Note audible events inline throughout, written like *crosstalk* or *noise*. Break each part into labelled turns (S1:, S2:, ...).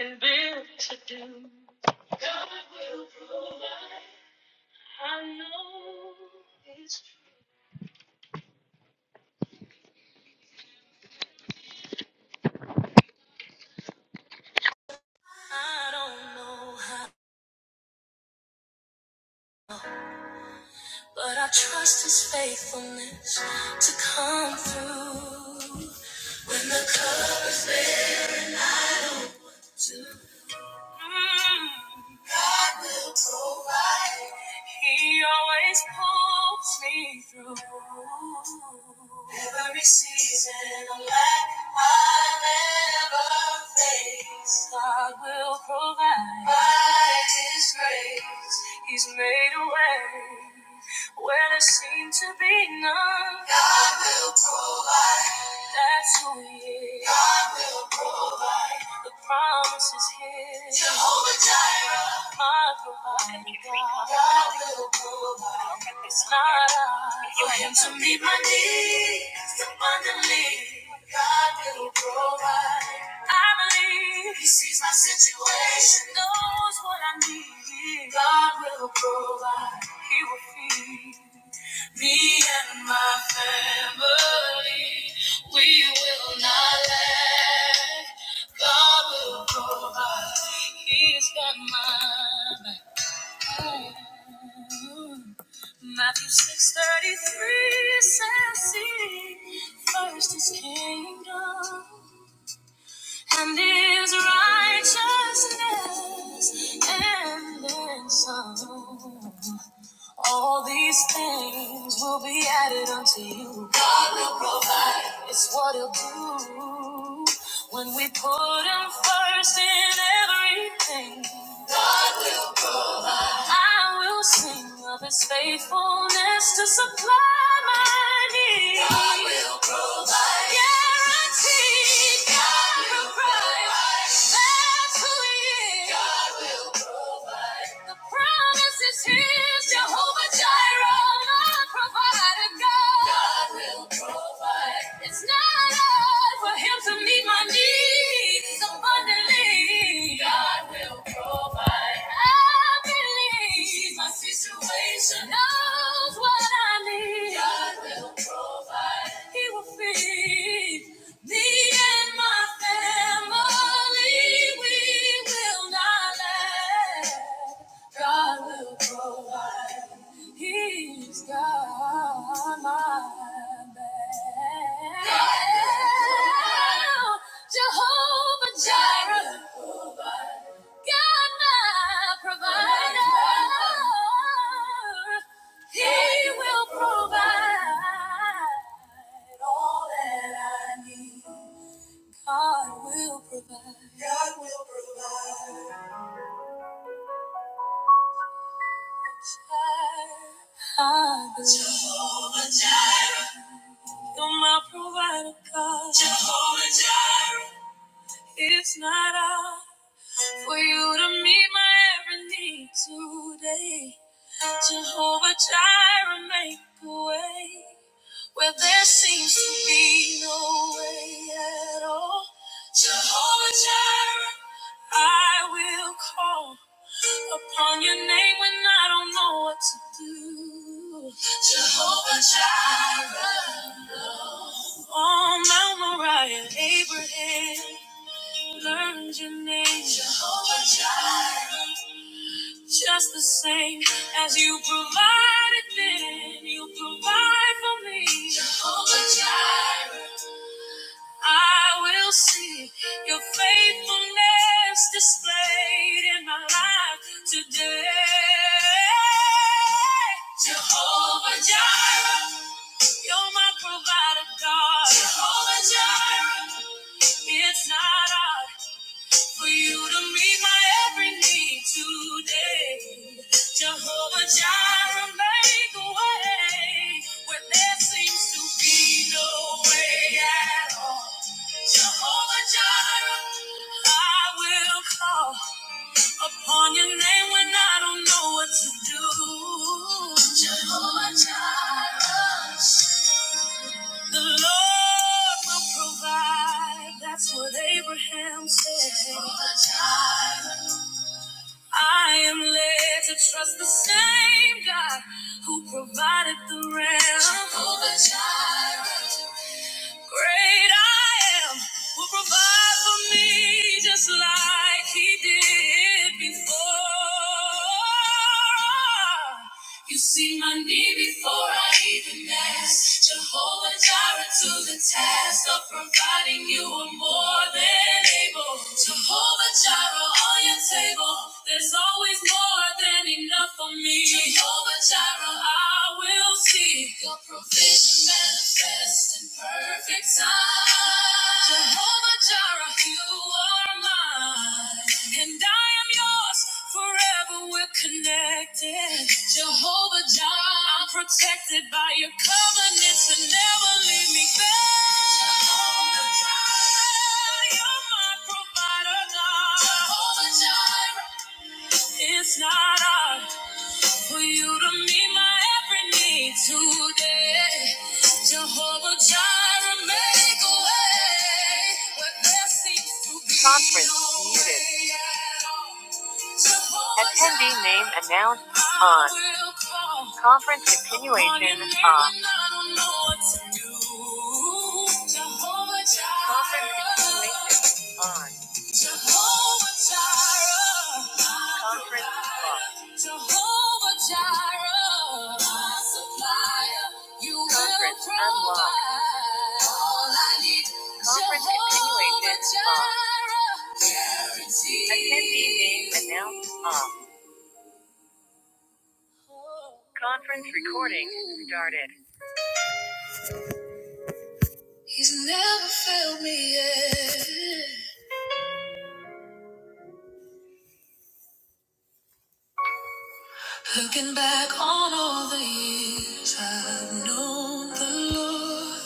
S1: and built to do. God will provide. I know it's true. I don't know how, but I trust His faithfulness to come through. When the colors fade. God will provide. He always pulls me through. Every season of lack I've ever faced, God will provide. By His grace, He's made a way. Where there seemed to be none, God will provide. That's who He is. God will provide. The promise is His. Jehovah Jireh, my provider. God will provide. It's not I. For Him to meet my needs abundantly. God will provide. I believe He sees my situation, knows what I need. God will provide. He will feed me and my family. We will not lack. God will provide. He's got my back. Mm. Matthew six thirty three says, "Seek first His kingdom and His righteousness, and then some." All these things will be added unto you. God will provide. It's what He'll do when we put Him first in everything. God will provide. I will sing of His faithfulness to supply my needs. God will provide. Guaranteed. God will provide. That's who He is. God will provide. The promise is His, Jehovah Jireh, my provider God. God will provide. It's not hard for Him to meet my needs abundantly. God will provide. I believe He's my situation, knows what I need. God will provide. He will feed me and my family. We will not lack. God will provide. He's got my back. Jehovah Jireh. God my provider. He will provide all that I need. God will provide. God will provide. I believe. Jehovah Jireh. You're my provider, God. Jehovah Jireh. It's not all for you to meet my every need today. Jehovah Jireh, make a way. where there seems to be no way at all. Jehovah Jireh, I will call upon your name when I don't know what to do. Jehovah Jireh, on Mount Moriah, Abraham learned your name. Jehovah Jireh, just the same as you provided then, you provide for me. Jehovah Jireh. I will see your faithfulness displayed in my life today. Jehovah Jireh, you're my provider, God. Jehovah Jireh, it's not hard for you to meet my every need today. Jehovah Jireh, make a way where there seems to be no way at all. Jehovah Jireh, I will call upon your name when I don't know what to do. Jehovah Jireh, the Lord will provide. That's what Abraham said. Jehovah Jireh, I am led to trust the same God who provided the ram. Jehovah Jireh. Great I am will provide for me just like he did before. You see my need before I even ask. Jehovah Jireh to the task of providing you are more than able. Jehovah Jireh on your table. There's always more than enough for me. Jehovah Jireh, I I will see your provision manifest in perfect time. Jehovah Jireh, you are mine, and I am yours forever. We're connected. Jehovah Jireh, I'm protected by your covenants and never leave me back. Jehovah Jireh, you're my provider, God. Jehovah Jireh, it's not ours. For you to meet my every need today. Jehovah Jireh, make a way where there seems to be Conference no muted. way at all. Jehovah Attendee Jireh, name announced I on. I will call Conference upon your continuation name on. when I don't know what to do. Jehovah Jireh. Conference continuation on. Jehovah Jireh. Conference call. Jehovah Jireh. my supplier. You Conference unlocked. provide all I need. Conference Jehovah Jireh. Attendee name announced off. Conference recording started. He's never failed me yet. Looking back on all the years I've known the Lord.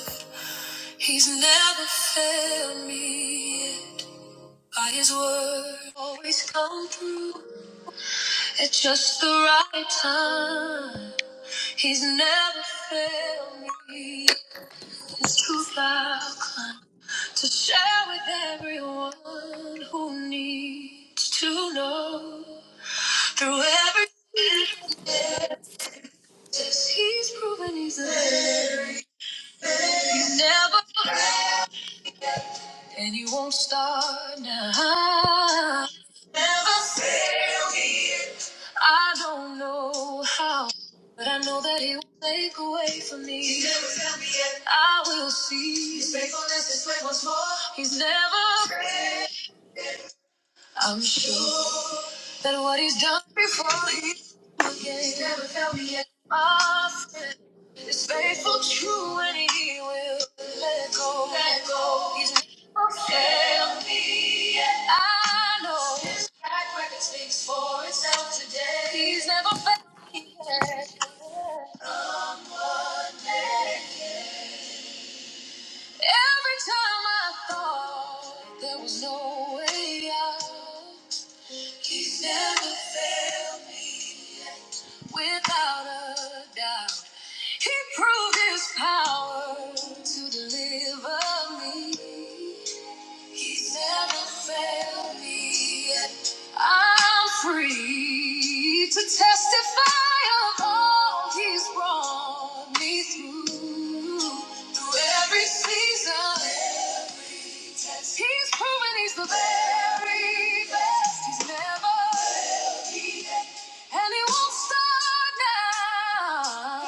S1: He's never failed me yet. By his word, always come through at just the right time. He's never failed me. His truth I'll climb to share with everyone who needs to know. Through every test, he's proven he's there. He's never. failed. And you won't start now. Never fail me. I don't know how, but I know that He will take away from me. He never failed me yet. I will see. His faithfulness is great once more. He's never. I'm sure that what He's done before. He's never found me yet. My friend is faithful, true, and he will let go. Let go. He's never failed me yet. I know his track record speaks for itself today. He's never failed me yet. Every time I thought there was no way out, he's never failed me. yet. without a doubt. He proved his power to deliver me. He's never failed me yet. I'm free to testify of all he's brought me through. Through every season, he's proven he's the very best. He's never and it won't start now.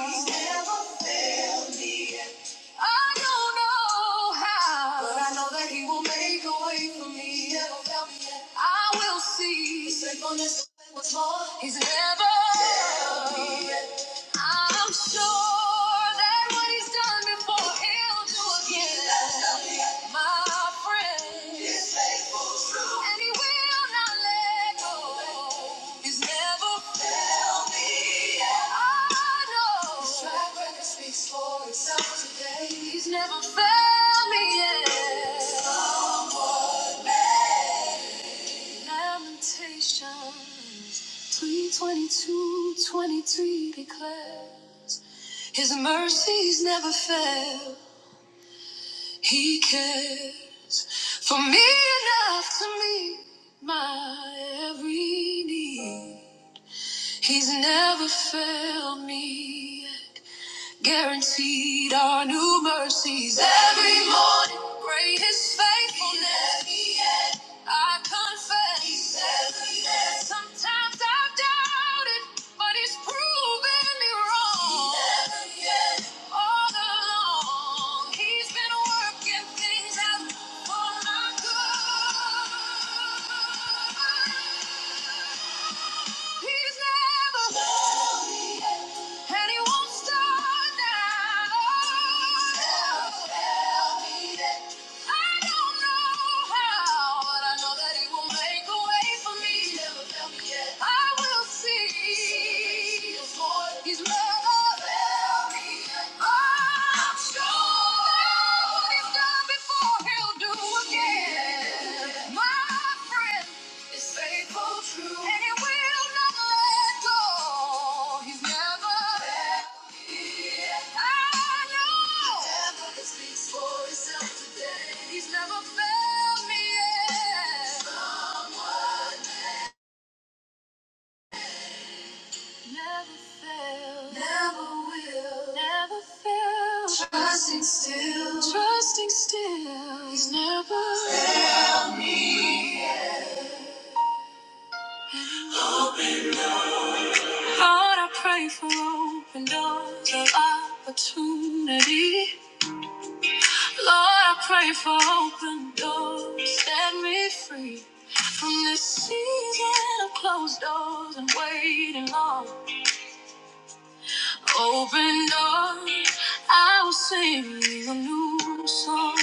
S1: I don't know how. But I know that he will make a way for me. I will see. He's never. never. I'm sure that what he's done before, he'll do again. My friend. And he will not let go. He's never His track record speaks for itself today. He's never failed me yet. Lamentations 322 23 declares His mercies never fail. He cares for me enough to meet my every need. He's never failed me yet. Guaranteed our new mercies every morning. Great is faithfulness. I confess. He says yes. Sometimes I've doubted, but he's proven me wrong. He never yet. All along, he's been working things out for my good. He's never And he won't stop now. Tell, tell me that. I don't know how, but I know that he will make a way for me. He's never found me yet. I will see. See his He's never found I'm sure that what he's done before, he'll do again. My friend is faithful, true, and he will not let go. He's never left me. I know. Never speaks for himself today. He's never failed me yet. Someone never failed. Never will. Never failed. Trusting still. Trusting still. He's never. Lord, I pray for open doors of opportunity. Lord, I pray for open doors. Set me free from this season of closed doors and waiting on. Open doors, I will sing a new song.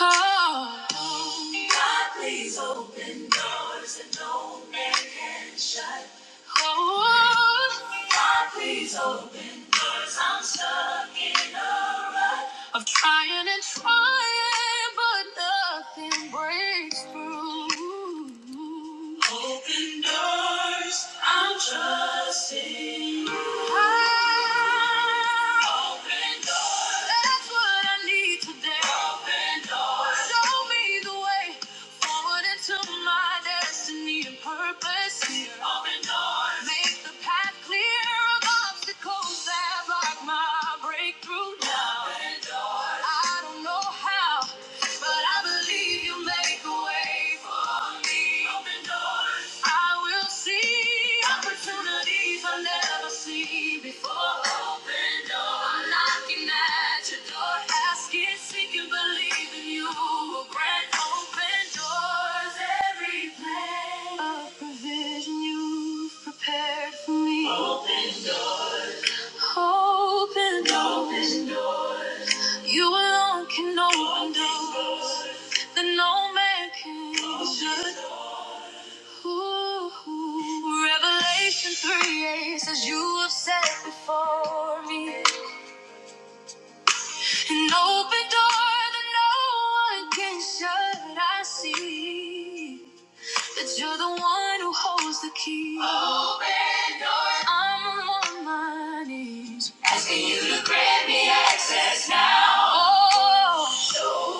S1: Oh, God, please open doors that no man can shut. Oh, God, please open doors. I'm stuck in a of trying and trying, but nothing breaks through. Open doors, I'm trusting. you. Open doors, that's what I need today. Open doors, show me the way forward into my destiny and purpose. Here. Open doors, make the path clear of obstacles that block my breakthrough now. I don't know how, but I believe you make a way for me. Open doors. I will see opportunities I've never seen before. Open doors. I'm knocking at your door, asking, seeking, believing you will grant open doors. Every plan of provision you've prepared for me. Open, open doors. You alone can open doors that no man can shut. Ooh, Revelation 3 8 says, You have set before me an open door that no one can shut. I see. that you're the one who holds the key. Open doors. I'm on my knees. Asking you to grant me access now. Oh.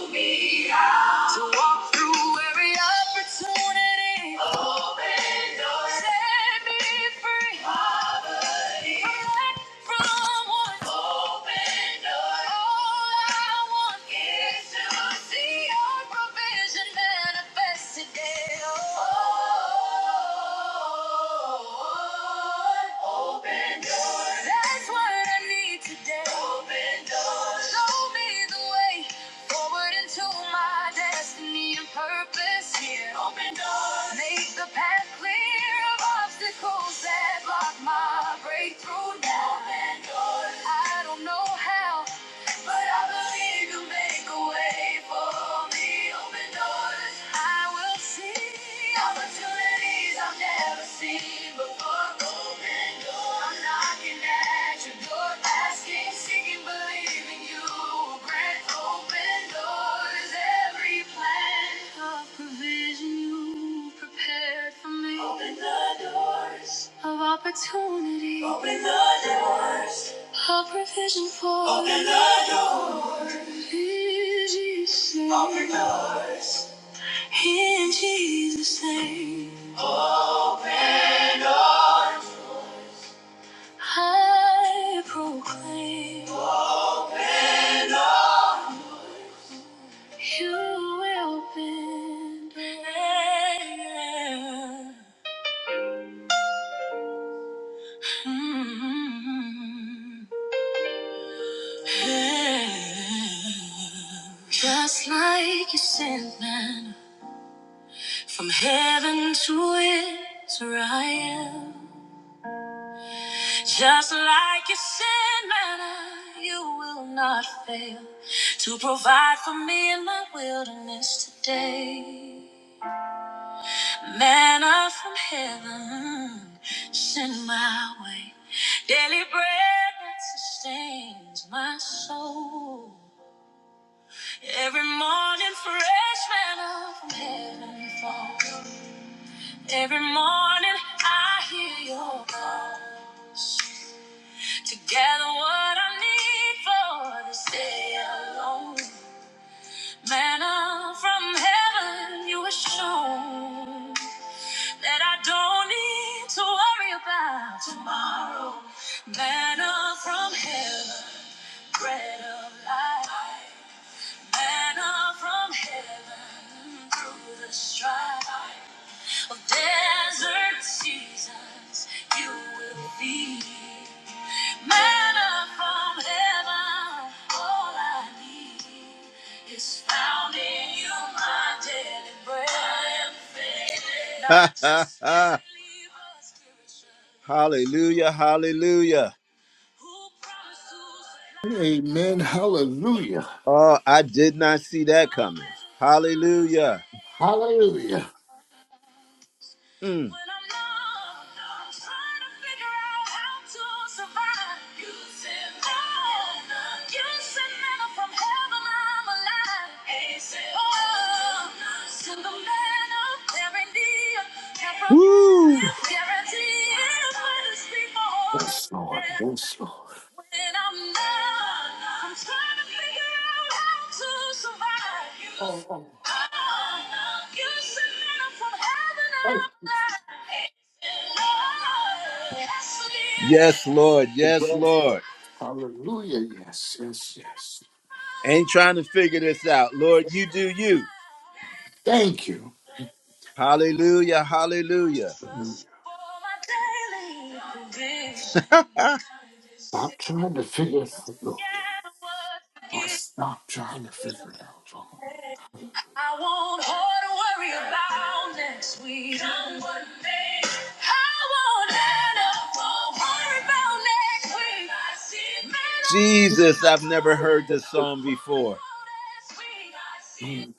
S1: Show me how walk through every opportunity. Open doors. Set me free. Poverty. Collect from want. Open doors. All I want is to see your provision manifest today. Oh. Open doors. That's what I need today. Open doors. Show me the way forward into my destiny and purpose here. Open doors. Make the path clear of obstacles that block my breakthrough now. Open doors. I don't know how. But I believe you make a way for me. Open doors I will see. Opportunities I've never seen before. Open doors. I'm knocking at your door, asking, seeking, believing you will grant. Open doors. Every plan of provision you prepared for me. Open the doors of opportunity. Open the doors. A provision for Open the door. In Jesus' name. Open doors. In Jesus' name. Lord, I proclaim you will bend. Mm. Just like you sent man from heaven to Israel. Just like you said, manna, you will not fail to provide for me in my wilderness today. Manna from heaven, send my way. Daily bread that sustains my soul. Every morning, fresh manna from heaven falls. Every morning, I hear your call. Together, what I need for this day alone. Manna from heaven, you were shown that I don't need to worry about tomorrow. Manna from heaven, bread of life. Manna from heaven, through the strife of desert seasons, you will feed. Manna from heaven, all I need is found in you, my daily bread. I am fed. Not just *laughs* daily, but spiritual. Hallelujah, hallelujah. Who promised to supply
S2: Amen. Hallelujah.
S1: Oh, I did not see that coming. Hallelujah.
S2: Hallelujah.
S1: Mm. When I'm low, I'm trying to figure out how to survive. You send love, you send manna from heaven. I'm alive. Hey, send oh, love. send the manna, guarantee, it. Can't promise, Woo! guarantee. If I just speak my
S2: Yes, Lord. Yes, Lord.
S1: when I'm down, I'm trying to figure out how to survive. You
S2: Oh, oh.
S1: you sent manna from heaven
S2: thank you.
S1: out of Yes, Lord.
S2: Yes,
S1: Yes,
S2: yes.
S1: Lord.
S2: Hallelujah. Yes, yes, yes.
S1: Ain't trying to figure this out. Lord, you do you.
S2: Thank you.
S1: Hallelujah, hallelujah.
S2: Hallelujah. Stop trying to figure it out, Lord. I stop trying to figure it out, Lord.
S1: *laughs* I want her to worry about next week. Come what may. I want her to worry about next week. I see men Jesus, I've never heard this song before.
S2: Mm.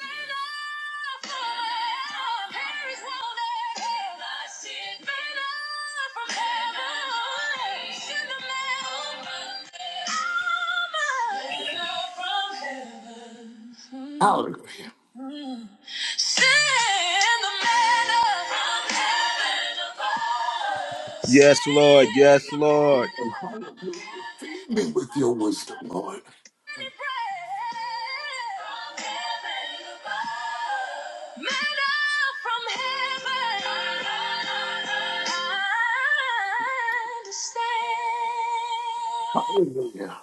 S2: Hallelujah.
S1: Yes, Lord. Yes, Lord.
S2: Hallelujah. Feed me with your wisdom, Lord. Hallelujah.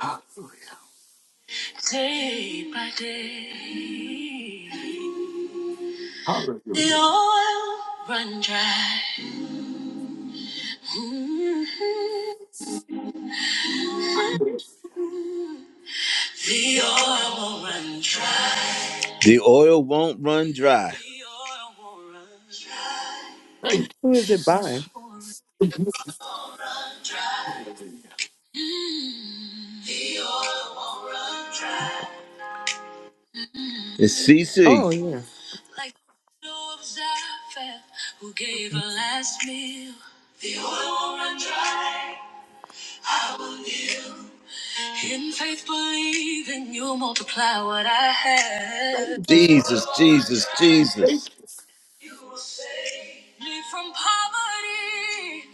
S2: Hallelujah.
S1: day by day. The oil run dry. Mhm.
S2: Hallelujah.
S1: The oil will run dry. The oil won't run dry. The oil won't run dry.
S2: Thank you,
S3: Who is it by?
S2: Jesus.
S1: Won't
S2: Hallelujah.
S1: run dry. Mm. The oil won't run dry. It's CC.
S3: Oh, yeah.
S1: Like the widow of Zarephath who gave her last meal. The oil won't run dry. I will kneel. In faith, believing you multiply what I have.
S2: Thank you.
S1: Jesus, Jesus, Jesus.
S2: Thank you.
S1: You will save me from poverty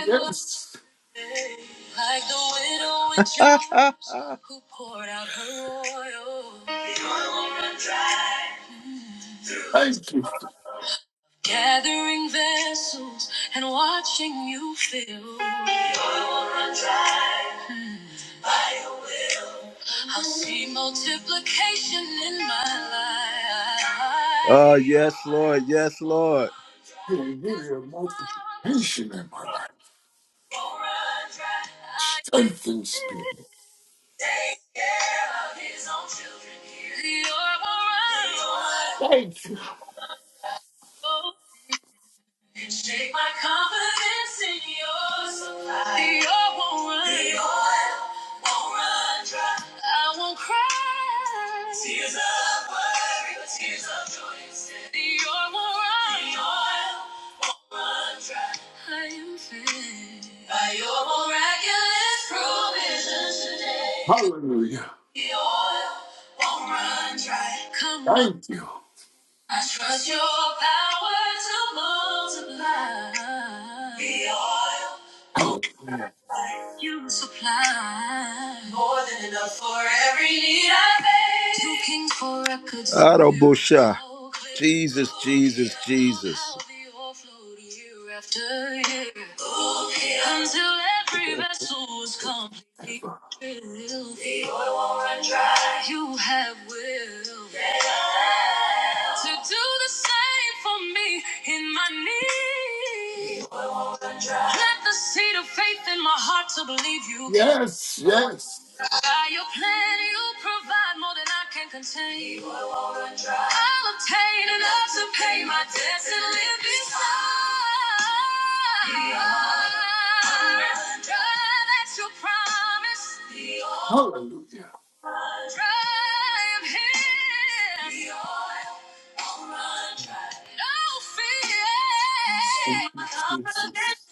S1: and lack. like the widow in *laughs* James who poured out her oil. The oil ran dry.
S2: Thank you for
S1: Gathering vessels and watching you fill. The oil ran dry. I see multiplication in my life. Oh, yes, Lord. Yes, Lord.
S2: hallelujah, multiplication in my life. Strength and speed. Thank you.
S1: Shake my confidence in your supply. The oil won't run. The oil won't run dry. I won't cry. Tears of worry, but tears of joy instead. The oil won't run. dry. The oil won't run dry. I am fed by your miraculous provision today.
S2: Hallelujah.
S1: The oil won't run dry. Come what
S2: Thank you.
S1: I trust your power to multiply. The oil.
S2: Hallelujah.
S1: You supply more than enough for every need I face. Two kings for records. Arabosha. Jesus, Jesus, Jesus. I'll be overflowed year after year. Okay. Until every vessel was completely
S2: Ever.
S1: filled. The oil won't run dry. You have will to do the same for me in my need. Let the seed of faith in my heart to believe you can.
S2: Yes, yes.
S1: By your plan, you provide more than I can contain. I'll obtain enough to pay my debts and live beside. Be That's your promise. Be
S2: Hallelujah.
S1: I am here. Be
S2: Thank you,
S1: no fear.
S2: Jesus.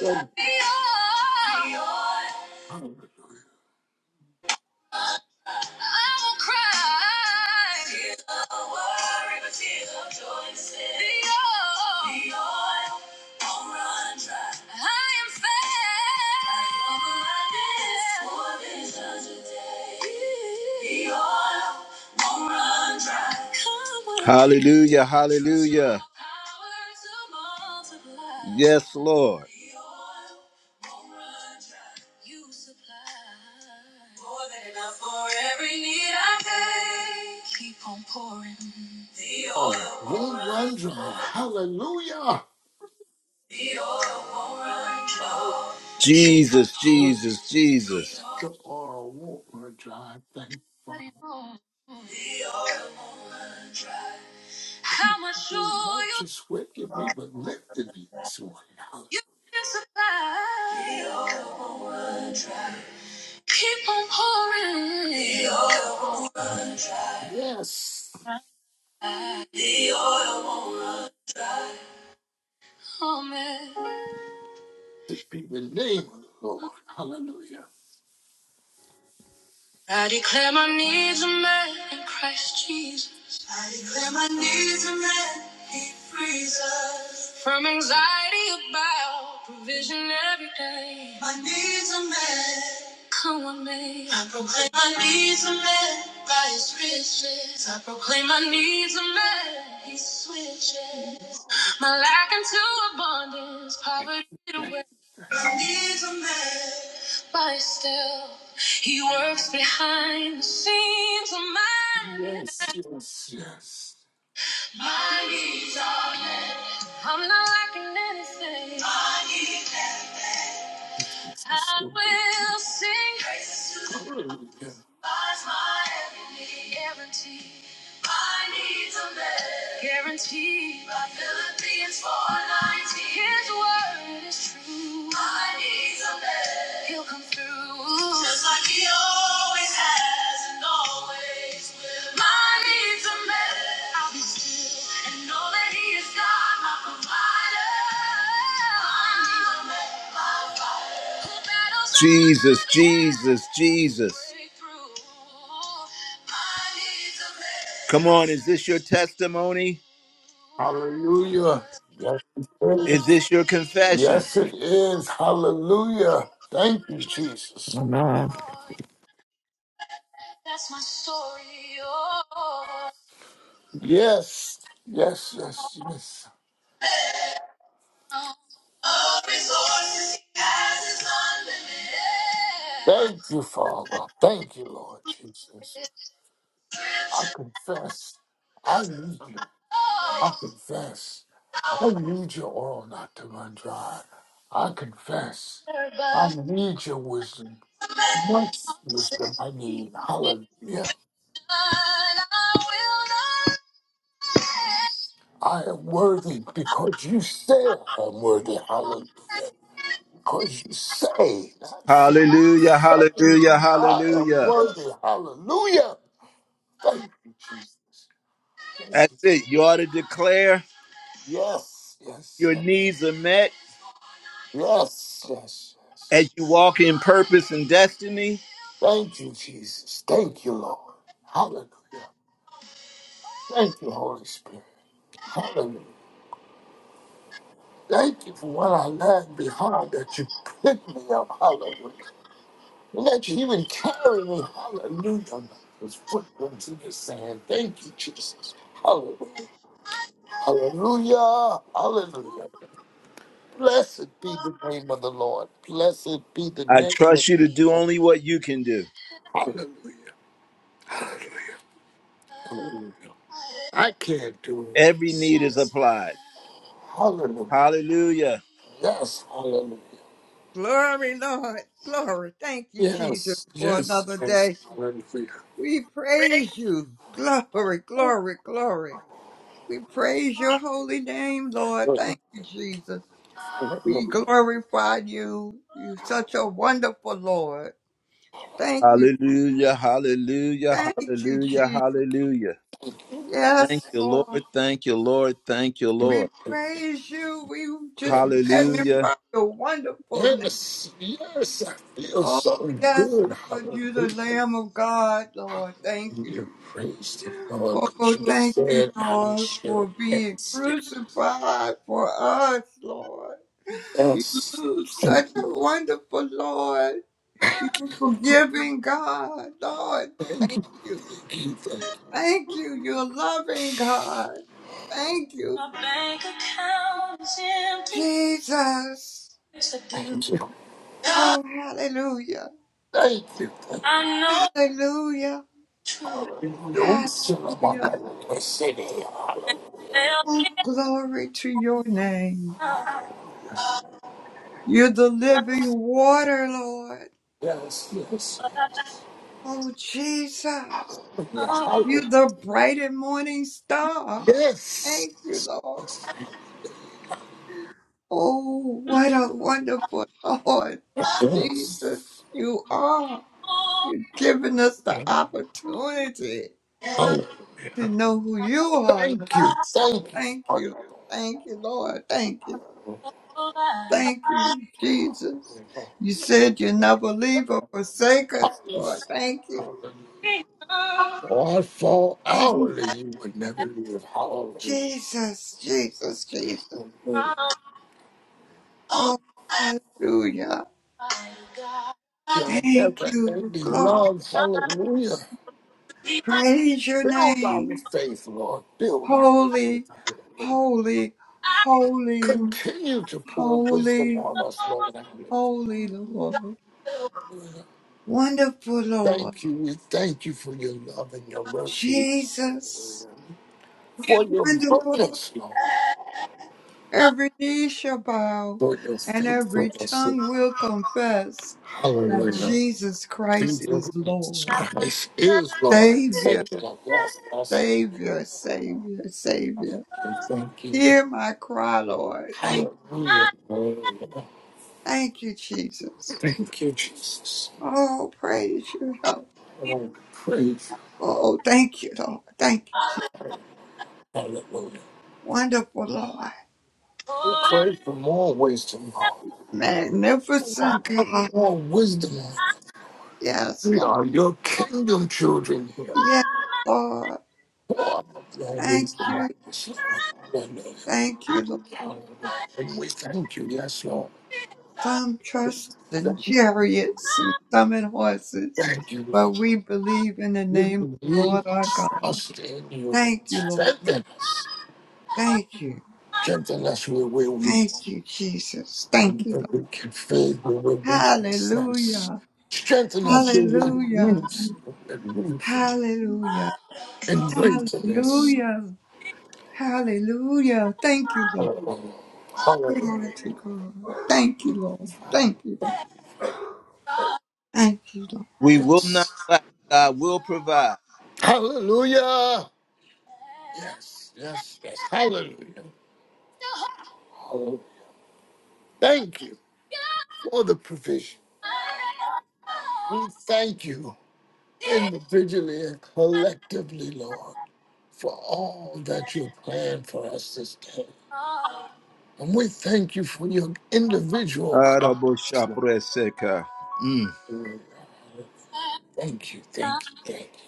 S2: Thank you.
S1: Dios.
S2: Hallelujah.
S1: I will cry. Tears of worry, but tears of joy instead. The oil, the oil won't run dry. I am fed. Like over my dead, for visions of day. The oil won't run dry. Come on. Hallelujah, hallelujah. Power to multiply. Yes, Lord. The oil won't run dry. You supply. more than enough. For every need I face, keep on pouring. The
S2: Oh,
S1: oil won't
S2: won't
S1: run,
S2: run dry. Hallelujah.
S1: the oil won't run. low.
S2: Oh,
S1: Jesus, Jesus, Jesus.
S2: the oral war, John. Thank Father.
S1: But it won't. The oil won't run dry. How much
S2: You're Not
S1: oil
S2: just waking me but lifting me this morning.
S1: you can supply? The oil won't run dry. Keep on pouring. The oil won't run dry.
S2: Hallelujah. Yes,
S1: The oil won't run. Oh, man.
S2: to be the name of the Lord. Hallelujah.
S1: I declare my needs are met in Christ Jesus. I declare my needs are met. He frees us from anxiety about provision every day. My needs are met. Come on, me. I proclaim my needs are met by His riches. I proclaim my needs are met. He switches
S2: Yes.
S1: my lack into abundance, poverty
S2: Thank
S1: away. He's a man, but still, he works behind the scenes of
S2: you.
S1: my
S2: Yes,
S1: life.
S2: yes, yes.
S1: My needs are- I'm not lacking anything. My needs-
S2: Jesus,
S1: I
S2: thank you.
S1: will sing. Praise
S2: Hallelujah.
S1: Lies my every need. Guaranteed. My needs are met. Guaranteed. By Philippians 4:19. His word is true. My needs are met. He'll come through. Just like he always has and always will. My needs are met. I'll be still and know that he is God, my provider. My needs are met. By Jesus, Jesus, Jesus. Come on, is this your testimony?
S2: Hallelujah. Yes, it
S1: Is
S2: is.
S1: this your confession?
S2: Yes, it is. Hallelujah. Thank you, Jesus.
S4: Amen.
S2: Yes, yes, yes, yes. Thank you, Father. Thank you, Lord Jesus. I confess. I need you. I confess. I need your oil not to run dry. I confess. I need your wisdom. Much wisdom I need. Hallelujah. I am worthy because you said I am worthy. Hallelujah. Because you say, not say,
S1: Hallelujah,
S2: say
S1: hallelujah,
S2: that I am
S1: hallelujah.
S2: worthy. Hallelujah. Thank you, Jesus. Thank you,
S1: That's
S2: Jesus.
S1: it. You ought to declare
S2: Yes, yes,
S1: your
S2: yes,
S1: needs are met
S2: yes, yes, yes.
S1: as you walk in purpose and destiny.
S2: Thank you, Jesus. Thank you, Lord. Hallelujah. Thank you, Holy Spirit. Hallelujah. Thank you for what I left behind that you picked me up. Hallelujah. And that you even carry me. Hallelujah. His footprints in the sand. Thank you, Jesus. Hallelujah. Hallelujah. Hallelujah. Blessed be the name of the Lord. Blessed be the
S1: I
S2: name of the
S1: trust you to do
S2: Lord.
S1: only what you can do.
S2: Hallelujah. Hallelujah. I can't do it.
S1: Every need is applied.
S2: Hallelujah.
S1: Hallelujah.
S2: Yes, hallelujah.
S5: Glory, Lord. Glory. Thank you, Jesus,
S2: Yes,
S5: for
S2: yes,
S5: another
S2: yes,
S5: day.
S2: hallelujah.
S5: We praise you. Glory, glory, glory. We praise your holy name, Lord.
S2: Hallelujah.
S5: Thank you, Jesus. We
S2: Hallelujah.
S5: glorify you. You're such a wonderful Lord. Thank you.
S1: Hallelujah, hallelujah,
S5: Thank you,
S1: hallelujah,
S5: Jesus.
S1: hallelujah.
S2: Thank you.
S1: Thank
S5: Yes,
S1: you, Lord.
S5: Lord.
S1: Thank you, Lord. Thank you,
S2: Thank
S5: We
S1: Lord.
S2: you.
S5: praise you. We just
S2: Yes.
S1: Hallelujah.
S5: magnify your wonderful name.
S2: Yes, yes, I feel
S5: Oh,
S2: so
S5: yes,
S2: good.
S5: Lord. You're the
S2: Hallelujah.
S5: Lamb of God, Lord. Thank
S2: You
S5: you.
S2: praise the Lord because
S5: Oh,
S2: you
S5: thank you,
S2: said I
S5: Lord, for
S2: should.
S5: being
S2: Yes,
S5: crucified for us, Lord. You
S2: yes. Thank
S5: such
S2: you,
S5: a wonderful Lord. You forgiving God, Lord.
S2: thank
S5: Thank
S2: you,
S5: you.
S2: thank you.
S5: Thank you. You're loving God. Thank you,
S1: My bank account is empty.
S5: Jesus.
S1: Yes, I do.
S2: Thank you,
S1: God,
S5: Oh, hallelujah.
S2: thank you, thank you.
S1: I know
S5: Hallelujah.
S1: it's true.
S2: Yes, yes,
S5: Hallelujah.
S2: yes,
S1: And They'll
S5: Oh,
S1: be
S5: glory to your name.
S1: enough,
S5: You're the living water, Lord.
S2: yes, yes.
S1: but I
S5: Oh, Jesus.
S1: don't know how
S5: You the bright and morning star. Thank you, Lord. Oh, what a wonderful Lord Jesus you are. You've given us the
S2: yeah,
S5: opportunity to
S2: Hallelujah.
S5: know who you are.
S2: Thank you, thank you,
S5: Thank
S2: Father.
S5: you. Thank you, Lord. Thank you.
S1: I
S5: Thank you, Jesus. You said you never leave or forsake us, Lord. Thank you.
S2: Hallelujah.
S1: be enough.
S2: Oh, I fall
S5: Thank
S2: hourly, you would never leave. Hallelujah.
S5: Jesus, Jesus, Jesus.
S1: Oh,
S5: Oh, hallelujah.
S1: my God.
S2: Your
S1: I
S5: Thank
S2: never
S5: you.
S2: ending
S5: Glory.
S2: love. Hallelujah.
S1: need my
S5: Praise your
S2: Build our
S5: name.
S2: faith, Lord. Build our
S5: Holy,
S2: faith.
S5: holy,
S1: eyes
S5: holy,
S2: Continue to pour wisdom
S5: holy,
S2: on us, Lord.
S1: to
S2: Hallelujah.
S5: holy Lord.
S1: open.
S5: Wonderful Lord.
S2: Thank you. We thank you for your love and your mercy.
S5: Jesus.
S2: For your
S5: Wonderful.
S2: goodness, Lord.
S5: Every knee shall bow
S2: For your
S5: and every
S2: faithfulness.
S5: tongue will confess that
S2: Hallelujah.
S5: Jesus Christ is
S2: Jesus
S5: Lord.
S2: Christ is Lord.
S5: Savior,
S2: Thank you. Yes, yes.
S5: Savior, Savior, Savior.
S2: And Thank you.
S5: Hear my cry, Lord. Thank,
S2: Hallelujah.
S1: I
S2: Hallelujah.
S5: thank you, Jesus.
S2: Thank you, Jesus.
S5: Oh, praise your you.
S2: I
S1: need
S2: want to praise
S5: Oh, thank you, Lord. Thank you.
S1: all
S5: Jesus.
S1: the
S2: you. Hallelujah.
S5: Wonderful, Lord.
S2: We
S1: good
S2: pray for more wisdom, Lord. Pour
S5: Magnificent
S2: out
S5: God.
S2: your wisdom on us.
S5: Yes,
S2: We
S5: Lord.
S2: are your kingdom children here.
S5: Yes, Lord.
S2: Pour out your
S5: Thank
S2: wisdom on
S5: you.
S2: us, Lord. Hallelujah.
S5: Thank you, Lord.
S2: Hallelujah. And we thank you, yes, Lord.
S5: Some
S2: Thank
S5: trust in
S2: you,
S5: chariots and some in horses,
S2: thank you,
S5: but
S2: Lord.
S5: we believe in the
S2: We
S5: name of the
S2: believe,
S5: Lord our God.
S2: trust in you, Lord.
S5: Thank you, Lord.
S2: Strengthen us.
S5: Thank you.
S2: Strengthen us where we're weak.
S5: Thank you, Jesus. Thank
S2: and
S5: you, Lord.
S2: Where we can fail, where we're weak in sense.
S5: Hallelujah.
S2: Strengthen us where we're
S5: Hallelujah.
S2: loose, where we're loose.
S5: Hallelujah.
S2: And gratefulness.
S5: Hallelujah. Hallelujah. Thank you, Lord.
S2: Hallelujah. Hallelujah.
S5: Glory to God. Thank you, Lord. Thank you.
S1: and I
S5: Thank you, Lord.
S1: We will not
S2: Yes.
S1: lack. God will provide.
S2: Hallelujah. Yes, yes, yes. Hallelujah. Oh, Thank you for the provision. We thank you individually and collectively, Lord, for all that you planned for us this day. And we thank you for your individual
S1: Arabo
S2: comments.
S1: shapreseka. Mm.
S2: Thank you, thank you, thank you.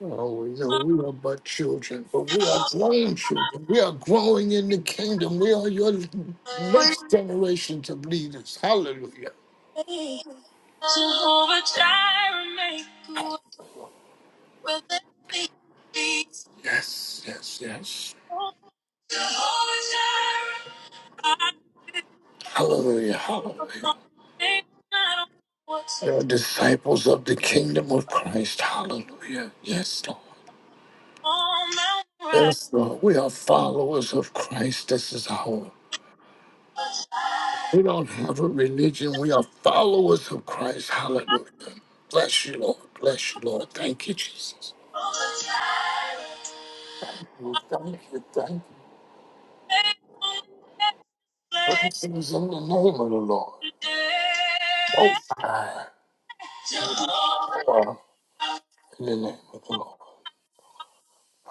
S2: Oh, we know we are but children, but we are grown children. We are growing in the kingdom. We are your next generations of leaders. Hallelujah.
S1: Jehovah Jireh, make a way where there seems to be
S2: Yes, yes, yes.
S1: no- way. Jehovah Jireh, I will
S2: Hallelujah.
S1: obey.
S2: Hallelujah.
S1: I don't know what's
S2: We are disciples of the kingdom of Christ. Hallelujah. Yes, Lord.
S1: on Mount Moriah.
S2: Yes, Lord. We are followers of Christ. This is our. We don't have a religion. We are followers of Christ. Hallelujah. Bless you, Lord. Bless you, Lord. Thank you, Jesus.
S1: Jehovah Jireh,
S2: We thank you, thank you.
S1: faithfulness,
S2: Blessings in the name of the Lord.
S1: today.
S2: Most high.
S1: Jehovah,
S2: Power
S1: my
S2: in the name of the Lord.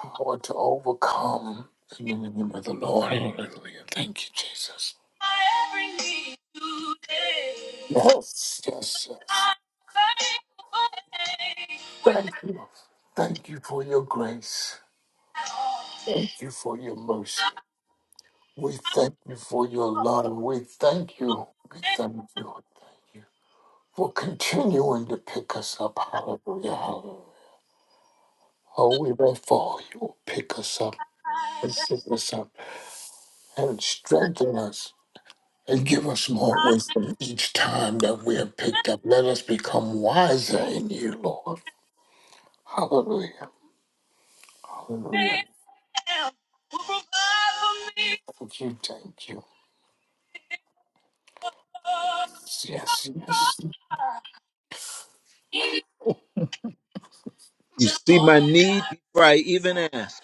S2: Power to overcome in the name of the Lord. Hallelujah. Thank you, Jesus.
S1: every need today.
S2: Yes, yes, yes.
S1: I make a way where
S2: Thank you. Thank you for your grace. Thank you for your mercy. We thank you for your love. We thank you. We
S1: there
S2: thank you. Thank you for continuing to pick us up. Hallelujah. Hallelujah. Oh, we pray for you. Pick us up and pick us up and strengthen us and give us more wisdom each time that we are picked up. Let us become wiser in you, Lord. Hallelujah. Hallelujah.
S1: ain't no Will provide for me,
S2: Thank you. Thank you.
S1: oh,
S2: Yes, yes,
S1: I You see my need before I even ask.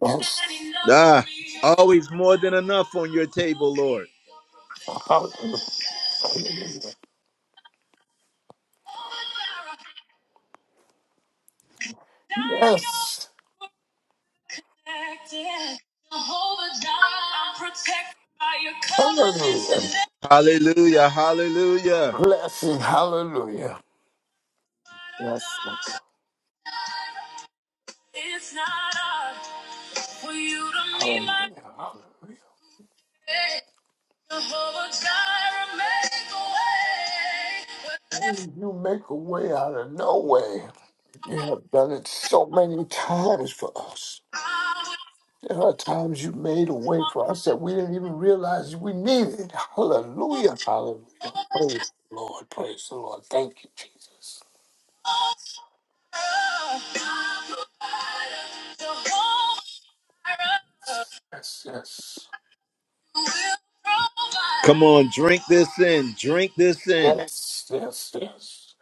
S2: yes.
S1: Ah, always more than enough on your table, Lord.
S2: Hallelujah. Yes. Hallelujah.
S1: Hallelujah, hallelujah.
S2: Blessing. Hallelujah. Yes.
S1: It's not hard for you to meet my
S2: Hallelujah. Hallelujah.
S1: day. Jehovah Jireh, make a way. Where there's
S2: You make a way out of no way. You have done it so many times for us.
S1: I will
S2: There are times you made a way for us that we didn't even realize we needed. Hallelujah. Hallelujah.
S1: find
S2: Praise the Lord. Praise the Lord. Thank you, Jesus.
S1: hope. My provider, Jehovah Jireh.
S2: Yes, yes.
S1: Come on, drink this in. Drink this in.
S2: Yes, yes, yes.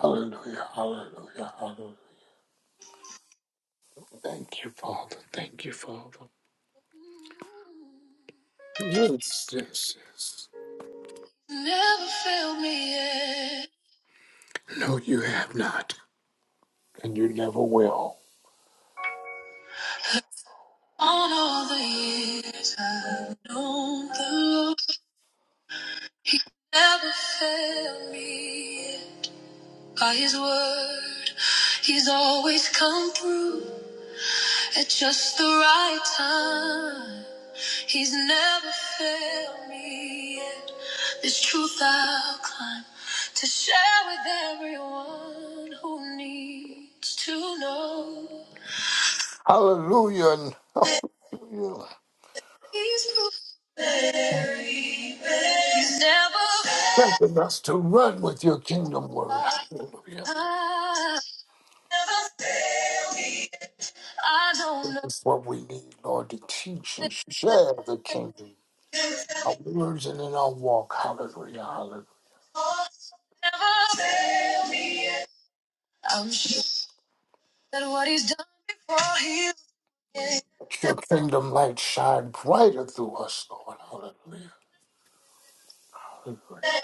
S2: Hallelujah. Hallelujah. Hallelujah. Thank you, Father. Thank you, Father. Yes, yes, yes.
S1: Never failed me yet.
S2: No, you have not. And you never will.
S1: On all the years I've known the Lord, He never failed me yet. By His word, He's always come through. At just the right time, he's never failed me yet. This truth I'll climb to share with everyone who needs to know.
S2: Hallelujah.
S1: that He's proven he's never failed.
S2: Strengthen us to run with your kingdom word. Hallelujah.
S1: I I don't know.
S2: It's what we need, Lord, to teach
S1: that
S2: and share the kingdom. Our words and in our walk. Hallelujah. Hallelujah.
S1: he'll Never fail me. yet. I'm sure. That what he's done before he is,
S2: Let Your kingdom light shine brighter through us, Lord. Hallelujah. Hallelujah.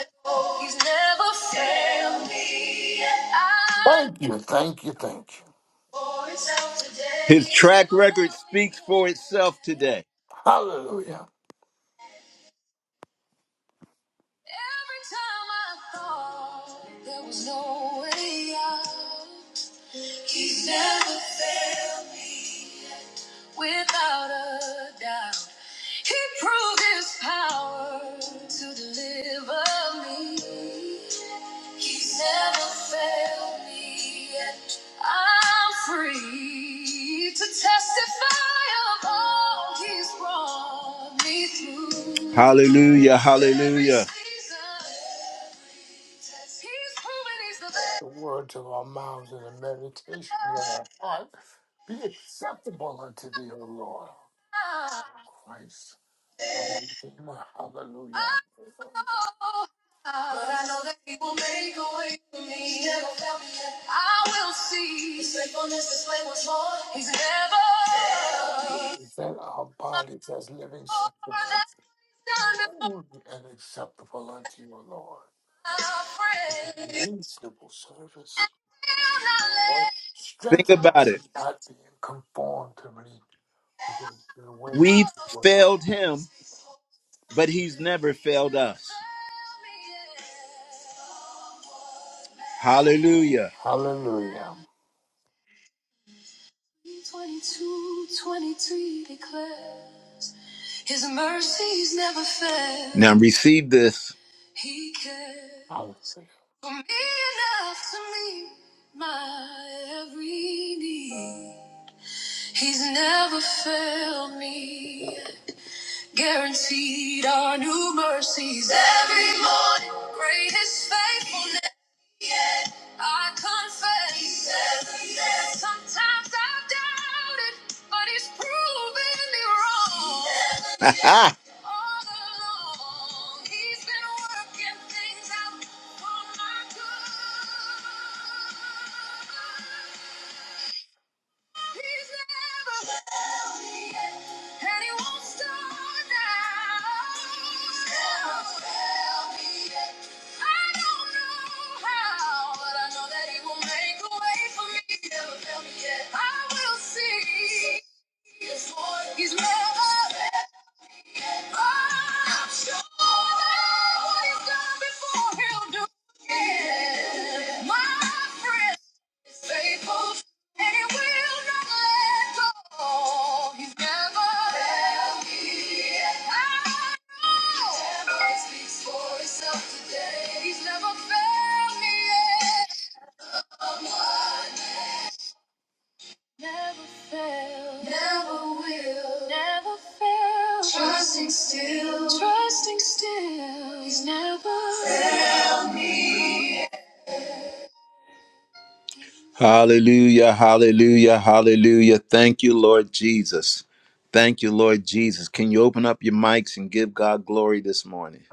S1: he's never failed me. I
S2: Thank you. Thank you. Thank you.
S1: know for today. His track record speaks for itself today.
S2: Hallelujah.
S1: Every time I thought there was no way out, he never failed me. without a doubt. He proved his power to deliver me. He's never failed me yet. I'm free to testify of all he's brought me through. Hallelujah, hallelujah. Every season, he's proven he's the
S2: The words of our mouths and the meditation of our heart be acceptable unto thee, O Lord. Christ. our Redeemer.
S1: best.
S2: Hallelujah.
S1: But I know that he will make a way for me. He never found me yet. I will see. His faithfulness is way once more. He's never. never
S2: that our bodies as living
S1: more than
S2: sacrifices
S1: he's done before,
S2: holy and acceptable unto you, O Lord.
S1: my friend.
S2: In reasonable
S1: And
S2: service,
S1: will not
S2: Lord,
S1: let Think
S2: strengthen
S1: about
S2: us
S1: it.
S2: and not being conformed to me with the the ways
S1: We've
S2: of the world.
S1: failed him, but he's never failed us. Hallelujah.
S2: Hallelujah.
S1: 22, twenty-three declares His mercies never fail. Now receive this. He
S2: Hallelujah.
S1: cares for me enough to meet my every need. He's never failed me. Guaranteed our new mercies every morning. Great is faithfulness. I confess. Sometimes I've doubted, but he's proven me wrong. *laughs* Ha along. He's been working things out for my good. He's never failed me yet, and he won't start now. never failed me yet. I don't know how, but I know that he will make a way for me. never failed me yet. I will see. He's never He's never I'm sure that what he's done before he'll do again. My friend. Faithful, and he will not let go. He's never left me. I know. Never speaks for himself today. He's never failed me yet. Someone never failed. Never will. Never failed. Trusting still. Trusting still. He's never failed me. Hallelujah, hallelujah, hallelujah. Thank you, Lord Jesus. Thank you, Lord Jesus. Can you open up your mics and give God glory this morning?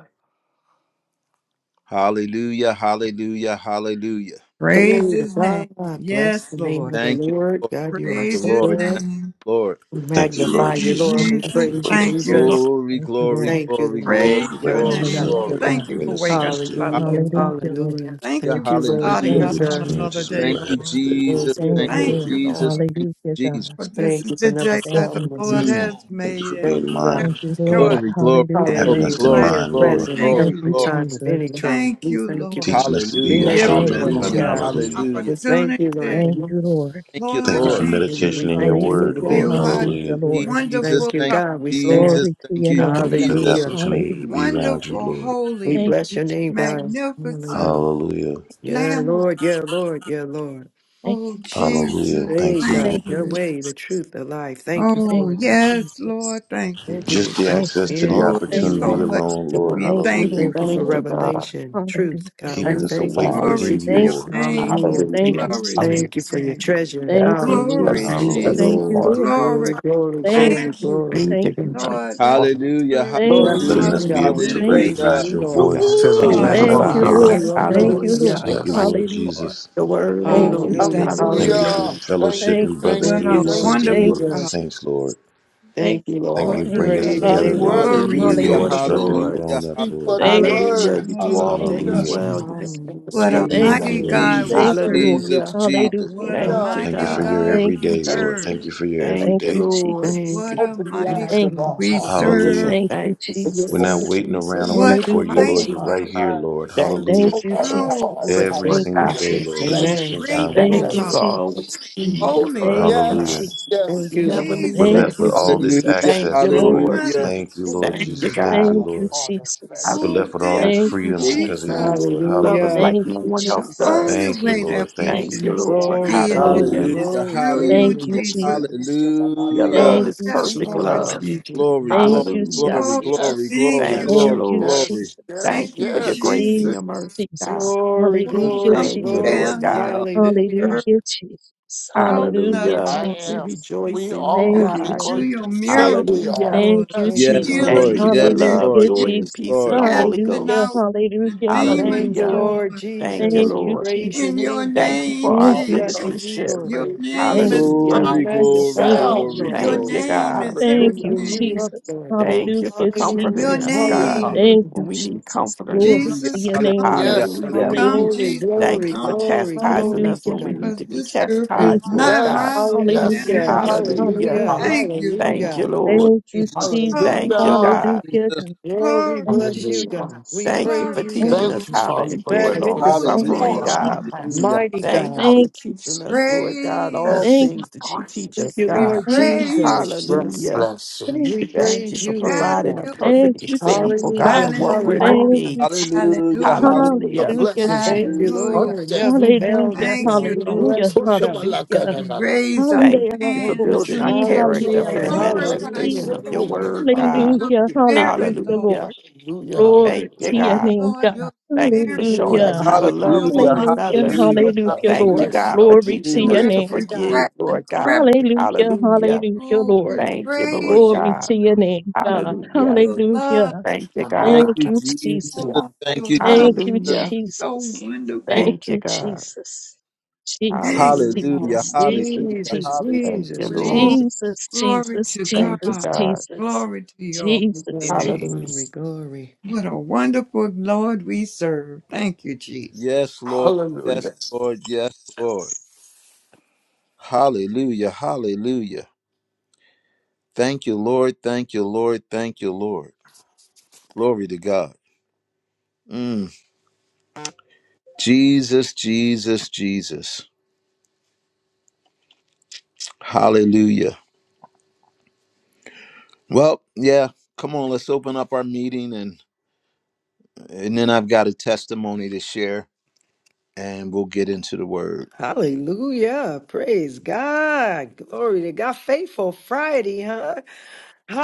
S1: Hallelujah, hallelujah, hallelujah.
S5: Praise
S3: Glory to
S5: his name.
S3: God. Bless
S5: Yes,
S3: the name
S5: Lord.
S3: of the
S1: Thank you,
S3: Lord.
S1: Lord.
S3: God, you are
S1: The
S5: Praise
S3: so
S5: his
S1: Lord.
S3: good.
S1: Thank
S5: name.
S1: you, Lord.
S3: We
S6: Thank you,
S5: Thank
S6: Lord
S3: magnify you,
S5: you,
S3: Lord.
S6: Jesus.
S7: Thank
S3: We
S7: you,
S6: Thank
S5: Jesus.
S6: you,
S3: praise you,
S6: Lord.
S5: Thank
S7: Jesus.
S5: you, Lord.
S3: Jesus.
S1: Glory,
S7: Thank you,
S3: We
S1: glory,
S7: Lord.
S3: thank you,
S1: glory,
S3: Lord.
S1: glory,
S6: Thank
S3: We
S6: you
S5: Praise
S6: for
S5: your
S6: waking
S3: bless you,
S1: glory,
S6: us
S5: name,
S6: up,
S3: God.
S7: Hallelujah,
S5: Lord.
S6: Lord,
S1: glory.
S6: and
S7: God.
S5: Thank you
S6: bringing
S5: for
S6: us to
S5: waking us
S6: this day,
S5: up,
S6: Lord.
S5: Lord.
S3: Hallelujah.
S1: Hallelujah,
S7: Hallelujah, Lord.
S3: Hallelujah.
S5: Thank you
S3: Thank
S5: for
S3: you, Lord
S6: Thank you
S5: starting
S6: for
S7: Thank
S1: hallelujah.
S5: us
S6: the
S7: you,
S5: on
S3: Jesus.
S5: another
S6: experiences we
S7: Jesus.
S5: day,
S1: Thank
S6: will
S1: you,
S6: have
S5: Lord.
S6: today, Lord.
S1: Jesus.
S3: Thank
S6: With
S3: you,
S7: Thank
S6: you,
S1: Thank
S3: Lord.
S7: you,
S1: you,
S5: Thank
S6: Lord.
S7: Lord.
S5: you,
S1: Jesus.
S5: Lord.
S1: Thank
S7: Hallelujah,
S1: you, Jesus.
S7: God.
S5: For this
S3: Thank
S5: is
S3: you for
S5: the
S3: never
S5: day
S7: Thank
S5: that the
S7: you,
S3: failing us.
S5: Lord
S3: God.
S7: Jesus.
S1: Mm.
S5: has
S6: Thank you
S5: made,
S6: for
S5: and
S3: Thank
S6: being
S5: we
S3: you,
S6: mine,
S5: shall
S7: Thank
S3: God.
S7: you,
S5: rejoice
S7: Lord.
S1: Glory, glory,
S5: and
S6: having
S7: Hallelujah.
S5: be
S1: glory,
S3: Hallelujah
S6: us
S3: for
S6: in
S5: glad
S1: glory,
S3: being
S6: mind,
S5: in it.
S1: glory,
S6: Lord,
S3: present and
S5: Thank
S7: Thank
S3: help
S1: glory,
S5: you,
S3: in
S7: you,
S1: glory.
S5: Lord.
S3: time of any
S7: Jesus.
S3: trouble.
S5: Thank
S3: We
S5: you,
S3: thank you,
S5: Lord.
S3: God.
S6: teaching us to be
S3: Be
S5: You've
S6: your
S1: Hallelujah.
S3: very good
S5: given
S7: Thank
S5: us
S6: children,
S7: you,
S3: for us,
S6: Lord.
S1: Hallelujah.
S5: another
S3: God.
S7: Jesus.
S6: Hallelujah.
S1: Hallelujah.
S3: We thank you, Lord
S5: opportunity.
S7: Thank
S3: God.
S7: you, Lord.
S1: Thank you,
S5: Lord,
S6: Thank you for
S1: Lord.
S5: thank
S3: Hallelujah.
S5: you.
S3: We
S6: meditation in your
S3: thank you for
S6: word,
S3: your
S7: Hallelujah,
S6: Lord.
S5: You
S3: goodness.
S5: are
S1: Thank
S7: hallelujah,
S6: Hallelujah.
S1: you,
S3: Hallelujah.
S7: Lord.
S3: We
S1: Jesus.
S3: Thank
S5: wonderful,
S3: you,
S1: Thank
S5: God.
S3: God. We
S1: you,
S3: stand.
S1: Jesus.
S7: Glory to
S1: Thank
S7: your
S1: you,
S7: name,
S6: Thank you for
S7: God.
S6: the
S1: Jesus.
S3: Hallelujah.
S6: opportunity to
S7: Hallelujah.
S6: be around you,
S5: Wonderful,
S6: Lord.
S3: We
S5: holy,
S7: Thank
S3: bless
S7: you,
S3: your name, God.
S7: Jesus.
S5: magnificent
S3: Hallelujah.
S6: Hallelujah.
S7: Thank you,
S3: Yeah,
S5: Lamb of God.
S3: Lord.
S7: Jesus.
S3: Yeah, Lord. Yeah, Lord.
S7: Thank
S5: Oh,
S7: you, Jesus.
S6: Hallelujah.
S5: Jesus,
S3: Hey,
S6: Thank you,
S5: thank
S3: God,
S7: Thank
S6: Lord.
S7: you,
S3: your
S5: you.
S3: way, the
S7: Jesus.
S3: truth, the life. Thank you
S7: Thank
S3: for
S5: Oh,
S3: it,
S7: you,
S3: God.
S5: yes,
S7: Jesus.
S5: Lord, thank
S3: Thank
S5: you.
S3: you. We
S6: Just the
S3: walk
S7: Thank
S6: access
S7: you,
S6: to
S7: Lord.
S6: the
S3: in
S5: Oh,
S3: who
S4: Thank
S7: Thank
S5: there's
S3: you
S7: you,
S5: so
S6: opportunity
S3: are.
S5: much
S7: Jesus.
S6: alone,
S4: you,
S6: Lord.
S5: we
S4: Lord.
S7: Thank you,
S5: thank
S6: Hallelujah.
S7: Lord.
S5: you
S3: Thank you for
S4: Thank
S5: for.
S4: you,
S5: Lord.
S4: God.
S3: revelation, truth,
S7: Hallelujah,
S3: God. We
S6: Keeping
S7: God.
S6: us
S4: Thank you,
S3: thank you
S6: awake
S3: for
S4: Father.
S3: the
S5: Glory
S6: within you,
S5: to
S7: Thank
S5: your
S3: secrets.
S6: Lord.
S7: you,
S5: name, Lord.
S7: Jesus.
S3: Hallelujah.
S7: Thank
S4: Hallelujah.
S7: you,
S5: Glory to
S2: Hallelujah.
S5: your
S3: Thank you
S7: Jesus.
S3: for your
S5: name.
S3: treasure.
S7: Thank you,
S2: Yes,
S3: Hallelujah.
S5: Glory,
S2: yes,
S7: Jesus.
S4: Thank you,
S6: Hallelujah.
S2: yes,
S7: Thank
S5: Jesus.
S7: you,
S4: Lord.
S2: Lord.
S7: Lord.
S5: Glory.
S3: Glory, glory,
S7: Thank
S3: glory,
S5: Thank
S7: you, Lord.
S5: you.
S3: glory.
S4: Thank
S7: Thank
S4: you,
S7: you,
S4: God.
S5: Lord,
S7: Jesus.
S5: let the
S2: Hallelujah
S1: Hallelujah.
S5: words
S3: We
S5: of
S7: Thank
S5: my
S4: Glory
S7: you,
S3: blessing
S4: to your
S6: Letting
S1: Hallelujah.
S3: you,
S5: mouth
S6: us
S5: and
S6: be
S5: the
S3: God.
S6: able
S4: name.
S7: Jesus.
S3: We
S6: to
S7: Thank
S5: meditation
S7: you,
S3: praising you,
S6: recognize
S1: Hallelujah.
S6: your
S7: Jesus.
S3: Lord
S6: voice,
S3: God.
S2: to the
S5: of my
S6: teaching
S1: Woohoo.
S4: Thank
S6: us
S4: you,
S5: heart
S2: Lamb
S6: how
S7: Thank
S6: to
S2: of
S5: be
S3: We
S7: you,
S6: hear
S3: lift
S4: Father.
S6: it.
S2: God.
S7: Lord.
S3: you up,
S7: Thank
S3: Lord
S5: acceptable
S7: you,
S3: God.
S5: in
S1: Mm.
S7: Lord.
S2: Yes,
S4: Hallelujah.
S5: thy
S6: Thank you,
S5: sight,
S2: yes.
S6: Lord
S5: Lord.
S7: Hallelujah.
S6: Jesus.
S4: The worthy
S5: Oh,
S7: Thank you,
S5: we
S4: Lord.
S5: thank
S3: Hallelujah.
S5: you.
S6: Thank you
S7: Jesus.
S4: Hallelujah.
S6: for
S2: Hallelujah.
S3: Hallelujah.
S2: Thank
S6: fellowship
S7: Thank
S2: you,
S6: and
S7: you,
S2: thank
S5: What
S3: Thank
S2: you,
S5: a
S6: brotherhood
S3: you,
S6: and
S2: thank
S7: Jesus.
S3: Lord
S2: you.
S7: Thank
S6: sisterhood
S5: wonderful
S6: with
S7: you,
S6: the
S5: God.
S3: Jesus.
S7: Jesus.
S6: saints, Lord.
S7: Thank
S3: Thank you,
S6: Thank
S3: Lord.
S5: What
S7: you,
S2: Lord,
S6: you,
S7: thank
S6: bring
S2: we
S5: a
S6: us
S7: you,
S2: are
S4: You're
S3: Praise
S4: the
S3: your
S7: thank
S6: together,
S2: not
S7: you,
S4: King of
S7: Lord.
S6: Lord.
S3: name,
S2: worthy.
S6: We're
S5: glorious
S4: Kings,
S3: Jesus.
S6: being
S1: Hallelujah.
S4: Lord
S5: God.
S4: of
S7: Hallelujah,
S6: instructed
S7: God.
S6: and
S1: Hallelujah.
S4: Lords.
S6: grown up,
S2: Speak
S6: Lord.
S2: but the
S7: Thank you,
S1: Hallelujah.
S4: Hallelujah.
S2: word.
S4: You
S7: Jesus.
S5: What
S4: do
S5: a,
S4: all
S7: Thank you,
S4: things
S2: Hallelujah.
S6: Hallelujah.
S4: well. You
S7: Jesus.
S4: make no
S5: what
S3: Hallelujah.
S5: a
S2: We
S7: Thank
S1: Jesus.
S6: Thank
S4: mistakes.
S2: have
S6: you,
S5: mighty
S7: you, Lord.
S6: Lord
S5: God
S3: Hallelujah.
S2: no
S5: we
S6: Jesus.
S1: Jesus.
S7: Thank you,
S2: such
S7: Lord.
S5: serve.
S2: word.
S1: Jesus.
S4: Hallelujah.
S1: Jesus.
S7: Hallelujah,
S5: What a
S7: God.
S4: Thank
S2: Hallelujah.
S4: you,
S6: Thank you
S5: mighty
S6: for
S4: God.
S6: your
S5: God
S7: Thank
S5: we
S7: you,
S6: everyday,
S2: Thank
S6: Lord.
S5: serve.
S2: you.
S7: Jesus.
S6: Thank you for your
S4: Thank
S7: Thank
S4: you,
S7: you,
S6: everyday.
S4: Lord.
S3: Thank
S7: Jesus.
S5: What
S3: you.
S5: a
S2: Open the
S5: mighty
S3: Yes,
S2: eyes
S7: Thank
S2: of
S5: God
S7: you,
S2: our
S3: Lord.
S5: we
S2: hearts.
S7: Jesus.
S5: serve.
S3: Magnificent.
S6: Hallelujah.
S7: Thank you,
S4: Thank you for your
S6: We're not
S4: son,
S2: Open
S7: Jesus.
S2: the
S6: waiting around a
S4: Jesus.
S6: week
S5: What
S2: ears.
S5: a
S6: for you,
S7: Hallelujah,
S6: Lord.
S5: mighty
S2: Open
S6: You're
S2: our
S6: right
S5: God.
S7: Jesus.
S6: here, Lord.
S2: eyes.
S4: Thank you
S7: Thank
S6: Hallelujah.
S2: Open
S7: you,
S4: for
S2: our
S5: Powerful,
S7: Jesus.
S2: hearts.
S4: that,
S3: That's
S6: Every
S4: Lord
S3: it.
S7: Thank you,
S6: single
S4: God.
S3: That's
S2: Hallelujah.
S6: day,
S3: it.
S2: Lord.
S6: Lord, we get to
S7: Jesus.
S2: Thank you.
S3: Amen.
S6: spend
S2: Thank
S6: time
S3: That's
S6: with
S2: you.
S7: Thank
S6: you,
S3: it.
S5: grateful
S4: Thank
S2: Thank
S4: you
S7: you,
S2: you.
S5: God.
S4: for
S6: Lord.
S4: always
S7: Jesus.
S4: being here
S5: Holy
S4: for
S5: God.
S7: Thank
S4: us,
S7: you,
S6: Hallelujah.
S4: God.
S2: Yes.
S7: Jesus.
S2: Yes.
S3: Thank
S4: You
S3: you,
S4: never
S3: Lord.
S2: Yes.
S6: We're
S4: leave
S5: Jesus,
S7: Thank
S3: Thank
S6: left
S7: you,
S6: with
S3: you,
S4: us.
S6: all this
S3: Jesus.
S7: Jesus.
S1: Hallelujah.
S4: Thank
S6: access,
S4: you,
S5: the
S2: Hallelujah.
S7: Thank
S6: Lord.
S7: you,
S4: Lord.
S5: Son of
S1: Hallelujah.
S6: Thank you,
S7: Jesus.
S6: Lord
S2: Continue
S4: Thank
S2: to
S5: God.
S4: you,
S6: Jesus.
S3: Mm.
S6: Thank
S4: God.
S2: keep
S6: you,
S7: Thank
S2: our
S7: you,
S6: Lord.
S2: heart
S7: Jesus.
S6: We're
S2: afresh.
S5: Oh,
S6: left with all
S5: thank
S4: Hallelujah.
S6: this
S7: Thank
S5: you,
S7: you,
S6: freedom
S2: Our
S6: because of you,
S7: Jesus.
S2: heart.
S5: Jesus.
S6: Lord.
S4: You love us
S3: Hallelujah.
S6: Hallelujah.
S4: like
S7: Thank
S4: no
S7: you,
S4: one
S5: The
S4: else
S7: Jesus.
S5: only
S7: Jesus,
S4: does.
S6: Thank you,
S2: Hallelujah.
S5: way that
S6: Lord.
S7: Jesus,
S5: we
S6: Thank you.
S4: Thank you,
S5: can
S2: Father,
S4: Lord.
S7: Jesus,
S2: you
S3: Glory,
S5: be in
S2: know
S5: heaven
S7: Jesus.
S2: what
S3: glory,
S2: I'm
S4: Hallelujah.
S6: Hallelujah.
S5: is
S1: Hallelujah.
S2: trying to
S3: glory,
S5: through
S2: say.
S5: you,
S7: Thank
S3: glory.
S7: you,
S1: Hallelujah.
S5: Jesus.
S2: Yes,
S7: Jesus.
S4: Your love
S1: Hallelujah.
S7: Thank
S5: Oh,
S4: is
S7: you,
S5: yes,
S4: perfect
S5: Lord
S7: Jesus.
S4: love.
S3: Hallelujah,
S5: Jesus.
S1: Glory,
S7: Thank
S3: Jesus.
S1: glory,
S7: you,
S4: Hallelujah.
S1: glory,
S5: Oh,
S1: glory,
S7: Jesus.
S5: thank
S1: glory,
S5: you,
S4: Thank
S2: yes,
S5: Lord.
S4: you,
S7: Thank
S1: glory,
S7: you,
S4: Lord.
S1: glory.
S2: yes,
S7: Jesus.
S2: yes,
S5: Thank
S4: Thank you
S5: you,
S4: for your
S2: yes.
S4: grace and
S5: Jesus,
S4: your
S7: Jesus,
S4: mercy, God.
S7: Jesus.
S3: Glory,
S7: Hallelujah,
S5: for
S1: Mm,
S3: glory,
S1: mm,
S5: coming
S4: Thank you,
S1: mm.
S7: Jesus.
S4: Lord
S3: glory.
S5: down here
S4: God.
S5: on this
S3: Hallelujah.
S5: earth,
S7: Hallelujah, Jesus.
S5: helping us,
S7: Hallelujah,
S4: Hallelujah.
S2: I
S5: Lord,
S4: We
S2: am.
S7: Jesus.
S4: rejoice
S2: We
S4: in you,
S2: are
S3: Thank
S7: Thank
S5: to
S3: you,
S7: you,
S4: God.
S5: do
S2: because
S3: Lord.
S2: you
S5: your
S7: Jesus.
S2: say
S5: miracles,
S2: we
S4: Hallelujah.
S2: are.
S5: Lord,
S7: Thank you,
S3: Thank
S2: Yes.
S3: you,
S1: Yes,
S7: Jesus.
S3: Lord
S5: healing
S1: Lord.
S4: Thank
S5: the
S4: you for
S1: Yes,
S5: sick,
S3: Jesus.
S4: love,
S7: Hallelujah,
S1: Lord.
S4: joy, and
S1: Yes,
S4: peace
S7: Jesus.
S4: in
S1: Lord.
S4: the Holy
S2: As
S5: casting
S7: Hallelujah,
S5: out
S4: Ghost.
S5: the
S7: hallelujah,
S3: Thank
S5: demons,
S3: you,
S4: Hallelujah.
S7: hallelujah.
S5: Lord.
S3: Lord
S4: Thank you,
S3: Jesus.
S7: Thank
S3: We
S7: you,
S4: Lord.
S3: praise
S7: Jesus.
S3: your
S5: In
S2: you
S5: your
S3: name, God.
S2: pour
S4: Thank you for
S5: name,
S4: our
S3: We're
S7: Thank
S2: Out
S5: Jesus,
S7: you,
S3: blessing
S2: love
S7: Jesus.
S2: to
S3: you,
S4: citizenship.
S2: you,
S3: Lord
S5: your
S2: may
S3: God.
S2: your
S5: name
S7: Thank you,
S5: is
S3: We
S4: Hallelujah.
S1: Glory,
S2: sweet
S7: Jesus.
S5: powerful.
S1: glory,
S7: Thank
S3: magnify
S7: you,
S3: you,
S2: sound
S1: glory,
S2: in
S3: Lord
S5: Your
S2: your
S3: God.
S4: Thank
S7: Jesus.
S4: you,
S1: glory.
S2: ears.
S5: name
S4: God.
S5: is
S7: Thank you,
S2: Hallelujah,
S3: lifting you up,
S5: everything.
S7: Jesus.
S3: Lord God.
S4: Thank you for
S7: Hallelujah,
S5: Your
S4: comforting
S3: Hallelujah.
S4: us,
S7: Jesus.
S2: hallelujah,
S4: God,
S5: name.
S2: hallelujah.
S7: Thank
S3: Hallelujah.
S7: you,
S4: when we need
S7: Jesus.
S4: comforting.
S7: Glory
S1: Hallelujah,
S7: to
S5: Jesus,
S7: your name, God.
S5: come.
S1: hallelujah,
S2: Yes,
S4: Hallelujah.
S2: Lord.
S7: Hallelujah,
S5: Come,
S1: hallelujah.
S3: Glory,
S2: Yes,
S7: God.
S5: Jesus,
S2: Lord.
S4: Thank
S3: glory,
S4: you for
S5: come.
S2: Hallelujah.
S3: glory,
S4: chastising
S3: glory
S4: us
S3: to
S7: Hallelujah,
S4: when we
S3: God.
S7: God.
S4: need
S5: Because
S4: to be
S5: this earth is
S7: Thank
S4: chastised,
S7: you.
S4: Lord
S5: not
S4: God.
S5: my
S2: Yes,
S5: home.
S2: yes,
S7: Hallelujah,
S3: Hallelujah.
S7: God.
S2: yes.
S5: Hallelujah.
S4: Hallelujah.
S3: Hallelujah.
S7: Hallelujah,
S2: Hallelujah.
S7: God.
S5: Thank you, Lord.
S4: Thank
S3: Hallelujah.
S4: you, Lord.
S7: Thank you,
S1: Jesus,
S7: Jesus.
S5: Oh,
S4: Thank
S1: Jesus,
S4: you,
S2: Hallelujah.
S4: God.
S7: Hallelujah,
S1: Jesus.
S7: God.
S3: Lord, we
S7: Thank
S5: glory,
S7: you,
S3: bless you,
S2: Hallelujah.
S3: God.
S7: Jesus.
S3: We
S4: Thank you
S3: praise
S4: for
S5: glory
S3: you,
S5: to
S7: Thank you,
S3: God.
S4: teaching us
S5: your
S2: Thank you,
S7: Jesus.
S4: how to
S2: Father, for
S4: endure long
S2: taking away
S5: holy
S7: Thank
S3: Magnificent,
S7: you,
S4: suffering,
S2: all
S1: Hallelujah,
S2: of
S5: name,
S4: God.
S2: our
S5: Lord.
S7: Jesus.
S1: hallelujah,
S3: mighty
S2: fantasies.
S4: Thank
S3: God.
S4: you for
S2: Hallelujah.
S7: Thank you,
S4: teaching us,
S7: Jesus.
S4: Lord God, all
S5: Praise
S7: Thank
S2: Yes.
S5: you.
S4: things
S7: you,
S4: that you teach
S3: Thank
S7: Jesus.
S4: us,
S3: you,
S5: We
S4: God.
S3: Lord
S7: Thank you, Je-
S5: praise
S3: Jesus.
S5: you.
S2: Yes,
S4: Hallelujah.
S2: bless you.
S7: thank
S3: We
S7: you,
S4: Thank you
S3: praise
S4: for
S3: you,
S7: Jesus.
S3: Lord
S4: providing a
S3: God.
S5: Hallelujah.
S7: Thank
S4: perfect
S7: you,
S4: example, God,
S7: Jesus.
S3: Hallelujah.
S2: Thank
S4: of what
S2: you,
S4: we're to
S5: Hallelujah.
S7: Thank
S3: Hallelujah.
S4: be.
S7: you, Jesus.
S1: hallelujah, hallelujah,
S5: Hallelujah.
S1: hallelujah,
S2: for the
S4: Hallelujah.
S7: Hallelujah,
S2: blessings and
S3: Thank you,
S7: Jesus.
S5: Hallelujah.
S3: Lord.
S2: that
S3: Never
S2: we
S3: failed
S7: Hallelujah,
S3: us,
S5: Thank
S3: God.
S5: you,
S3: We
S2: you
S5: Lord.
S7: hallelujah,
S3: bless you,
S2: push them
S3: God.
S2: like an
S7: hallelujah.
S5: We
S2: analysis
S5: raise our
S4: Thank
S7: Hallelujah,
S4: you for
S5: hands
S2: that
S4: building our
S2: you give to
S4: character for the
S3: Hallelujah.
S2: us
S5: Glorify
S3: Hallelujah.
S4: manifestation
S7: hallelujah,
S5: you,
S4: of your
S5: Lord.
S2: undeservingly.
S4: word, God.
S5: It's your
S7: hallelujah,
S2: Hallelujah.
S7: hallelujah,
S5: spirit, Lord.
S4: Hallelujah.
S7: Lord.
S2: Hallelujah.
S7: Glory
S4: Thank you,
S7: to
S2: Hallelujah.
S5: Oh,
S7: your
S4: God.
S7: name,
S5: Lord,
S7: God.
S5: your
S4: Thank you
S5: spirit
S4: for
S2: We
S4: showing
S2: are
S4: us
S7: Hallelujah.
S4: how to
S2: loved
S5: come
S4: love
S2: because
S4: one
S1: hallelujah,
S2: you
S5: upon
S7: Hallelujah,
S4: another.
S2: first
S1: hallelujah,
S2: loved
S7: hallelujah,
S2: us.
S4: Thank
S5: everything,
S1: hallelujah,
S4: you,
S7: Lord.
S2: Yes,
S4: God, for
S7: Glory to
S4: teaching
S7: your
S5: through
S4: us
S1: hallelujah.
S4: to
S7: name,
S5: every
S7: God.
S4: forgive,
S5: crack and
S4: Lord God.
S5: crevice.
S7: Hallelujah,
S4: Hallelujah.
S7: hallelujah,
S5: Oh,
S7: Lord.
S5: we
S4: Thank you, Lord
S5: praise you.
S7: Glory
S4: God.
S7: to your name, God.
S4: Hallelujah.
S5: Your love,
S7: Hallelujah.
S4: Thank you,
S2: Lord.
S4: God.
S1: Thank
S7: Thank
S1: you,
S7: you, Jesus.
S5: oh,
S1: Jesus.
S5: Lord,
S1: Thank
S5: your
S1: you,
S5: love
S7: Thank you,
S1: Jesus.
S5: is
S4: Hallelujah.
S5: so
S7: Jesus.
S5: wonderful.
S7: Thank
S4: Thank you,
S7: you,
S4: God.
S7: Jesus.
S5: Thank
S7: Jesus,
S5: you,
S4: Hallelujah.
S1: Hallelujah,
S5: Lord.
S7: Jesus, Jesus,
S1: hallelujah,
S3: Jesus,
S1: hallelujah,
S7: Jesus.
S4: Thank you,
S3: Jesus,
S4: Lord.
S5: Oh,
S3: Jesus.
S7: Jesus,
S5: glory
S7: Jesus,
S5: to
S4: Thank
S7: Jesus,
S4: you,
S5: God.
S4: God.
S7: Jesus.
S5: Glory to your holy
S7: Jesus,
S3: Glory,
S5: name.
S4: Hallelujah.
S3: glory,
S7: Jesus.
S3: glory.
S5: What a wonderful Lord we serve. Thank you, Jesus.
S1: Yes, Lord. Yes,
S2: Hallelujah.
S1: Lord. Yes, Lord. Hallelujah. Hallelujah. Thank you, Lord. Thank you, Lord. Thank you, Lord. Glory to God. Mm. Jesus, Jesus, Jesus. Hallelujah. Well, yeah. Come on, let's open up our meeting and and then I've got a testimony to share and we'll get into the word. *laughs*
S3: Hallelujah. Praise God. Glory to God. Faithful Friday, huh?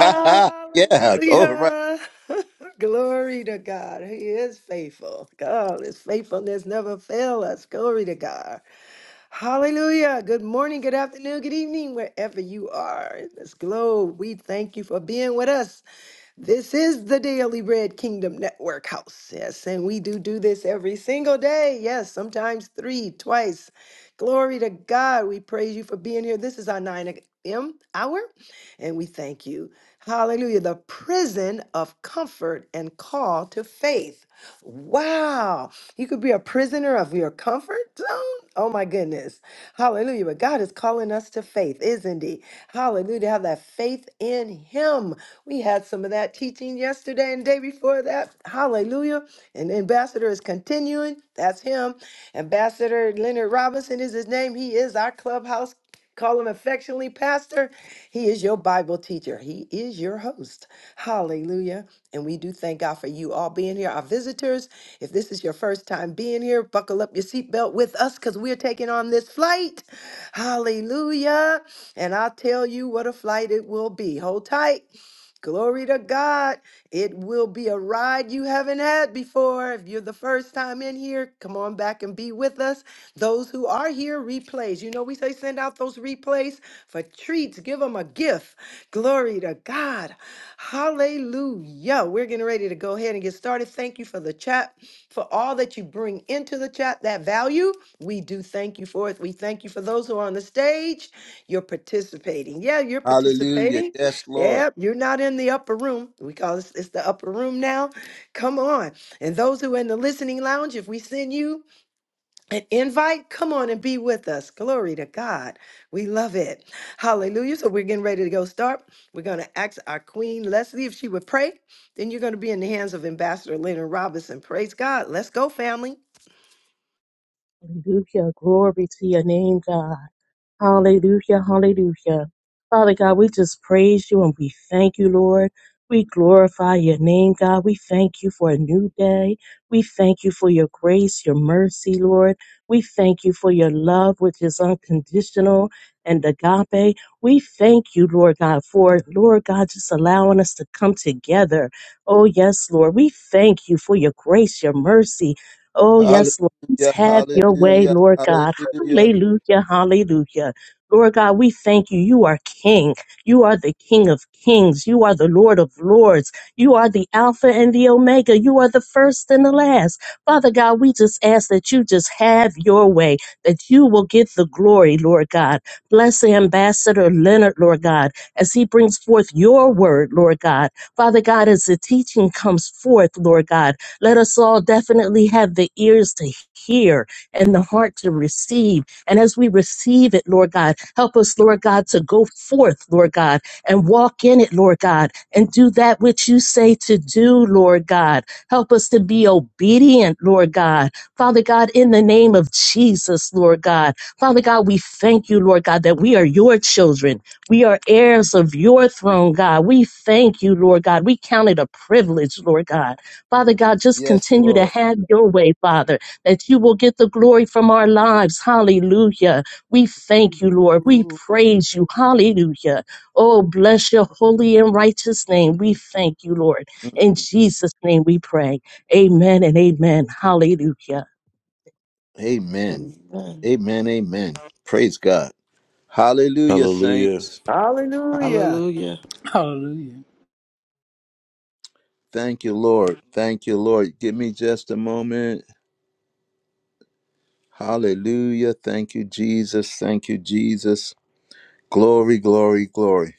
S1: Ha ha. Yeah. All right.
S3: *laughs* glory to God. He is faithful. God, his faithfulness never fail us. Glory to God. Hallelujah. Good morning, good afternoon, good evening, wherever you are in this globe. We thank you for being with us. This is the Daily Bread Kingdom Network House. Yes, and we do do this every single day. Yes, sometimes three, twice. Glory to God. We praise you for being here. This is our 9 a.m. hour, and we thank you. Hallelujah. The prison of comfort and call to faith. Wow. You could be a prisoner of your comfort zone. Oh, my goodness. Hallelujah. But God is calling us to faith, isn't He? Hallelujah. To have that faith in Him. We had some of that teaching yesterday and day before that. Hallelujah. And Ambassador is continuing. That's him. Ambassador Leonard Robinson is his name. He is our clubhouse. Call him affectionately pastor. He is your Bible teacher. He is your host. Hallelujah. And we do thank God for you all being here. Our visitors, if this is your first time being here, buckle up your seatbelt with us because we're taking on this flight. Hallelujah. And I'll tell you what a flight it will be. Hold tight. Glory to God. It will be a ride you haven't had before. If you're the first time in here, come on back and be with us. Those who are here, replays. You know, we say send out those replays for treats, give them a gift. Glory to God. Hallelujah. We're getting ready to go ahead and get started. Thank you for the chat, for all that you bring into the chat, that value. We do thank you for it. We thank you for those who are on the stage. You're participating. Yeah, you're
S1: Hallelujah.
S3: participating.
S1: Yes, Lord.
S3: Yeah, you're not in the upper room. We call this it's the upper room now. Come on. And those who are in the listening lounge, if we send you an invite, come on and be with us. Glory to God. We love it. Hallelujah. So we're getting ready to go start. We're going to ask our Queen Leslie if she would pray. Then you're going to be in the hands of Ambassador Leonard Robinson. Praise God. Let's go, family.
S7: Hallelujah. Glory to your name, God. Hallelujah, hallelujah. Father God, we just praise you and we thank you, Lord. We glorify your name, God. We thank you for a new day. We thank you for your grace, your mercy, Lord. We thank you for your love, which is unconditional and agape. We thank you, Lord God, for, Lord God, just allowing us to come together. Oh, yes, Lord. We thank you for your grace, your mercy. Oh,
S1: Hallelujah.
S7: yes, Lord. Just have your way,
S1: Hallelujah.
S7: Lord God.
S1: Hallelujah.
S7: Hallelujah. Hallelujah. Lord God, we thank you. You are King. You are the King of Kings. You are the Lord of Lords. You are the Alpha and the Omega. You are the first and the last. Father God, we just ask that you just have your way, that you will get the glory, Lord God. Bless the Ambassador Leonard, Lord God, as he brings forth your word, Lord God. Father God, as the teaching comes forth, Lord God, let us all definitely have the ears to hear and the heart to receive. And as we receive it, Lord God, help us, Lord God, to go forth, Lord God, and walk in it, Lord God, and do that which you say to do, Lord God. Help us to be obedient, Lord God. Father God, in the name of Jesus, Lord God. Father God, we thank you, Lord God, that we are your children. We are heirs of your throne, God. We thank you, Lord God. We count it a privilege, Lord God. Father God, just
S1: Yes,
S7: continue to
S1: Lord.
S7: have your way, Father that you will get the glory from our lives. Hallelujah. We thank you, Lord. We praise you. Hallelujah. Oh, bless your holy and righteous name. We thank you, Lord. In Jesus' name we pray. Amen and amen. Hallelujah.
S1: Amen.
S4: Amen.
S1: Amen. Amen. Praise God. Hallelujah,
S6: Hallelujah.
S1: saints.
S3: Hallelujah.
S4: Hallelujah.
S8: Hallelujah.
S1: Thank you, Lord. Thank you, Lord. Give me just a moment. Hallelujah. Thank you, Jesus. Thank you, Jesus. Glory, glory, glory.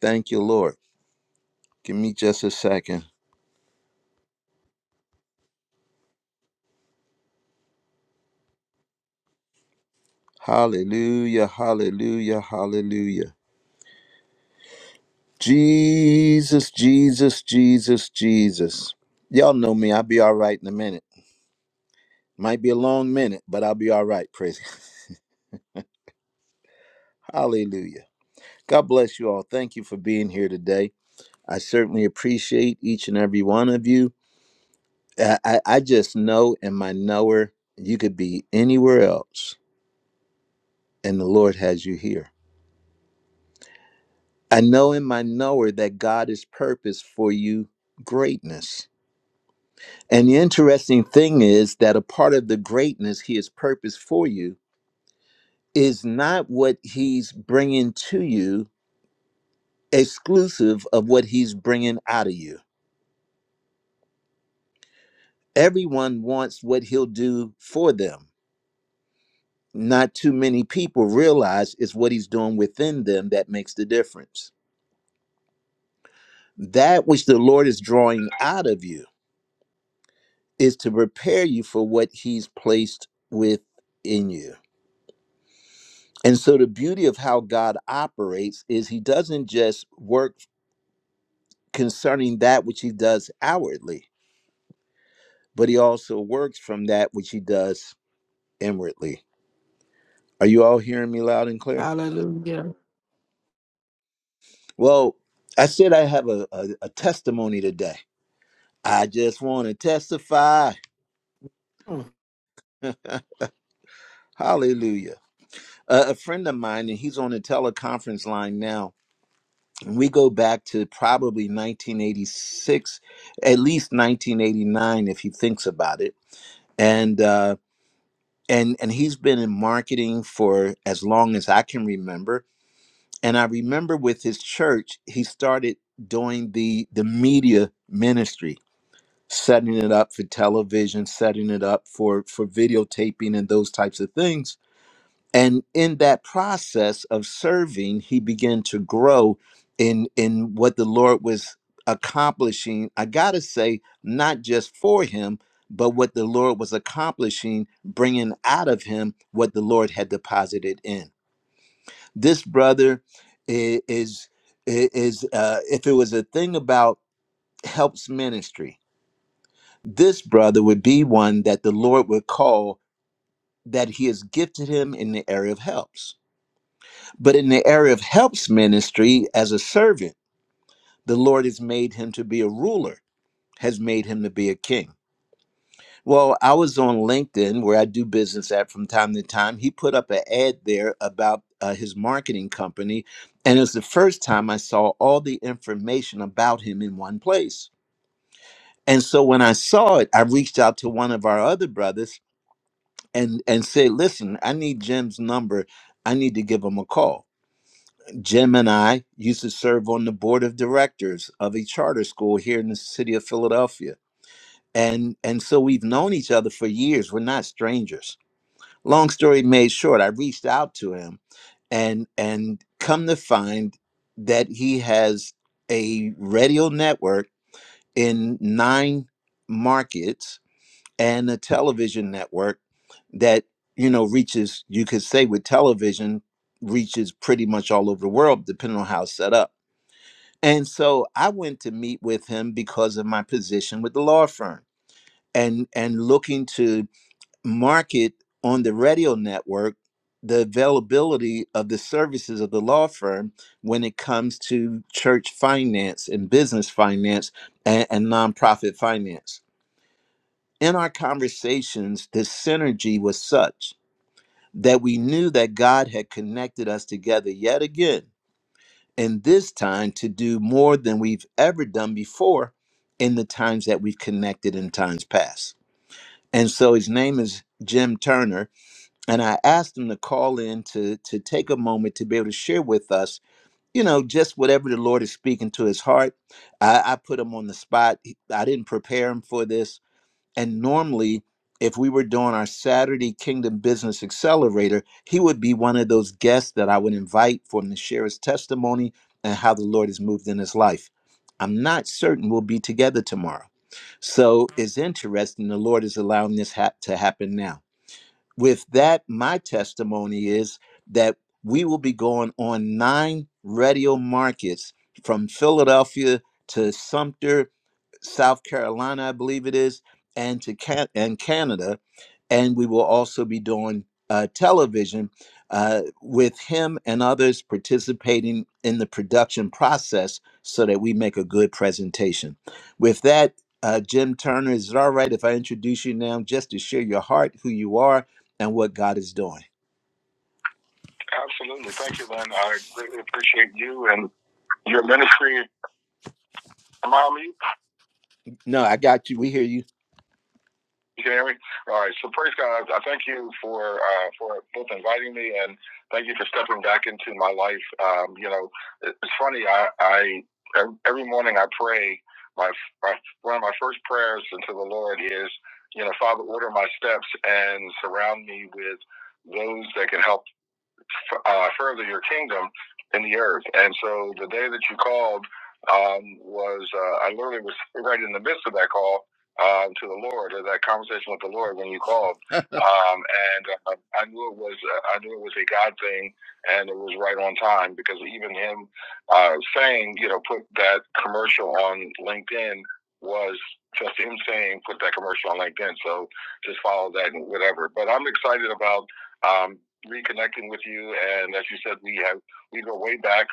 S1: Thank you, Lord. Give me just a second. Hallelujah. Hallelujah. Hallelujah. Jesus, Jesus, Jesus, Jesus. Y'all know me. I'll be all right in a minute. Might be a long minute, but I'll be all right. Praise. *laughs* Hallelujah. God bless you all. Thank you for being here today. I certainly appreciate each and every one of you. I, I, I just know in my knower, you could be anywhere else, and the Lord has you here. I know in my knower that God has purpose for you greatness. And the interesting thing is that a part of the greatness He has purpose for you is not what He's bringing to you, exclusive of what He's bringing out of you everyone wants what he'll do for them. Not too many people realize it's what he's doing within them that makes the difference. That which the Lord is drawing out of you is to prepare you for what he's placed within you. And so the beauty of how God operates is he doesn't just work concerning that which he does outwardly, but he also works from that which he does inwardly. Are you all hearing me loud and clear?
S4: Hallelujah.
S1: Well, I said I have a, a, a testimony today. I just want to testify. Hallelujah. Uh, a a friend of mine, and he's on the teleconference line now. and We go back to probably 1986, at least 1989, if he thinks about it. And uh, and and he's been in marketing for as long as I can remember. And I remember with his church, he started doing the the media ministry setting it up for television, setting it up for for videotaping and those types of things. And in that process of serving, he began to grow in in what the Lord was accomplishing. I got to say not just for him, but what the Lord was accomplishing, bringing out of him what the Lord had deposited in. This brother i- is i- is uh if it was a thing about helps ministry this brother would be one that the Lord would call that he has gifted him in the area of helps. But in the area of helps ministry as a servant, the Lord has made him to be a ruler, has made him to be a king. Well, I was on LinkedIn where I do business at from time to time. He put up an ad there about uh, his marketing company. And it was the first time I saw all the information about him in one place. And so when I saw it, I reached out to one of our other brothers and and say, listen, I need Jim's number. I need to give him a call. Jim and I used to serve on the board of directors of a charter school here in the city of Philadelphia. And and so we've known each other for years. We're not strangers. Long story made short, I reached out to him and and come to find that he has a radio network in nine markets and a television network that you know reaches you could say with television reaches pretty much all over the world depending on how it's set up and so i went to meet with him because of my position with the law firm and and looking to market on the radio network the availability of the services of the law firm when it comes to church finance and business finance and, and nonprofit finance in our conversations, the synergy was such that we knew that God had connected us together yet again, and this time to do more than we've ever done before in the times that we've connected in times past. And so his name is Jim Turner, and I asked him to call in to, to take a moment to be able to share with us, you know, just whatever the Lord is speaking to his heart. I, I put him on the spot. He- I didn't prepare him for this and normally, if we were doing our Saturday Kingdom Business Accelerator, he would be one of those guests that I would invite for him to share his testimony and how the Lord has moved in his life. I'm not certain we'll be together tomorrow. So it's interesting the Lord is allowing this hap to happen now. With that, my testimony is that we will be going on nine radio markets from Philadelphia to Sumter South Carolina, I believe it is, and to Can- and Canada, and we will also be doing uh, television uh, with him and others participating in the production process, so that we make a good presentation. With that, uh, Jim Turner, is it all right if I introduce you now, just to share your heart, who you are, and what God is doing? Absolutely, thank you, Lynn. I greatly appreciate you and your ministry. Mommy. No, I got you. We hear you. You can hear me? All right. So praise God. I thank you for uh, for both inviting me and thank you for stepping back into my life. Um, you know, it's funny. I, I every morning I pray. My, my one of my first prayers unto the Lord is, you know, Father, order my steps and surround me with those that can help uh, further your kingdom in the earth. And so the day that you called um, was, uh, I literally was right in the midst of that call um, to the Lord, or that conversation with the Lord when you called. *laughs* um, and uh, I knew it was, uh, I knew it was a God thing, and it was right on time because even him uh, saying, you know, put that commercial on LinkedIn was just him saying, put that commercial on LinkedIn. So just follow that and whatever. But I'm excited about um, reconnecting with you. And as you said, we have we go way back.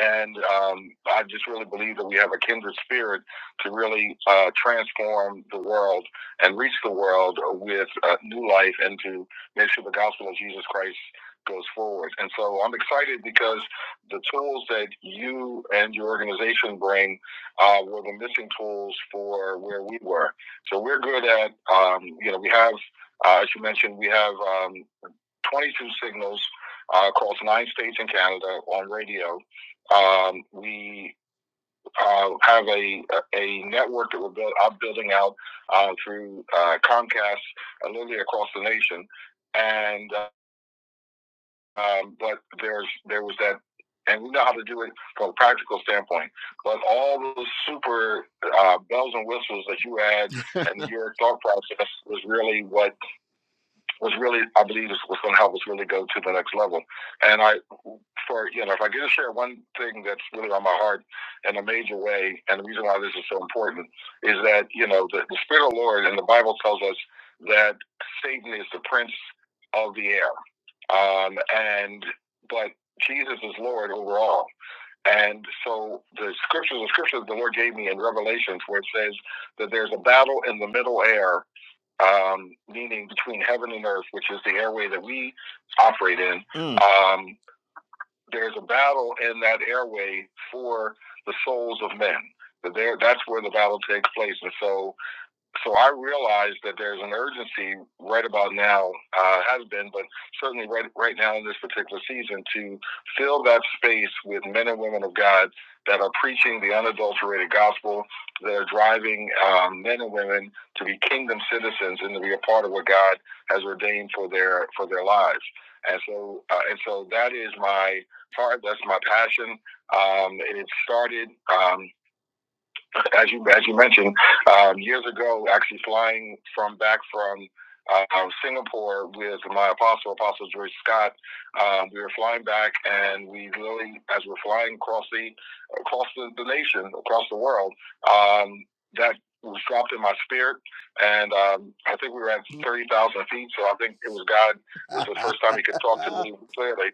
S1: And um, I just really believe that we have a kindred spirit to really uh, transform the world and reach the world with uh, new life and to make sure the gospel of Jesus Christ goes forward. And so I'm excited because the tools that you and your organization bring uh, were the missing tools for where we were. So we're good at, um, you know, we have, uh, as you mentioned, we have um, 22 signals uh, across nine states in Canada on radio um, we uh, have a a network that we're build, I'm building out uh, through uh, Comcast, uh, literally across the nation. And uh, um, but there's there was that, and we know how to do it from a practical standpoint. But all those super uh, bells and whistles that you had *laughs* and your thought process was really what was really, I believe, was going to help us really go to the next level. And I, for you know, if I get to share one thing that's really on my heart in a major way, and the reason why this is so important is that you know the, the Spirit of the Lord and the Bible tells us that Satan is the prince of the air, um, and but Jesus is Lord over all. And so the scriptures, the scriptures the Lord gave me in Revelations, where it says that there's a battle in the middle air um, meaning between heaven and earth, which is the airway that we operate in. Mm. Um, there's a battle in that airway for the souls of men. There, that's where the battle takes place, and so so I realize that there's an urgency right about now, uh, has been, but certainly right right now in this particular season to fill that space with men and women of God that are preaching the unadulterated gospel, that are driving um, men and women to be kingdom citizens and to be a part of what God has ordained for their for their lives. And so, uh, and so that is my heart. That's my passion. Um, and it started. Um, as you as you mentioned, um, years ago, actually flying from back from uh, uh, Singapore with my apostle, Apostle Joyce Scott, um, we were flying back, and we literally, as we're flying across the across the, the nation, across the world, um, that was dropped in my spirit, and um, I think we were at thirty thousand feet. So I think it was God. It was the first time He could talk to me *laughs* clearly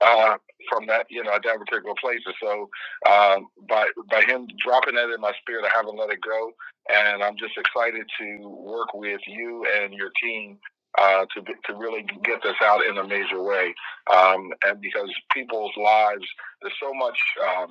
S1: uh, from that, you know, at that particular place. And so uh, by by him dropping that in my spirit, I haven't let it go, and I'm just excited to work with you and your team uh, to to really get this out in a major way, um, and because people's lives, there's so much. Um,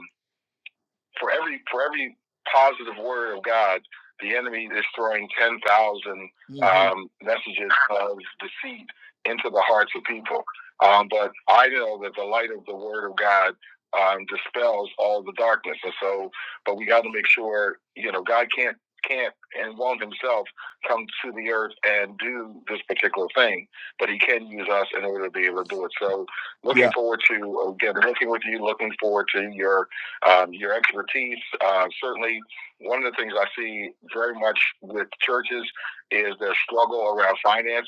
S1: for every for every positive word of God, the enemy is throwing ten thousand hmm um, messages of deceit into the hearts of people. Um, but I know that the light of the Word of God um, dispels all the darkness, and so. But we got to make sure you know God can't can't and won't himself come to the earth and do this particular thing, but he can use us in order to be able to do it. So, looking Yeah. forward to again, looking with you, looking forward to your um, your expertise. Uh, certainly, one of the things I see very much with churches is their struggle around finance.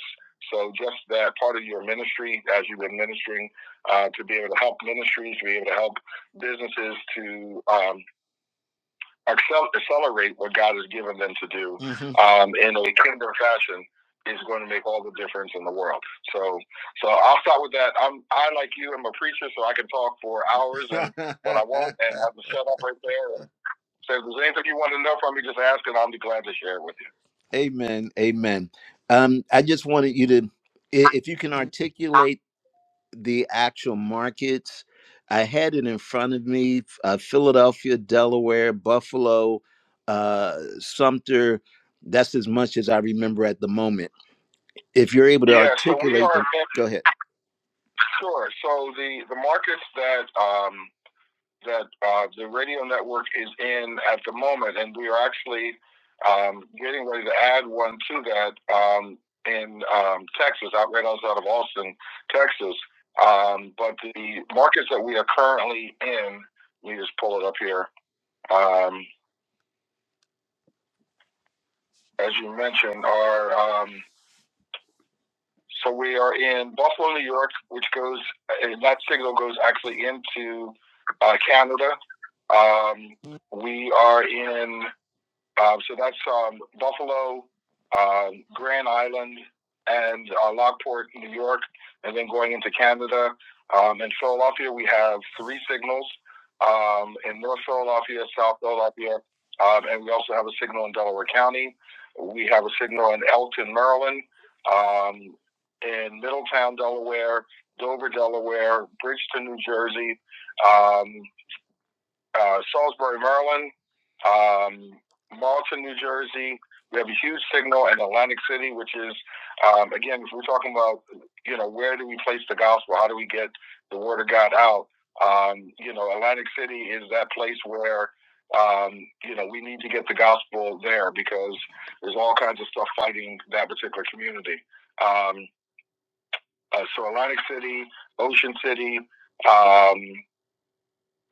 S1: So, just that part of your ministry, as you've been ministering, uh, to be able to help ministries, to be able to help businesses to um, accelerate what God has given them to do Mhm. um, in a kingdom fashion is going to make all the difference in the world. So, so I'll start with that. I'm I like you. I'm a preacher, so I can talk for hours and *laughs* what I want, and have to shut up right there. And so, if there's anything you want to know from me, just ask, and I'll be glad to share it with you. amen. Amen. Um, I just wanted you to, i- if you can articulate the actual markets. I had it in front of me uh, Philadelphia, Delaware, Buffalo, uh, Sumter. That's as much as I remember at the moment. If you're able to Yeah, so we articulate are them, go ahead. sure. So the the markets that um, that uh, the radio network is in at the moment, and we are actually um, getting ready to add one to that um, in um, Texas, out right outside of Austin, Texas. Um, but the markets that we are currently in, let me just pull it up here. Um, as you mentioned, are um, so we are in Buffalo, New York, which goes and that signal goes actually into uh, Canada. Um, we are in Uh, so that's um, Buffalo, um, Grand Island, and uh, Lockport, New York, and then going into Canada. Um, in Philadelphia, we have three signals um, in North Philadelphia, South Philadelphia, um, and we also have a signal in Delaware County. We have a signal in Elton, Maryland, um, in Middletown, Delaware, Dover, Delaware, Bridgeton, New Jersey. um, uh, Salisbury, Maryland, um, Marlton, New Jersey. We have a huge signal in Atlantic City, which is, um, again, if we're talking about, you know, where do we place the gospel? How do we get the word of God out? Um, you know, Atlantic City is that place where, um, you know, we need to get the gospel there because there's all kinds of stuff fighting that particular community. Um, uh, so Atlantic City, Ocean City, um,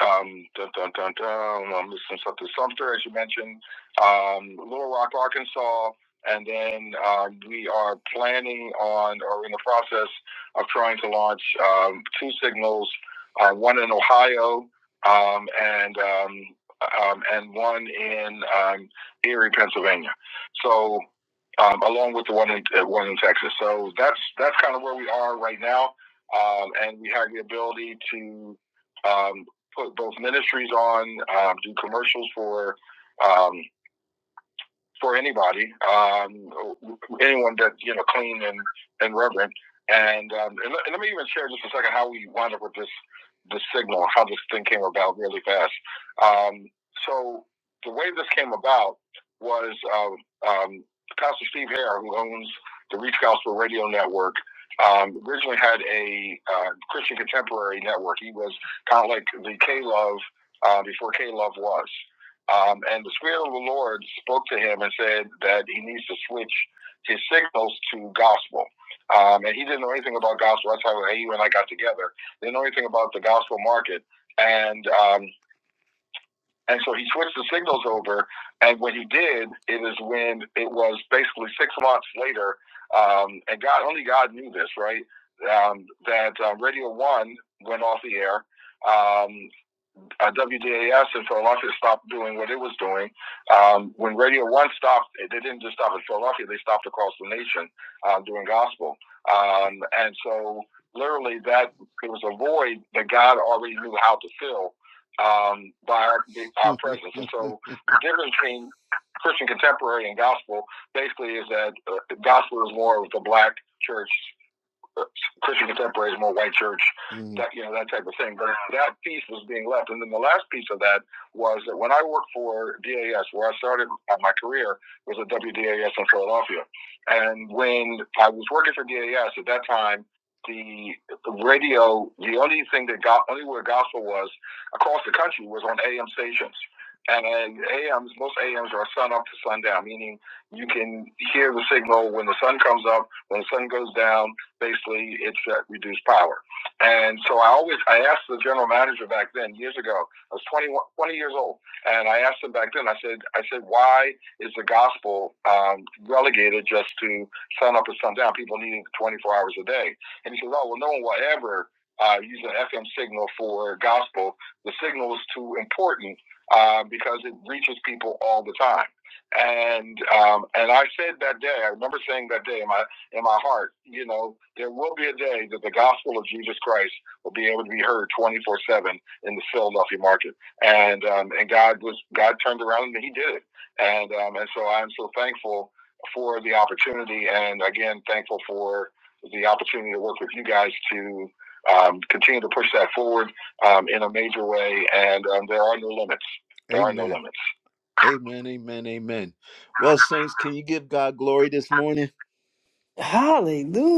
S1: um, dun, dun, dun, dun, I'm missing something. Sumter, as you mentioned, um, Little Rock, Arkansas, and then um, we are planning on, or in the process of trying to launch um, two signals, uh, one in Ohio, um, and um, um, and one in um, Erie, Pennsylvania. So, um, along with the one in uh, one in Texas. So that's that's kind of where we are right now, um, and we have the ability to. Um, put both ministries on, um, do commercials for um, for anybody, um, anyone that you know, clean and and reverent. And, um, and let, and let me even share just a second how we wound up with this this signal, how this thing came about really fast. Um, so the way this came about was uh, um, Pastor Steve Hare, who owns the Reach Gospel Radio Network. Um, originally had a uh, Christian contemporary network. He was kind of like the K Love uh, before K Love was. Um, and the Spirit of the Lord spoke to him and said that he needs to switch his signals to gospel. Um, and he didn't know anything about gospel. That's how he and I got together. Didn't know anything about the gospel market. And um, and so he switched the signals over. And when he did, it is when it was basically six months later. Um, and God, only God knew this, right? Um, that uh, Radio One went off the air. Um, uh, WDAS in Philadelphia stopped doing what it was doing. Um, when Radio One stopped, they didn't just stop in Philadelphia; they stopped across the nation uh, doing gospel. Um, and so, literally, that it was a void that God already knew how to fill um, by our, our presence. And so, the difference between Christian contemporary and gospel basically is that uh, gospel is more of the black church Christian contemporaries, more white church, Mm, that you know that type of thing. But that piece was being left, and then the last piece of that was that when I worked for DAS, where I started my career, was at WDAS in Philadelphia, and when I was working for DAS at that time. The, the radio, the only thing that got, only where gospel was across the country was on AM stations. And uh, AMs, most AMs are sun up to sundown, meaning you can hear the signal when the sun comes up, when the sun goes down, basically it's at reduced power. And so I always I asked the general manager back then years ago. I was 21, years old, and I asked him back then. I said I said why is the gospel um, relegated just to sun up or sun down? People needing 24 hours a day. And he said, oh well, no one will ever. Uh, use an FM signal for gospel. The signal is too important uh, because it reaches people all the time. And um, and I said that day, I remember saying that day, in my in my heart, you know, there will be a day that the gospel of Jesus Christ will be able to be heard 24 seven in the Philadelphia market. And, um, and God was, God turned around and he did it. And, um, and so I'm so thankful for the opportunity. And again, thankful for the opportunity to work with you guys to, um, continue to push that forward, um, in a major way. And, um, there are no limits. There amen. are no limits. Amen. Amen. Amen. Well, Saints, can you give God glory this morning?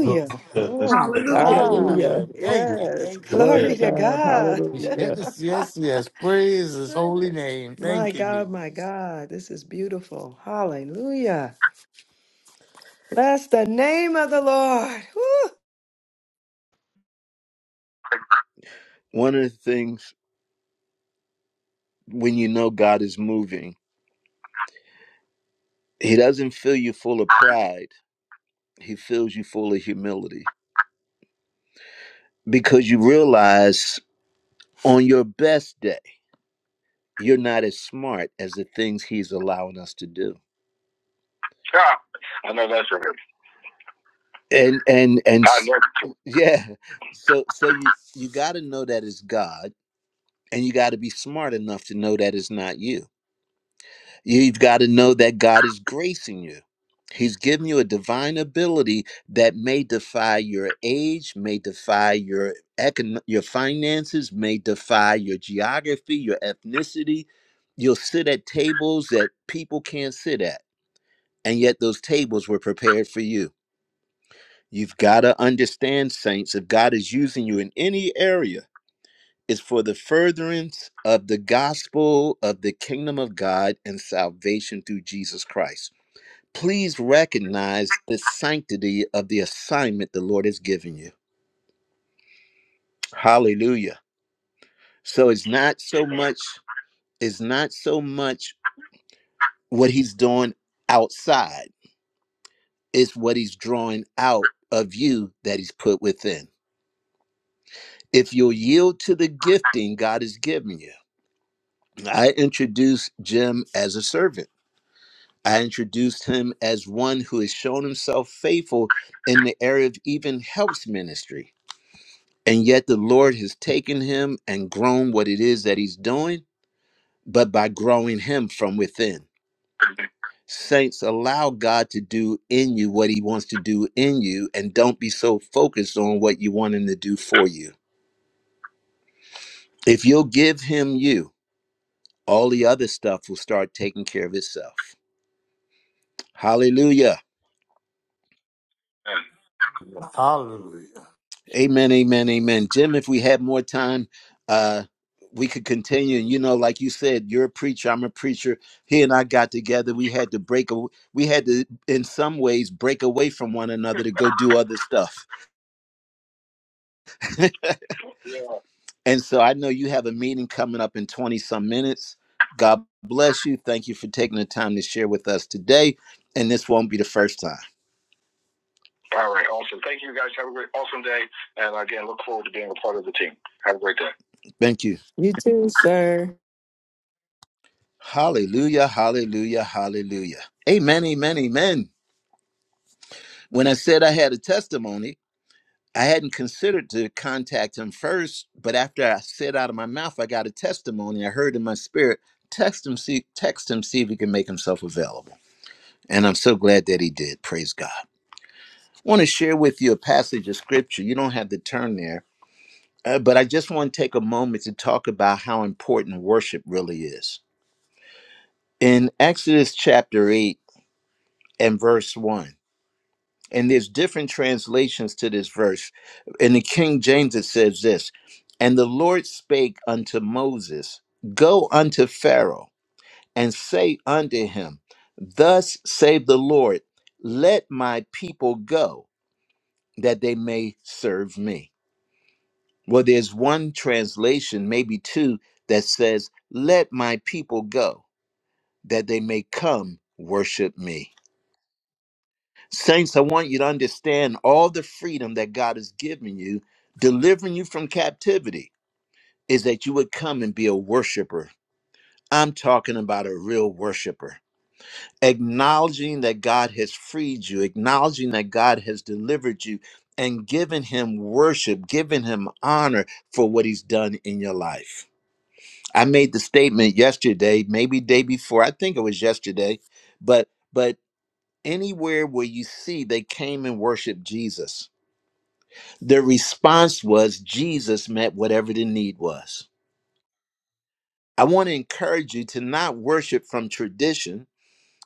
S6: Hallelujah.
S3: Oh
S6: That's
S3: my
S6: the thing.
S3: God.
S4: Hallelujah.
S2: Hallelujah.
S6: Lord,
S2: Thank
S6: who
S2: you.
S3: Yes. *laughs*
S2: Thank you.
S6: heard,
S4: Glory
S2: Thank
S6: Yes,
S4: to
S3: Glory
S2: you. *laughs*
S3: to
S4: God.
S3: God.
S4: Hallelujah.
S2: Yes, yes, yes. Praise his
S3: *laughs*
S2: holy name.
S3: my
S2: Thank you,
S3: God,
S2: Jesus.
S3: my God. This is beautiful. Hallelujah. Bless the name of the Lord. Woo.
S1: one of the things when you know God is moving, He doesn't fill you full of pride, He fills you full of humility because you realize on your best day, you're not as smart as the things He's allowing us to do. Yeah, I know that's right. And, and, and, I s- know. yeah. So, so you, you got to know that it's God and you got to be smart enough to know that it's not you. You've got to know that God is gracing you. He's given you a divine ability that may defy your age, may defy your econ- your finances, may defy your geography, your ethnicity. You'll sit at tables that people can't sit at, and yet those tables were prepared for you. You've got to understand, saints, if God is using you in any area, it's for the furtherance of the gospel of the kingdom of God and salvation through Jesus Christ. Please recognize the sanctity of the assignment the Lord has given you. Hallelujah. So it's not so much it's not so much what he's doing outside. It's what he's drawing out of you that he's put within. If you'll yield to the gifting God has given you. I introduced Jim as a servant. I introduced him as one who has shown himself faithful in the area of even helps ministry. And yet the Lord has taken him and grown what it is that he's doing, but by growing him from within. Saints, allow God to do in you what he wants to do in you, and don't be so focused on what you want him to do for you. If you'll give him you, all the other stuff will start taking care of itself. Hallelujah.
S2: Hallelujah.
S1: Amen, amen, amen. Jim, if we had more time, uh, we could continue. And you know, like you said, you're a preacher, I'm a preacher. He and I got together. We had to break, a, we had to, in some ways, break away from one another to go do other stuff. *laughs* Yeah. and so I know you have a meeting coming up in 20 some minutes. God bless you. Thank you for taking the time to share with us today. And this won't be the first time. All right, awesome. Thank you guys. Have a great, awesome day. And again, look forward to being a part of the team. Have a great day. Thank you.
S3: You too, sir.
S1: Hallelujah, hallelujah, hallelujah. Amen, amen, amen. When I said I had a testimony, I hadn't considered to contact him first, but after I said out of my mouth, I got a testimony. I heard in my spirit, text him, see, text him, see if he can make himself available. And I'm so glad that he did. Praise God. I want to share with you a passage of scripture. You don't have to turn there, Uh, but I just want to take a moment to talk about how important worship really is. In Exodus chapter 8 and verse 1, and there's different translations to this verse. In the King James, it says this And the Lord spake unto Moses, Go unto Pharaoh, and say unto him, Thus saith the Lord, Let my people go, that they may serve me. Well, there's one translation, maybe two, that says, Let my people go, that they may come worship me. Saints, I want you to understand all the freedom that God has given you, delivering you from captivity, is that you would come and be a worshiper. I'm talking about a real worshiper. Acknowledging that God has freed you, acknowledging that God has delivered you, and giving Him worship, giving Him honor for what He's done in your life. I made the statement yesterday, maybe day before. I think it was yesterday, but but anywhere where you see they came and worshiped Jesus, the response was Jesus met whatever the need was. I want to encourage you to not worship from tradition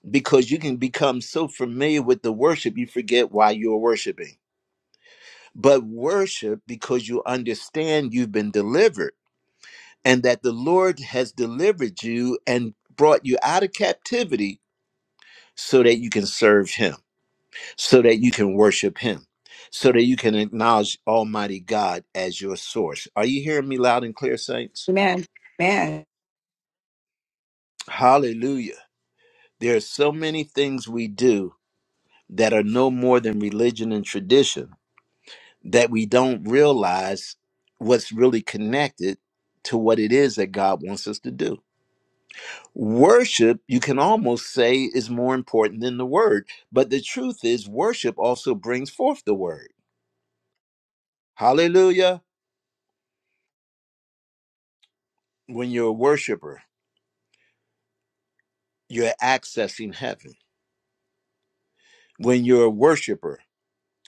S1: because you can become so familiar with the worship you forget why you're worshiping. But worship because you understand you've been delivered and that the Lord has delivered you and brought you out of captivity so that you can serve him, so that you can worship him, so that you can acknowledge Almighty God as your source. Are you hearing me loud and clear, saints?
S9: Amen. Amen.
S1: Hallelujah. There are so many things we do that are no more than religion and tradition that we don't realize what's really connected to what it is that God wants us to do. Worship, you can almost say, is more important than the word. But the truth is, worship also brings forth the word. Hallelujah. when you're a worshiper, you're accessing heaven. When you're a worshiper,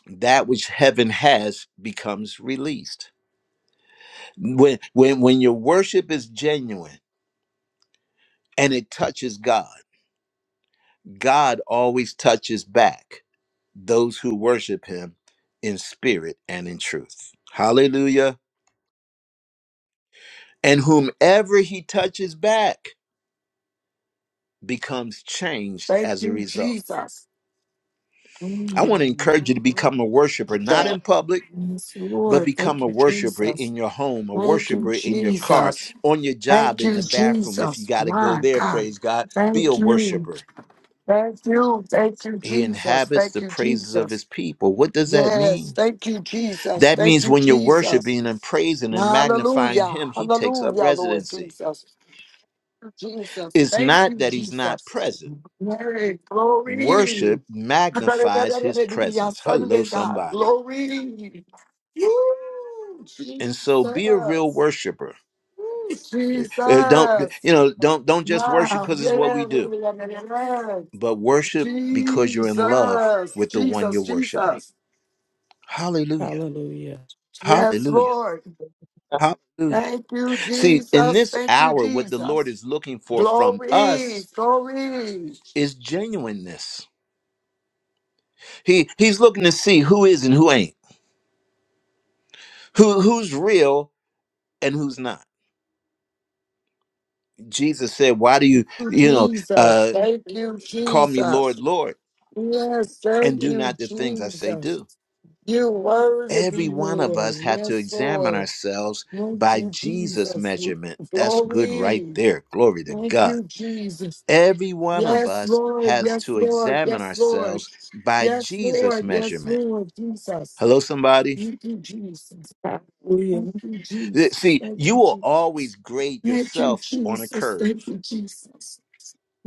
S1: that which heaven has becomes released. When when when your worship is genuine and it touches God, God always touches back those who worship him in spirit and in truth. Hallelujah. And whomever he touches back becomes changed
S9: Thank
S1: as a
S9: you,
S1: result.
S9: Jesus.
S1: I want to
S9: Mm,
S1: encourage you to
S9: mm,
S1: become a worshiper, not
S9: mm.
S1: in public
S9: Yes,
S1: but
S9: Lord.
S1: become
S9: Thank
S1: a
S9: you,
S1: worshiper
S9: Jesus.
S1: in your home, a
S9: Thank you,
S1: worshiper in your car,
S9: Jesus.
S1: on your job,
S9: Thank
S1: in
S9: you,
S1: the bathroom. If you
S9: Jesus.
S1: got to go
S9: My
S1: there,
S9: God.
S1: praise God, be a
S9: Thank you.
S1: worshiper.
S9: Thank you. Thank you,
S1: He
S9: Jesus.
S1: inhabits the
S9: Thank you,
S1: praises of
S9: Jesus.
S1: his people. What does that
S9: Yes.
S1: mean?
S9: Thank you, Jesus.
S1: That
S9: Thank
S1: means
S9: you,
S1: when you're
S9: Jesus.
S1: worshiping and praising and magnifying
S9: Hallelujah.
S1: him, he takes up
S9: Hallelujah, Lord
S1: residency.
S9: Jesus. Jesus.
S1: It's
S9: Thank
S1: not
S9: you,
S1: that he's not
S9: Jesus.
S1: present.
S9: Glory, glory.
S1: Worship magnifies his
S9: Hallelujah,
S1: presence. Hello,
S9: Sunday, God.
S1: somebody.
S9: Glory. Woo,
S1: And so be a real
S9: Jesus.
S1: worshiper.
S9: Woo,
S1: Uh, uh, Don't, you
S9: Jesus.
S1: know, don't don't just worship
S9: Wow.
S1: because it's what we do
S9: Yes.
S1: but worship because you're in love
S9: Jesus.
S1: with the one you're
S9: Jesus.
S1: worshiping.
S9: Jesus.
S1: Hallelujah.
S4: Hallelujah.
S9: Yes,
S1: Hallelujah.
S9: Lord.
S10: Hallelujah.
S1: Hallelujah.
S9: Thank you,
S1: See, in
S9: Jesus.
S1: this
S9: Thank you,
S1: hour, what the Lord
S9: Jesus.
S1: is looking for from
S9: Glory,
S1: us
S9: glory.
S1: is genuineness. He he's looking to see who is and who ain't, who who's real and who's not. Jesus said, Why do you,
S9: you,
S1: you know,
S9: Jesus.
S1: uh
S9: Thank you,
S1: call me
S9: Jesus.
S1: Lord, Lord,
S9: Yes,
S1: and
S9: thank
S1: do
S9: you,
S1: not the things I say
S9: Jesus.
S1: do?
S9: You worthy be
S1: Every one of us
S9: Lord.
S1: had to
S9: Yes,
S1: examine
S9: Lord.
S1: ourselves
S9: Thank
S1: by
S9: you,
S1: Jesus'
S9: Jesus.
S1: measurement. That's good right
S9: Glory.
S1: there. Glory to
S9: Thank
S1: God.
S9: you, Jesus.
S1: Every one of
S9: Yes,
S1: us
S9: Lord.
S1: has
S9: Yes,
S1: to
S9: Lord.
S1: examine
S9: Yes, Lord.
S1: ourselves by
S9: Yes,
S1: Jesus'
S9: Lord. Yes,
S1: measurement.
S9: Lord. Jesus.
S1: Hello, somebody?
S9: Thank you, Jesus.
S4: Hallelujah.
S9: Thank you,
S1: Th-
S9: Jesus.
S1: See,
S9: Thank
S1: you
S9: you,
S1: will
S9: Jesus.
S1: always grade
S9: Thank you,
S1: yourself on
S9: Jesus.
S1: a
S9: Thank
S1: curve.
S9: you, Jesus.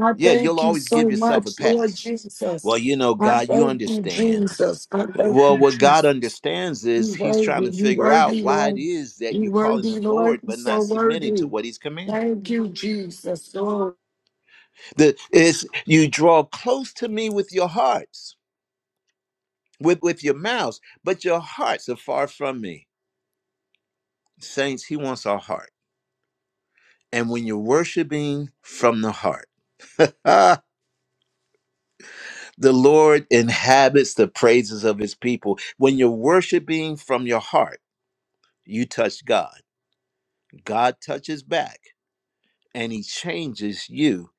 S9: I
S1: Yeah, you'll
S9: thank you
S1: always give
S9: so
S1: yourself a
S9: much, Lord
S1: pass.
S9: Jesus.
S1: Well, you know,
S9: I
S1: God, you
S9: thank you,
S1: understand.
S9: Jesus. I thank
S1: Well,
S9: you,
S1: what God
S9: Jesus.
S1: understands
S9: You
S1: is He's trying
S9: worthy, you
S1: to figure out
S9: worthy,
S1: why it
S9: Lord.
S1: is that
S9: You
S1: you're calling
S9: worthy,
S1: Him
S9: Lord.
S1: Lord,
S9: You
S1: but
S9: so
S1: not submitting to
S9: worthy.
S1: what He's commanding.
S9: Thank you, Jesus, Lord.
S1: the is you draw close to me with your hearts with with your mouths but your hearts are far from me saints he wants our heart and when you're worshiping from the heart ah the lord inhabits the praises of his people when you're worshiping from your heart you touch god god touches back and he changes you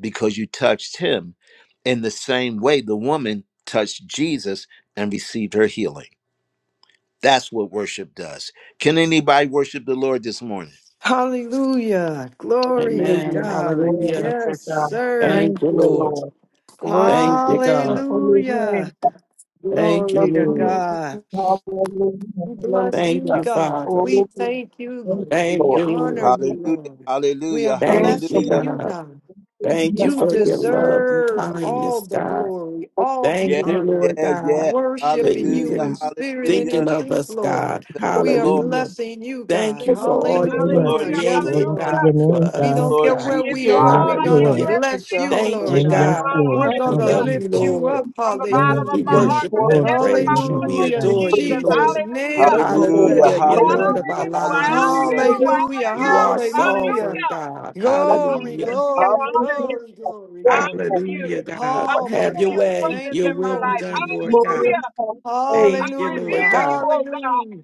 S1: because you touched him in the same way the woman touched jesus and received her healing That's what worship does. Can anybody worship the Lord this morning?
S3: Hallelujah. Glory to
S4: Amen.
S3: God.
S4: Hallelujah.
S10: Glory to
S3: Yes,
S10: God.
S3: sir.
S10: Thank
S4: Thank you,
S10: you,
S3: Woo.
S4: Lord.
S10: Lord. Glory
S4: Thank you,
S10: to your
S4: God.
S10: holy name.
S3: Hallelujah.
S4: Thank you,
S3: Glory to
S4: Lord.
S10: Hallelujah.
S3: God.
S10: Hallelujah.
S3: We bless
S4: Thank
S3: you,
S4: you,
S10: Hallelujah.
S3: God.
S4: Father.
S3: We
S10: Oh,
S3: thank you,
S10: thank
S3: Lord.
S10: you,
S4: Thank
S3: We
S10: Lord.
S4: you,
S3: honor
S4: Lord.
S3: you,
S1: Hallelujah,
S3: Lord. We are
S1: hallelujah,
S10: Thank
S4: Thank
S10: you.
S4: you,
S3: blessing
S10: Hallelujah.
S1: hallelujah.
S3: you,
S4: God.
S3: God.
S4: Thank you
S3: You
S4: for your
S10: Hallelujah.
S4: love and
S3: deserve all
S4: kindness,
S3: the
S4: God.
S3: glory, all the
S4: Thank
S1: Yeah,
S4: you,
S3: honor.
S4: Lord
S1: yeah,
S4: God,
S1: yeah.
S4: for
S3: Worship in you in
S1: Hallelujah,
S4: even
S3: spirit and in
S4: thinking
S1: hallelujah.
S4: of
S3: truth,
S4: us,
S3: Lord.
S4: God.
S1: Thank you,
S3: We are
S1: Lord.
S4: Hallelujah.
S3: blessing you,
S4: Thank
S3: God.
S4: you for
S10: Hallelujah.
S1: Thank
S4: all
S10: Hallelujah.
S4: you
S1: you,
S7: Lord,
S4: have
S3: Hallelujah.
S1: Lord
S11: Hallelujah,
S1: Jesus.
S3: Yes,
S4: created,
S7: glory
S3: Lord.
S1: Thank
S7: to
S11: hallelujah.
S7: your
S4: God, for
S7: name,
S3: We
S1: you,
S7: God.
S4: us,
S3: don't care
S1: Lord
S11: I
S4: God.
S3: where
S11: give
S3: we
S11: you
S10: Thank
S3: are.
S1: Jesus.
S7: Yes,
S11: all,
S3: We're
S11: I
S3: going
S11: give
S3: to
S11: you
S7: Lord.
S4: Hallelujah.
S11: everything.
S10: you,
S3: bless you,
S4: Thank
S10: Jehovah
S4: you,
S3: Lord
S7: Oh,
S10: Jireh.
S3: God.
S7: yes,
S11: God,
S4: God.
S7: Lord.
S3: We're
S10: Thank you
S4: We
S3: going to
S11: hallelujah.
S4: love
S7: Hallelujah.
S4: you,
S3: lift you
S4: Lord.
S3: up.
S11: From the
S7: Yes,
S11: bottom of
S4: We
S11: my
S3: Hallelujah.
S7: Lord.
S11: heart,
S4: worship
S11: from
S10: for
S11: the
S4: and
S7: Glory
S11: depths
S7: to
S11: of my
S7: your
S4: praise you.
S7: name,
S4: We
S11: soul,
S3: Hallelujah.
S7: God.
S3: In
S4: adore you,
S11: Jesus,
S10: freedom.
S3: Jesus'
S4: Lord.
S3: name,
S11: hallelujah.
S3: we're
S10: Yes,
S3: going to
S10: Lord.
S1: Hallelujah,
S4: Hallelujah.
S3: bless
S11: I
S3: you,
S4: You're
S11: honor
S4: Lord
S10: Hallelujah.
S4: of
S3: God.
S4: our
S1: hallelujah,
S11: you, I honor
S4: lives.
S1: hallelujah.
S11: you, I
S3: Hallelujah.
S11: honor you,
S4: You are
S3: Hallelujah.
S4: sovereign,
S11: hallelujah.
S4: God.
S3: Glory,
S4: Hallelujah.
S11: Hallelujah, I
S3: glory,
S11: honor you,
S10: Hallelujah.
S3: glory, glory,
S11: I
S10: Yes,
S11: honor
S3: glory.
S10: Lord.
S11: you.
S4: Hallelujah,
S10: Yes,
S11: I
S4: God.
S3: Oh,
S10: Lord.
S3: my
S4: Have
S11: honor
S4: your
S11: your
S3: God.
S4: way.
S11: presence
S3: Thank
S4: Your
S11: in
S3: you,
S11: my
S4: will be
S3: Lord
S11: life,
S4: done, Lord
S3: Jesus.
S10: Glory,
S4: God.
S11: hallelujah.
S10: praise,
S11: I
S4: Thank you, Lord
S3: Hallelujah.
S11: revere you,
S4: God.
S11: oh God.
S3: Hallelujah.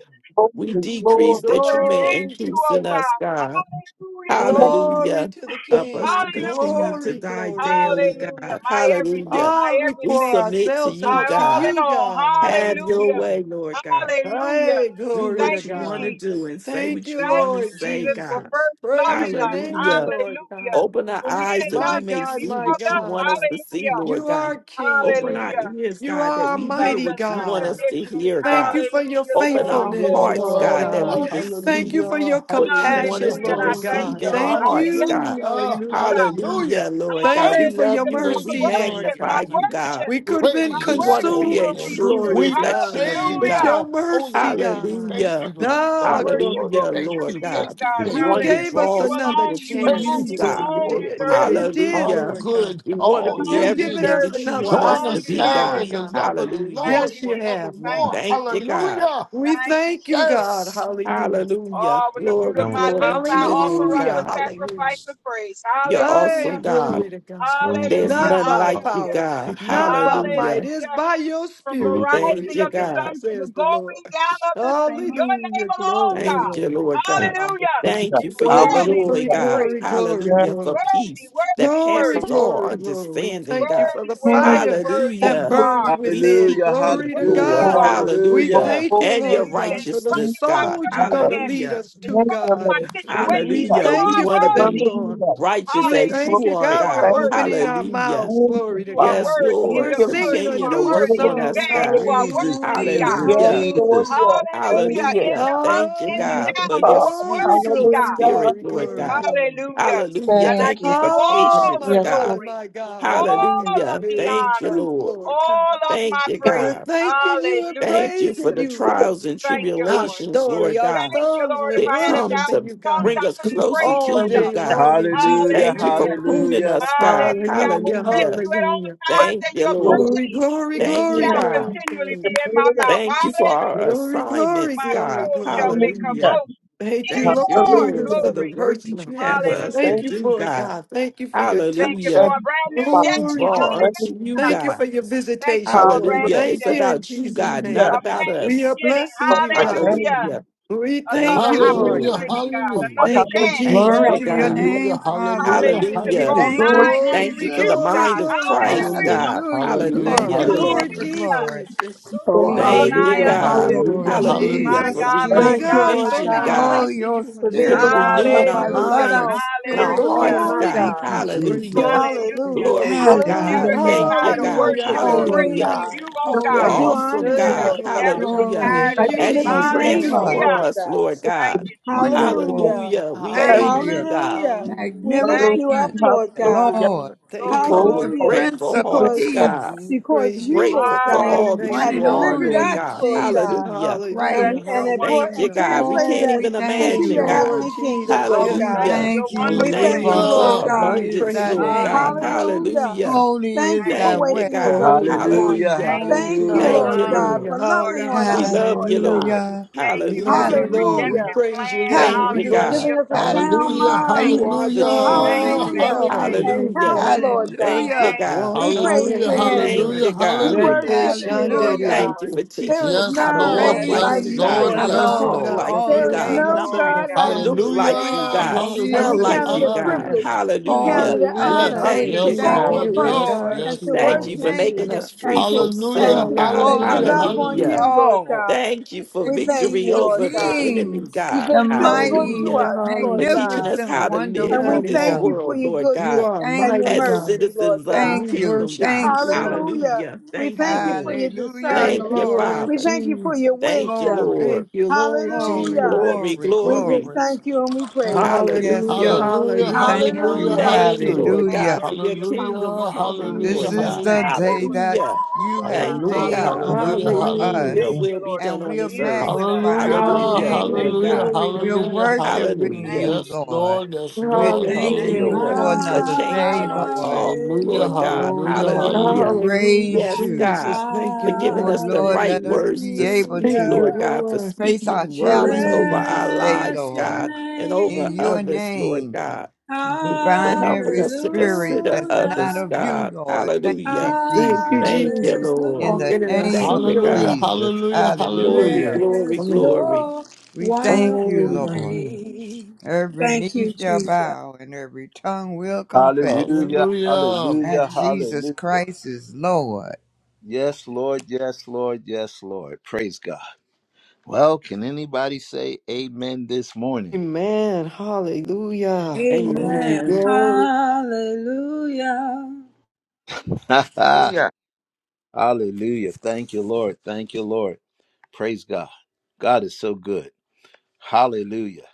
S4: We
S10: holy,
S4: decrease
S10: glory,
S11: I
S4: that you may
S11: revere
S3: Glory
S11: you,
S3: to the
S4: increase
S11: oh
S4: in
S3: King.
S4: us,
S11: God.
S4: God.
S11: Hallelujah.
S10: yes,
S3: Glory
S4: Hallelujah.
S3: to the
S4: Help us to
S3: King.
S11: Hallelujah.
S4: continue to
S3: Glory,
S4: die
S3: glory,
S4: daily,
S3: glory.
S11: Hallelujah.
S4: God.
S11: My everything,
S4: Hallelujah.
S11: my
S3: Ah, we
S4: We
S3: pour
S11: everything,
S4: submit to
S3: ourselves
S4: you,
S11: my
S3: out to
S11: all
S4: God.
S11: in
S3: you,
S11: all.
S3: God.
S4: Have your
S11: Hallelujah.
S3: Hallelujah.
S4: way, Lord God.
S11: Hallelujah.
S3: Hey,
S4: Do
S3: glory to
S11: Thank
S4: what you
S11: you,
S4: want to
S3: God.
S11: Jesus.
S4: do and say
S3: Thank
S4: what
S3: you,
S4: you
S11: Thank
S4: want to
S11: you,
S3: Lord
S4: say,
S11: Jesus, for
S4: God.
S3: Jesus.
S11: first
S3: Praise
S11: loving
S3: your
S11: us.
S4: Hallelujah.
S3: name, Lord
S11: Hallelujah.
S3: God.
S4: Open our
S11: When we
S4: eyes
S11: didn't
S4: that
S3: My
S4: we
S11: love
S4: may
S11: you,
S3: God,
S11: you
S4: see
S3: my
S11: loved
S4: what you
S11: us.
S4: want us
S3: God.
S4: to see,
S11: Hallelujah.
S3: You
S4: Lord
S3: are
S4: God. Open
S3: King.
S4: our
S11: Hallelujah.
S4: ears,
S3: You
S4: God, that
S3: are
S11: You
S4: we hear
S11: loved
S3: mighty
S11: us
S4: what you want
S3: God.
S4: us to
S11: unconditionally.
S4: hear,
S3: Thank
S4: God.
S3: you for your
S11: Hallelujah.
S4: Open
S11: Glory,
S4: our
S3: faithfulness,
S11: glory,
S4: hearts,
S3: Lord
S11: glory,
S4: God, that
S2: Hallelujah.
S3: God.
S4: we
S11: glory.
S3: Thank you
S4: receive
S3: for your
S2: Hallelujah.
S4: what you want us
S2: Hallelujah.
S3: compassion,
S11: Hallelujah.
S4: to
S11: And I
S3: Lord
S11: thank
S4: receive
S3: God.
S11: you,
S4: in
S2: Hallelujah.
S11: Lord.
S4: our
S3: Thank
S11: I can
S4: hearts,
S11: never
S4: God.
S3: you.
S11: repay
S2: Hallelujah.
S11: you, God.
S3: Hallelujah.
S4: Hallelujah,
S2: Hallelujah.
S4: Lord
S3: Thank
S4: God. We
S3: you
S2: Thank you.
S3: for
S11: Hallelujah.
S4: love
S3: your
S11: But
S4: you and
S11: my
S2: Thank
S4: we
S2: you.
S3: mercy,
S2: Thank
S3: Lord
S11: worship,
S2: you.
S11: my
S4: magnify
S2: Yes.
S3: God.
S4: you, God.
S11: worship,
S3: We
S6: Lord.
S3: could have been
S11: my
S2: Praise
S4: We
S2: your
S4: want to
S11: worship
S4: be
S2: holy
S4: a
S11: will be
S3: consumed,
S2: name.
S4: true
S11: true.
S3: glory to
S2: We
S3: God,
S4: reflection of you,
S2: praise
S3: but
S4: God.
S11: Hallelujah.
S3: your
S2: your holy
S3: mercy,
S2: name.
S3: God.
S2: Thank
S4: Hallelujah.
S2: you, Lord.
S11: My
S3: Ah,
S2: Thank you,
S11: worship
S3: glory
S2: Lord.
S3: to
S11: will
S4: Hallelujah,
S11: be
S2: Thank
S3: God.
S11: true
S4: Lord
S11: to
S2: you.
S11: you,
S4: God.
S2: Thank you.
S11: God.
S6: Yes,
S2: Thank
S3: You
S4: One
S2: you.
S4: that
S3: gave
S11: Hallelujah.
S3: us
S11: You
S4: draws
S3: another
S4: people
S11: alone, you
S4: to
S11: alone,
S3: chance,
S4: you,
S2: Praise
S11: you
S2: to the
S4: God.
S3: Lord. You
S11: alone
S2: Lord
S3: did.
S2: for
S3: Yeah,
S11: deserve it.
S3: you
S2: you
S3: did,
S2: are
S4: Hallelujah.
S3: Lord God.
S2: good.
S4: We
S11: You
S4: want to
S2: All
S4: be
S11: alone
S3: You've given
S2: nations
S4: everything
S3: us
S11: deserve
S4: that
S11: it.
S4: you
S11: You
S3: another
S4: want
S2: join
S4: us
S11: alone
S4: to
S2: us
S4: be,
S11: deserve
S2: now
S3: opportunity,
S4: God.
S11: it.
S2: in the
S3: God.
S2: love of the
S11: Thank
S4: Hallelujah.
S2: Lord
S3: Yes,
S11: you,
S3: you
S11: Jesus.
S3: have,
S11: Thank
S3: Lord.
S2: forevermore.
S11: you,
S4: Thank you,
S11: Jesus.
S4: God.
S2: Hallelujah.
S3: We
S11: Thank you,
S3: thank you,
S11: Jesus.
S3: God.
S2: Yes.
S3: Hallelujah.
S4: Hallelujah.
S11: Oh, with the fruit
S4: Glory,
S11: of
S6: Now with
S11: my lips,
S4: glory to
S11: I
S4: your
S11: offer
S4: name,
S11: up a
S3: Hallelujah.
S4: God.
S3: Hallelujah.
S11: sacrifice of praise.
S4: You're
S11: Hallelujah.
S3: Hey,
S4: awesome,
S6: you,
S4: God.
S3: glory
S6: Lord.
S3: to God.
S6: Learn from
S4: There's
S11: Hallelujah.
S6: you.
S3: Not
S4: none
S3: by
S4: like
S6: Father,
S4: you,
S11: Hallelujah.
S3: power,
S4: God.
S6: Thank you, Lord.
S3: not by might,
S4: Hallelujah.
S3: it's
S11: Hallelujah.
S3: by your
S11: from the
S6: Hallelujah.
S3: spirit.
S4: Thank
S3: Glory
S11: rising
S3: to
S4: you,
S11: of the
S3: God,
S4: God.
S11: sun to the
S3: says the Lord.
S11: going down of the same. Your name
S3: Hallelujah.
S11: alone,
S3: Glory,
S11: God.
S4: Thank you,
S3: glory,
S4: Lord
S6: Thank
S4: God.
S11: Hallelujah.
S4: Thank
S10: hallelujah,
S4: you
S11: Is
S4: for your
S3: glory,
S11: worthy to
S4: joy,
S3: glory,
S11: be
S10: hallelujah,
S4: God.
S3: glory,
S11: praised.
S3: glory,
S10: yes,
S4: Hallelujah. For
S3: glory.
S11: Worthy,
S4: peace that
S11: worthy,
S3: Glory,
S4: passes
S11: worthy.
S4: all
S3: glory, glory.
S4: understanding,
S3: Thank you
S4: God.
S3: for
S11: Worthy,
S3: the
S10: thank
S11: worthy,
S3: fire
S10: you,
S11: worthy
S3: that
S11: you
S4: Hallelujah.
S3: burns
S11: are.
S10: hallelujah,
S4: We
S3: within.
S4: seek
S1: Hallelujah,
S4: you,
S3: Glory to
S11: Worthy
S1: hallelujah,
S11: you
S4: Lord.
S3: God.
S11: are.
S3: We
S4: Hallelujah.
S1: hallelujah.
S3: thank
S10: glory,
S3: you,
S4: And your
S10: thank
S3: Lord
S11: Hallelujah.
S3: God,
S11: In
S3: for the
S11: spite
S10: you,
S4: righteousness,
S11: of my
S4: God.
S3: souls you're going
S10: Father,
S3: to
S11: circumstances,
S3: lead
S4: Hallelujah.
S3: us
S11: in
S3: to,
S10: thank
S11: spite
S10: you,
S11: of
S3: God.
S11: my
S10: Lord,
S3: We
S11: situations,
S10: hallelujah,
S11: you
S4: Hallelujah. We
S3: thank
S11: are
S3: you
S4: want
S3: for
S4: to
S3: them,
S4: be
S11: worthy.
S10: hallelujah,
S3: Lord.
S4: righteous
S3: We
S4: as
S3: thank
S4: you
S10: glory,
S3: you,
S11: Hallelujah.
S4: are,
S11: You
S10: thank
S3: God.
S11: are
S3: We're
S4: God.
S10: you,
S11: worthy,
S3: opening
S11: God.
S3: our
S4: Hallelujah.
S3: mouths.
S10: thank
S3: Glory
S10: you,
S11: You
S3: to
S11: are
S10: Father,
S3: God.
S4: Yes,
S11: worthy. In
S10: thank
S3: We're
S11: the
S4: Lord.
S10: you, Lord,
S11: good,
S3: singing a
S11: you
S4: Continue
S11: are
S4: to
S3: new
S4: work
S11: worthy. In
S4: on
S11: the
S3: song.
S4: us,
S10: hallelujah,
S11: bad, you
S4: God.
S11: are
S10: hallelujah,
S1: Jesus,
S11: worthy,
S3: Hallelujah.
S11: God.
S1: Jesus,
S4: Hallelujah.
S10: yes, Lord,
S1: Jesus.
S3: Hallelujah.
S10: yes, thank
S11: Hallelujah.
S10: you,
S11: In
S4: Hallelujah.
S11: the ups,
S4: Thank you,
S11: in the
S10: thank
S4: God,
S10: you,
S3: Hi.
S4: for
S11: downs, you
S4: your
S10: Father,
S11: are
S4: sweet,
S3: Glory,
S11: worthy,
S4: sweet
S3: glory,
S11: God.
S10: hallelujah,
S4: spirit,
S3: glory,
S4: Lord
S3: glory,
S4: God.
S10: hallelujah,
S3: glory.
S11: Hallelujah.
S4: Hallelujah.
S11: And I
S10: thank
S4: Thank you
S10: you,
S11: give
S4: for
S11: you
S10: Jesus,
S3: Oh,
S11: all the
S4: patience,
S3: my
S10: yes,
S4: God.
S10: Lord.
S3: God,
S11: glory,
S3: my God. We walk
S11: all
S3: in
S11: of
S4: Hallelujah.
S11: the
S3: spirit and
S4: Thank you,
S11: honor,
S3: truth,
S4: Lord.
S3: Lord God.
S11: all of
S4: Thank
S11: my
S4: you,
S3: We're
S11: praise.
S4: God.
S3: thanking you and
S11: Hallelujah,
S4: Thank you for
S3: praising
S4: the
S11: Jesus.
S3: you.
S4: trials and
S11: Thank you,
S3: Our
S11: Lord.
S4: tribulations,
S3: story,
S4: Lord
S3: our
S4: God,
S11: Thank you,
S3: songs,
S11: Lord.
S3: we're
S11: If I
S4: that
S11: had a
S4: come
S3: worshiping
S11: thousand
S4: to
S3: you,
S11: tongues,
S3: God
S4: bring
S11: I
S4: us
S11: couldn't
S4: closer
S11: praise
S4: to
S11: you
S3: all
S10: Hallelujah.
S4: you,
S11: enough.
S3: day
S4: God.
S3: long in Jesus'
S1: Hallelujah,
S4: Thank you for
S3: name.
S11: Hallelujah.
S4: pruning
S1: hallelujah.
S4: us, God.
S11: Hallelujah. I will
S3: Hallelujah,
S11: bless
S4: Hallelujah.
S11: you at all
S3: hallelujah.
S11: times,
S4: Thank
S11: and
S4: you,
S11: your
S4: Lord.
S3: Glory,
S10: Hallelujah.
S11: praise
S3: glory,
S4: Thank
S3: glory,
S4: you,
S11: shall
S4: God.
S3: glory,
S11: continually
S3: glory.
S11: be in my mouth.
S4: Thank you for
S11: Hallelujah.
S4: our
S3: Glory, glory,
S4: assignments,
S11: My
S3: glory,
S4: God.
S11: soul shall
S3: glory.
S11: make her
S4: Hallelujah.
S11: boast
S3: Thank
S11: in
S3: you,
S11: the
S4: Thank
S3: Lord
S4: you,
S11: Lord.
S3: Jesus,
S4: Lord,
S3: for
S4: for
S3: the
S4: the
S11: Glory.
S4: work that
S3: personal.
S4: you have for us
S11: Hallelujah,
S4: to
S3: Thank you
S4: do,
S3: for
S11: Jesus.
S3: it,
S4: God.
S3: God. Thank you for your
S11: Thank you
S3: touch.
S11: for
S4: Hallelujah.
S11: a brand new
S4: We
S11: day.
S3: Glory,
S4: draw
S3: God.
S4: unto you,
S11: Hallelujah.
S3: Thank you
S4: God.
S3: for your
S11: Thank you for
S3: visitation,
S11: a
S3: Lord.
S11: brand
S4: Hallelujah.
S11: new
S4: It's
S3: Thank you
S11: day.
S3: in
S4: about you,
S3: Jesus'
S4: God, not
S11: A
S3: name.
S4: about
S11: brand new
S3: We are
S4: us.
S11: beginning.
S3: blessing you, God.
S11: Hallelujah.
S4: Hallelujah.
S3: We thank
S11: Another
S4: Thank
S3: you,
S4: you,
S3: Lord
S4: Lord.
S2: Hallelujah.
S3: God.
S11: opportunity, God.
S2: Hallelujah.
S11: Another
S3: Thank you,
S11: chance.
S4: Thank
S3: Jesus.
S5: Glory
S4: you,
S5: to
S11: Glory.
S5: your
S4: God.
S5: name,
S2: Hallelujah.
S5: Father.
S2: Hallelujah.
S11: Hallelujah. To
S5: We
S11: draw
S4: Hallelujah.
S2: Hallelujah.
S5: thank you,
S11: nigh
S4: Thank
S11: unto
S3: Glory,
S4: you for
S5: Jesus.
S4: the
S11: you,
S3: glory,
S11: God.
S4: mind of
S3: glory,
S4: Christ,
S3: glory.
S11: Hallelujah.
S2: Hallelujah.
S4: God.
S5: Hallelujah.
S2: Hallelujah.
S3: Thank
S8: Thank
S3: you,
S5: Glory,
S8: you,
S4: Hallelujah.
S8: Lord.
S3: Lord
S5: glory,
S2: Hallelujah.
S11: Hallelujah.
S5: glory.
S3: Jesus. There's so
S11: To
S8: Oh,
S5: Oh,
S11: draw
S3: much.
S5: we
S4: Thank you,
S11: nigh
S2: Hallelujah.
S8: hallelujah,
S5: thank
S11: unto
S5: you,
S4: God.
S11: you.
S5: Lord.
S2: Hallelujah. Hallelujah. Hallelujah.
S8: hallelujah.
S4: Hallelujah.
S11: My
S4: For
S5: Jesus,
S11: God,
S3: Glory,
S11: my
S8: Thank
S5: Jesus.
S4: renewed
S8: you,
S11: God,
S3: God.
S8: Lord
S11: my
S3: So
S4: vision,
S3: many
S11: God.
S8: God,
S5: Oh,
S4: God.
S3: places
S5: your
S3: you want
S8: for
S3: us
S4: For
S3: to
S8: being
S5: spirit,
S3: take
S8: God all
S3: us.
S5: Lord,
S4: renewing our
S8: by
S5: your
S11: Hallelujah.
S5: loving
S8: yourself
S4: minds and
S8: and
S4: our
S5: spirit,
S8: for
S11: Hallelujah.
S8: being
S4: hearts,
S5: Lord.
S8: my
S3: Glory,
S4: God.
S5: Thank
S8: God.
S5: you,
S3: glory, glory.
S4: Hallelujah.
S5: Jesus.
S3: Doors
S11: Hallelujah.
S3: open.
S8: Hallelujah,
S4: Glory to
S11: Never
S8: hallelujah.
S4: God.
S11: get
S5: Hallelujah.
S4: Thank
S8: I
S4: you,
S11: tired of
S8: do
S4: God.
S3: Hallelujah.
S8: worship
S11: worship and
S8: you, Lord
S5: Holy,
S4: Hallelujah.
S11: praising
S8: God.
S3: Hallelujah.
S11: you, oh
S4: You're
S8: I
S11: God,
S8: do
S5: holy,
S4: awesome,
S8: honor you,
S3: Hey,
S11: because
S5: the
S4: God.
S8: Lord
S11: you
S3: glory to
S11: never
S8: God.
S11: get
S3: God.
S4: Hallelujah.
S5: glory
S11: tired
S3: Thank
S8: I
S11: of
S3: you,
S8: do
S11: me.
S4: As
S8: lift
S4: you
S5: of
S8: your
S3: Jesus.
S8: name
S3: Thank
S8: up,
S5: God.
S3: you,
S4: transform
S11: Hallelujah.
S8: Lord
S4: us,
S8: God.
S4: Lord
S3: Jesus.
S11: Thank
S4: God.
S11: you, Jesus.
S5: Wonderful
S8: Hallelujah,
S4: Hallelujah. We
S11: Thank you,
S4: thank you,
S5: Savior,
S3: Hallelujah.
S11: Jesus.
S4: God.
S8: hallelujah. We
S3: Hallelujah.
S8: lift
S11: Thank
S8: you
S11: you,
S8: up,
S5: magnificent
S11: Jesus.
S8: Lord
S3: Thank you,
S8: God.
S5: Lord.
S3: Lord.
S4: We
S3: Thank
S11: Glory,
S3: you,
S4: come
S3: Lord.
S5: the
S4: with
S11: glory,
S8: Hallelujah.
S11: glory.
S5: Prince
S4: grateful
S5: of
S8: Because
S4: hearts,
S10: Hallelujah.
S4: God.
S5: Peace,
S3: We
S8: because
S3: praise you,
S8: you, Lord
S3: Jesus.
S4: Grateful for
S5: the
S8: God,
S3: We
S4: all that
S11: Hallelujah,
S3: thank
S5: one
S8: have
S4: you
S3: you,
S5: and
S11: Jesus.
S4: are,
S3: Lord.
S8: delivered
S4: Lord
S5: only
S8: us,
S4: God.
S8: Lord
S5: Jesus
S8: God.
S4: Hallelujah.
S8: And
S11: Bless
S3: Hallelujah.
S8: we and
S11: your
S5: Christ.
S8: it brought
S4: Thank
S11: wonderful
S4: you,
S8: and
S3: Hallelujah.
S4: God.
S11: name.
S4: We
S8: translated
S5: Oh,
S4: can't
S8: us
S5: we
S4: even
S5: thank
S8: into
S3: Thank
S5: you,
S4: imagine,
S3: you,
S8: your
S4: God.
S3: Lord
S5: Lord.
S8: heavenly kingdom,
S3: Jesus.
S11: I
S8: Lord
S11: will
S3: Yes,
S5: We
S11: bless
S8: God.
S3: Lord.
S4: Hallelujah.
S11: your
S5: thank
S3: Jesus.
S5: you
S8: We
S11: wonderful
S2: Hallelujah.
S4: Thank
S8: thank
S4: you
S5: for
S11: name.
S8: you, Lord
S4: for
S2: Hallelujah.
S5: holy
S3: We
S8: God.
S5: is
S4: abundance,
S3: praise
S5: thy
S3: your
S4: Lord
S3: name,
S4: God.
S5: name,
S3: Lord
S11: Hallelujah.
S8: Hallelujah.
S3: Jesus.
S4: Hallelujah.
S5: holy
S8: Thank
S5: is
S8: you
S11: Thank
S8: for
S5: thy
S11: you,
S4: Thank you,
S5: way.
S11: Jesus.
S8: waking us
S4: God.
S8: up this
S3: Holy. God.
S8: morning.
S1: Hallelujah,
S4: Hallelujah.
S11: Thank you
S5: Oh,
S8: Thank
S11: for
S8: you,
S11: your
S1: hallelujah.
S4: Thank
S8: Lord
S4: you,
S11: love
S5: glory.
S8: God,
S4: Lord.
S3: Hallelujah.
S8: for
S11: toward
S8: loving
S11: us,
S8: on
S4: We
S11: oh
S8: us,
S3: Hallelujah.
S11: God.
S4: love
S8: Lord
S4: you,
S8: God.
S4: Lord.
S5: Hallelujah.
S11: Thank
S3: We
S11: you for
S3: love
S11: your
S3: you,
S4: Hallelujah.
S3: Lord. We
S5: Hallelujah.
S8: Hallelujah.
S11: redemptive
S3: praise you,
S11: plan.
S3: Lord.
S4: Thank
S3: We
S4: you,
S3: bless
S4: God.
S5: Hallelujah.
S3: you,
S11: Hallelujah
S8: Giving us a
S11: for
S3: God.
S11: us, oh
S8: sound
S5: Hallelujah.
S11: God.
S8: mind.
S5: Thank
S4: You
S5: you,
S4: are the
S5: Jesus.
S11: Thank
S4: truth.
S11: you,
S5: Thank
S3: Hallelujah.
S5: you,
S11: thank
S8: Hallelujah.
S11: you,
S5: Lord.
S11: thank you,
S2: Hallelujah.
S8: And
S3: Thank you,
S4: Hallelujah.
S8: health,
S3: Lord.
S8: Lord God.
S4: Thank you,
S5: Hallelujah.
S11: thank you,
S4: God.
S3: Walk,
S8: We
S11: thank you,
S8: praise
S11: thank
S2: Hallelujah,
S8: your
S11: you.
S5: Praise
S8: name.
S4: Thank
S3: hallelujah.
S5: you.
S2: hallelujah,
S4: you,
S8: We
S4: God.
S3: Make
S2: hallelujah,
S11: Blessed be
S3: it
S8: worship
S11: the
S8: you,
S3: shine.
S11: name
S3: da,
S11: of
S8: Lord
S3: da,
S11: the
S5: Hallelujah.
S3: da,
S8: God.
S4: Thank you
S11: Lord.
S4: for
S8: There
S4: teaching
S8: is
S4: us
S2: Yes,
S4: how to
S8: none
S4: walk
S2: Lord.
S3: Walk in
S11: Blessed
S4: like
S3: the
S8: like
S2: Yes,
S4: you,
S11: be
S5: praising
S11: the
S8: you,
S4: God,
S2: Lord.
S8: Lord
S3: spirit.
S5: the
S4: how
S11: name
S4: to
S3: You
S11: of
S2: Yes,
S8: God.
S3: will
S11: the
S4: talk
S5: Lord
S3: not
S2: Lord.
S4: like
S11: Lord.
S4: you,
S5: all
S8: There
S3: fulfill
S8: is
S3: the
S5: day
S4: God,
S8: no
S3: lust of
S11: Glory to
S3: the
S5: long.
S8: God like
S11: God.
S3: flesh.
S4: look
S8: you,
S4: like
S8: Lord
S5: Thank
S4: you,
S8: God.
S2: Hallelujah.
S5: you,
S4: God,
S3: Walk
S8: And
S3: my
S4: smell
S8: we
S2: Hallelujah.
S3: way,
S8: count
S4: like
S5: Jesus.
S8: it
S4: you,
S8: a
S3: my
S4: God.
S3: path.
S2: Hallelujah.
S8: privilege, we count
S5: Oh,
S4: Hallelujah.
S8: it an
S3: Hallelujah,
S8: honor
S2: Yes,
S5: hallelujah.
S4: Thank
S8: to
S4: you,
S2: yes,
S3: hallelujah,
S5: Thank
S8: call
S4: God.
S5: you,
S2: Lord.
S3: here and
S8: upon you
S2: Yes,
S3: guide
S5: Lord.
S8: and
S2: yes,
S8: to
S3: you.
S4: Thank
S2: Lord.
S4: you for
S8: worship
S3: Glory to
S5: Thank
S8: you
S4: making
S3: God.
S4: us
S5: you,
S4: free
S8: and to
S4: from
S8: and
S5: the
S4: sin,
S2: Hallelujah.
S8: to
S4: God.
S8: and to
S3: Hallelujah,
S5: Lord
S2: Hallelujah.
S5: of
S8: love on
S4: Hallelujah.
S2: Hallelujah.
S8: you,
S3: hallelujah,
S8: Lord
S5: all,
S8: God.
S4: Thank you for
S5: the
S8: We thank
S5: King
S4: victory
S8: you,
S5: of
S8: Lord
S4: over the
S8: God.
S4: enemy,
S5: kings,
S8: You've
S4: God.
S5: the
S8: been so good
S5: mighty,
S8: to
S3: hallelujah,
S4: Hallelujah.
S8: us, Lord
S4: For teaching
S3: hallelujah.
S8: God.
S4: us
S5: magnificent,
S4: how to
S8: And
S4: live
S8: we
S4: in
S5: wonderful
S3: Mighty
S4: this
S8: thank
S5: Lord.
S8: you
S3: God,
S8: for
S4: world,
S8: your
S4: Lord
S3: you
S8: goodness
S4: God,
S3: are a
S8: and
S5: Thank
S8: your
S3: mighty
S4: as
S5: you,
S3: God,
S8: mercy, Lord
S4: citizens of the
S3: and
S8: God.
S3: we
S5: thank you,
S4: kingdom,
S3: worship
S4: God.
S3: you,
S5: thank you, Lord.
S3: Son.
S8: Hallelujah.
S4: Hallelujah.
S8: We
S4: Thank you,
S8: thank you for
S4: Lord.
S8: your
S5: Hallelujah.
S8: discernment.
S3: Thank
S4: Thank
S3: you,
S4: you,
S5: Glory,
S3: Lord
S8: We
S4: Father.
S8: thank you for
S3: Jesus.
S8: your
S4: Thank you,
S8: wisdom.
S5: glory,
S3: Thank
S4: Lord.
S3: you, Lord
S5: glory,
S8: Hallelujah.
S4: Glory,
S3: Jesus.
S5: glory,
S8: We just
S4: glory.
S5: glory.
S8: thank you and we
S5: Oh,
S8: praise you.
S5: yes,
S3: Hallelujah,
S4: Hallelujah.
S5: Lord. We
S2: Hallelujah.
S3: hallelujah,
S5: thank
S2: Hallelujah.
S5: you.
S8: Hallelujah.
S4: Thank you,
S3: hallelujah.
S2: Hallelujah.
S4: Lord
S11: Thank
S5: Hallelujah.
S4: God, for
S11: you for
S4: your
S11: your
S4: kingdom
S11: counsel, Lord God.
S4: coming,
S5: This
S2: Hallelujah. Hallelujah. Hallelujah.
S4: Lord
S5: is
S3: Mm,
S4: God.
S5: the
S11: Thank you
S5: day
S11: for the
S5: that
S4: Hallelujah.
S11: counsel,
S5: you
S11: Lord
S5: have
S11: God.
S4: Thank you,
S5: made,
S4: God.
S7: Yes,
S11: Hallelujah.
S5: Lord,
S2: Hallelujah. Hallelujah.
S7: Lord.
S5: for
S3: Hallelujah.
S4: Your
S2: Hallelujah.
S5: us.
S11: Thank
S7: Yes,
S11: you,
S4: will be
S11: Lord. You
S4: done
S5: And
S4: on
S5: we're
S4: this
S11: commune
S7: yes,
S4: earth.
S11: with us.
S5: magnifying your
S2: Hallelujah,
S4: Hallelujah,
S11: Hallelujah.
S3: Hallelujah,
S5: name.
S4: Lord
S11: Thank you,
S2: hallelujah,
S4: God.
S3: glory to
S11: Jesus.
S5: We're
S2: hallelujah,
S3: God.
S5: worshiping
S2: hallelujah.
S4: Hallelujah.
S11: Thank
S5: you,
S11: you,
S2: Yes,
S5: Lord.
S2: Lord,
S11: Jesus.
S2: yes,
S5: We're
S2: Lord,
S4: Thank you,
S3: Hallelujah,
S5: thanking
S11: Thank
S5: you
S2: hallelujah.
S11: you,
S3: what
S4: Lord,
S5: for
S3: on
S4: for
S3: this?
S5: another
S11: Jesus.
S5: day,
S4: changing our
S8: Hallelujah.
S11: Hallelujah.
S5: Lord.
S4: talk,
S2: Hallelujah,
S4: Lord God.
S5: Oh,
S2: hallelujah,
S5: Lord, we
S4: Hallelujah.
S2: hallelujah.
S3: Hallelujah,
S5: praise
S4: Yes,
S5: you.
S4: God,
S3: Jesus. Thank
S4: for
S3: you,
S8: Hallelujah.
S4: giving
S5: Oh,
S4: us
S3: Lord.
S4: the
S5: Lord,
S4: right
S5: let us
S4: words
S5: be
S4: to
S5: able
S4: speak,
S3: Thank
S5: to
S3: you,
S4: Lord God, for
S3: Lord.
S5: face our
S4: speaking words
S5: challenges
S4: over
S3: Mm.
S4: our
S5: this day,
S8: Bless
S4: lives,
S8: your
S5: Lord.
S4: God, and over
S5: In
S8: name.
S5: your
S4: others, Lord
S5: name.
S4: God,
S5: And we
S4: for
S5: bind
S4: helping
S5: every
S4: us to
S5: spirit
S4: consider
S5: that's not
S4: others,
S8: Hallelujah.
S5: of you,
S4: God.
S5: Lord. Thank you,
S4: Hallelujah.
S3: Thank you,
S5: Jesus.
S4: Thank you,
S3: Jesus.
S4: Lord.
S5: In the
S3: Walking in a
S8: Hallelujah.
S5: name
S4: Thank
S5: of
S4: you,
S3: singular
S4: God.
S2: Hallelujah,
S3: freedom.
S5: Jesus.
S2: hallelujah,
S4: Glory,
S2: hallelujah.
S5: Hallelujah.
S4: glory,
S8: Bless
S3: Only
S4: glory.
S8: your
S5: We thank you,
S8: wonderful
S3: on
S5: Lord.
S3: you.
S8: name.
S5: Every
S8: Thank
S5: knee
S8: you,
S5: shall
S8: Jesus.
S5: bow and every tongue will confess
S1: Hallelujah,
S2: Hallelujah.
S1: hallelujah,
S5: that Jesus
S1: hallelujah.
S5: Christ is Lord.
S1: Yes, Lord, yes, Lord, yes, Lord. Praise God. Well, can anybody say amen this morning?
S3: Amen. Hallelujah. Glory,
S8: Amen.
S4: Amen.
S3: glory.
S8: Hallelujah.
S1: *laughs* hallelujah. Thank you, Lord. Thank you, Lord. Praise God. God is so good. Hallelujah.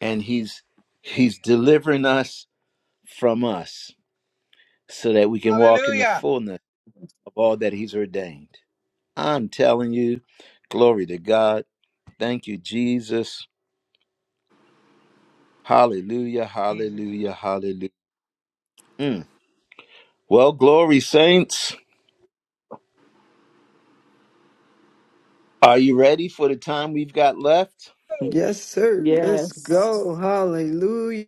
S1: And he's he's delivering us from us so that we can walk in the
S11: Hallelujah.
S1: fullness of all that he's ordained. I'm telling you, glory to God. Thank you, Jesus. Hallelujah,
S11: Jesus.
S1: hallelujah, hallelujah. Mm. Well, glory, saints. Are you ready for the time we've got left?
S11: Oh,
S3: Yes, sir. Let's
S4: Yes.
S3: go. Hallelujah.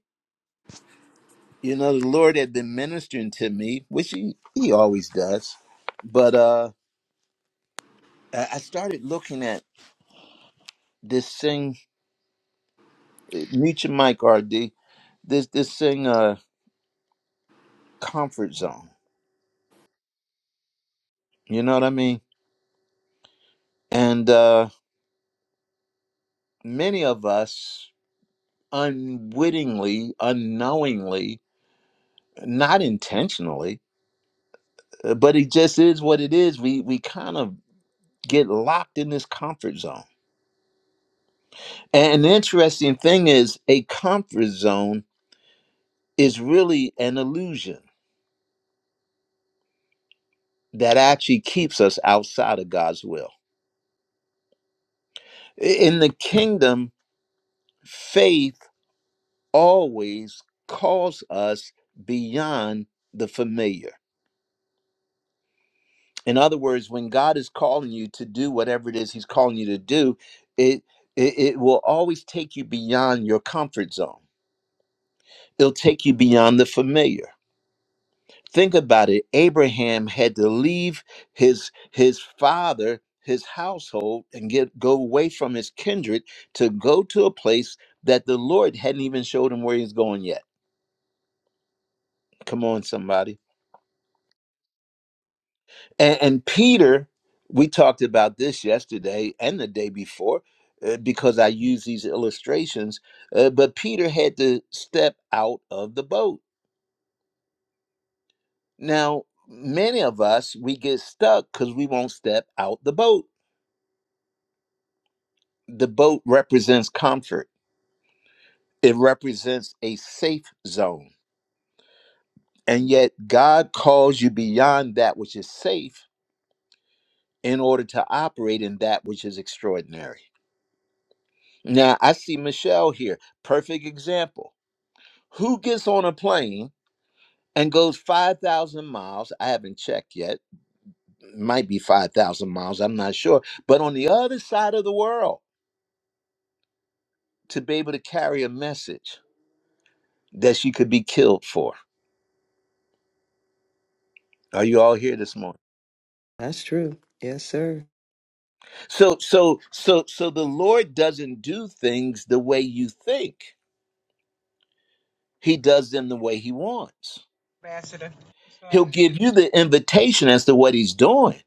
S1: You know, the Lord had been ministering to me, which he, he always does. But uh I I started looking at this thing, uh, mute your mic, RD, this, this thing, uh, comfort zone. You know what I mean? And uh many of us unwittingly, unknowingly, not intentionally, Uh, but it just is what it is. We we kind of get locked in this comfort zone. And the interesting thing is, a comfort zone is really an illusion that actually keeps us outside of God's will. I- In the kingdom, faith always calls us beyond the familiar. In other words, when God is calling you to do whatever it is He's calling you to do, it it, it will always take you beyond your comfort zone It'll take you beyond the familiar. Think about it. Abraham had to leave his his father, his household, and get go away from his kindred to go to a place that the Lord hadn't even showed him where he's going yet. Come on, somebody. And, and Peter, we talked about this yesterday and the day before uh, because I use these illustrations. uh, but Peter had to step out of the boat Now, many of us, we get stuck because we won't step out the boat. The boat represents comfort, it represents a safe zone. And yet, God calls you beyond that which is safe in order to operate in that which is extraordinary. Now, I see Michelle here, perfect example. Who gets on a plane and goes 5,000 miles? I haven't checked yet, might be 5,000 miles, I'm not sure, but on the other side of the world to be able to carry a message that she could be killed for. Are you all here this morning?
S3: That's true. Yes, sir.
S1: So so so so the Lord doesn't do things the way you think. He does them the way he wants.
S11: Ambassador.
S1: He'll
S11: Son.
S1: give you the invitation as to what he's doing,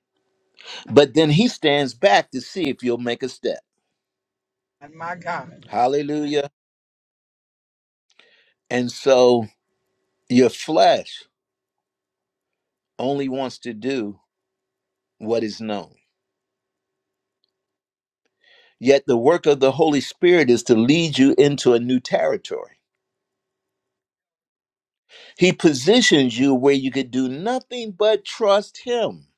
S1: but then he stands back to see if you'll make a step.
S11: And my God.
S1: Hallelujah. And so your flesh only wants to do what is known. Yet the work of the Holy Spirit is to lead you into a new territory He positions you where you could do nothing but trust Him.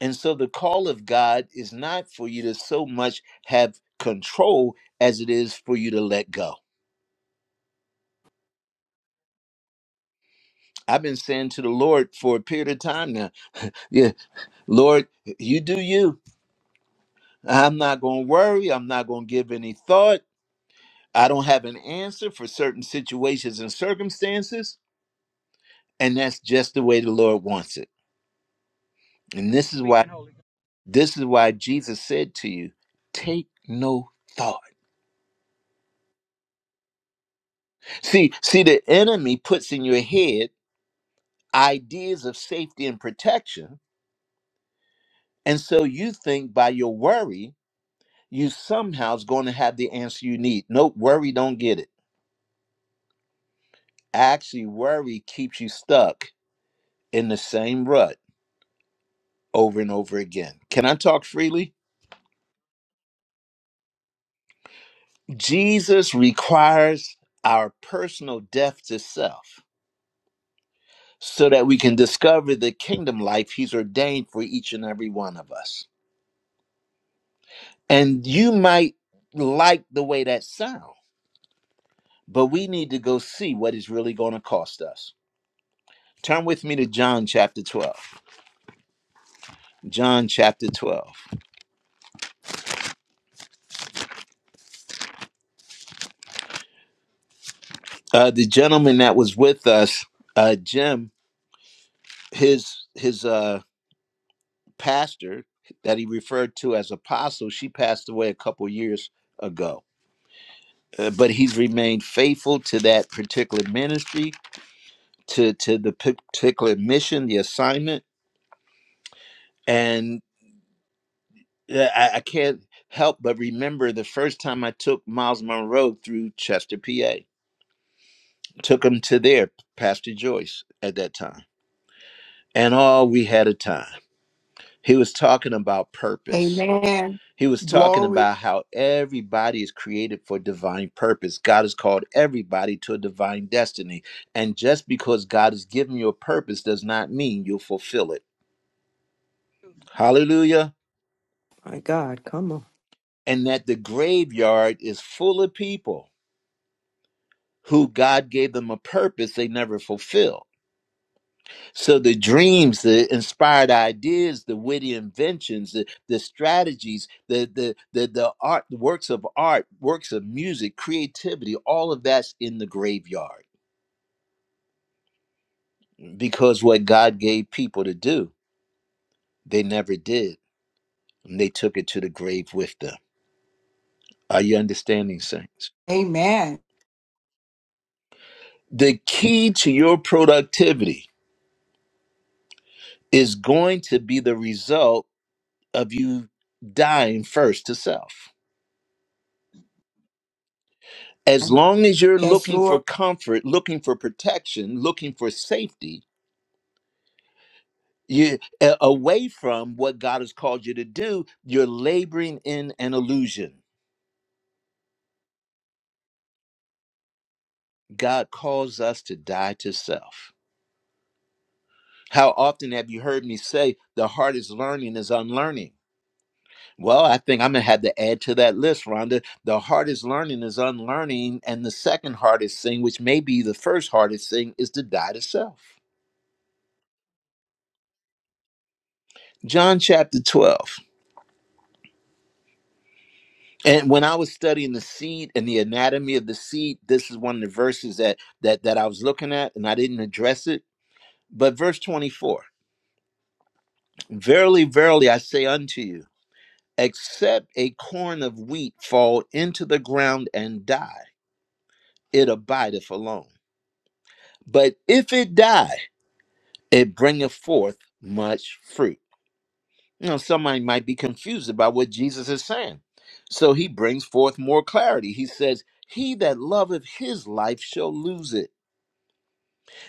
S1: And so the call of God is not for you to so much have control as it is for you to let go. I've been saying to the Lord for a period of time now, yeah, Lord, you do you. I'm not going to worry. I'm not going to give any thought. I don't have an answer for certain situations and circumstances. And that's just the way the Lord wants it. And
S11: Are you
S1: this is why,
S11: speaking, Holy Ghost?
S1: this is why Jesus said to you, take no thought. See, see, the enemy puts in your head ideas of safety and protection, and so you think by your worry you somehow is going to have the answer you need. Nope, worry don't get it. Actually, worry keeps you stuck in the same rut over and over again. Can I talk freely? Jesus requires our personal death to self so that we can discover the kingdom life he's ordained for each and every one of us. And you might like the way that sounds, but we need to go see what it's really going to cost us. Turn with me to John chapter 12. John chapter 12. Uh, the gentleman that was with us, uh, Jim, his his uh, pastor that he referred to as apostle, she passed away a couple years ago. Uh, but he's remained faithful to that particular ministry, to to the particular mission, the assignment, and. Yeah, I, I can't help but remember the first time I took Miles Monroe through Chester, PA. Took him to there, Pastor Joyce at that time. And all we had a time. He was talking about purpose.
S9: Amen.
S1: He was talking
S9: Glory.
S1: about how everybody is created for divine purpose. God has called everybody to a divine destiny. And just because God has given you a purpose does not mean you'll fulfill it. Hallelujah.
S3: My God, come on.
S1: And that the graveyard is full of people who God gave them a purpose they never fulfilled. So the dreams, the inspired ideas, the witty inventions, the, the strategies, the, the the the art, the works of art, works of music, creativity, all of that's in the graveyard because what God gave people to do, they never did, and they took it to the grave with them. Are you understanding, saints?
S9: Amen.
S1: The key to your productivity is going to be the result of you dying first to self as long as you're
S9: Yes,
S1: looking for
S9: Lord.
S1: comfort, looking for protection, looking for safety, you a- away from what God has called you to do, you're laboring in an illusion. God calls us to die to self. How often have you heard me say the hardest learning is unlearning? Well, I think I'm gonna have to add to that list, Rhonda. The hardest learning is unlearning, and the second hardest thing, which may be the first hardest thing, is to die to self. John chapter 12. And when I was studying the seed and the anatomy of the seed, this is one of the verses that that that I was looking at, and I didn't address it. But verse 24, verily, verily, I say unto you, except a corn of wheat fall into the ground and die, it abideth alone. But if it die, it bringeth forth much fruit. You know, somebody might be confused about what Jesus is saying. So he brings forth more clarity. He says, He that loveth his life shall lose it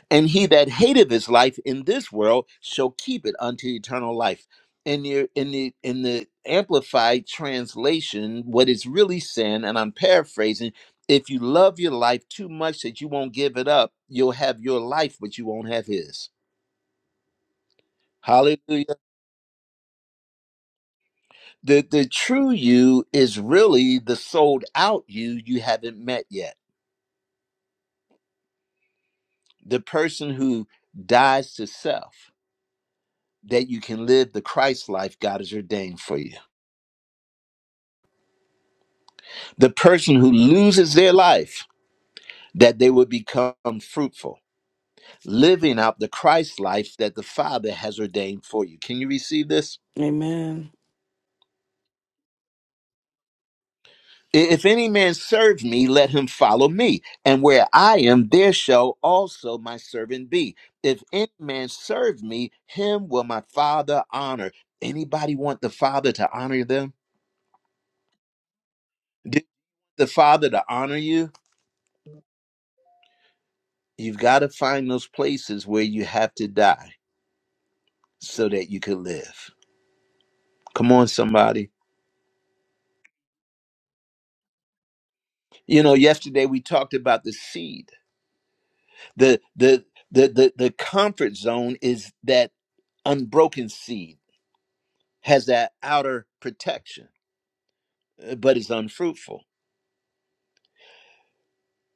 S1: And he that hateth his life in this world shall keep it unto eternal life. In the in the in the amplified translation, what it's really saying, and I'm paraphrasing, if you love your life too much that you won't give it up, you'll have your life, but you won't have his. Hallelujah. The the true you is really the sold out you you haven't met yet. The person who dies to self that you can live the Christ life God has ordained for you. the person who loses their life that they will become fruitful living out the christ life that the father has ordained for you can you receive this
S4: Amen.
S1: I- if any man serve me let him follow me and where i am there shall also my servant be if any man serve me him will my father honor anybody want the father to honor them did the father to honor you you've got to find those places where you have to die so that you could live Come on, somebody. You know, yesterday we talked about the seed. The the the the, the comfort zone is that unbroken seed has that outer protection, uh, but it's unfruitful.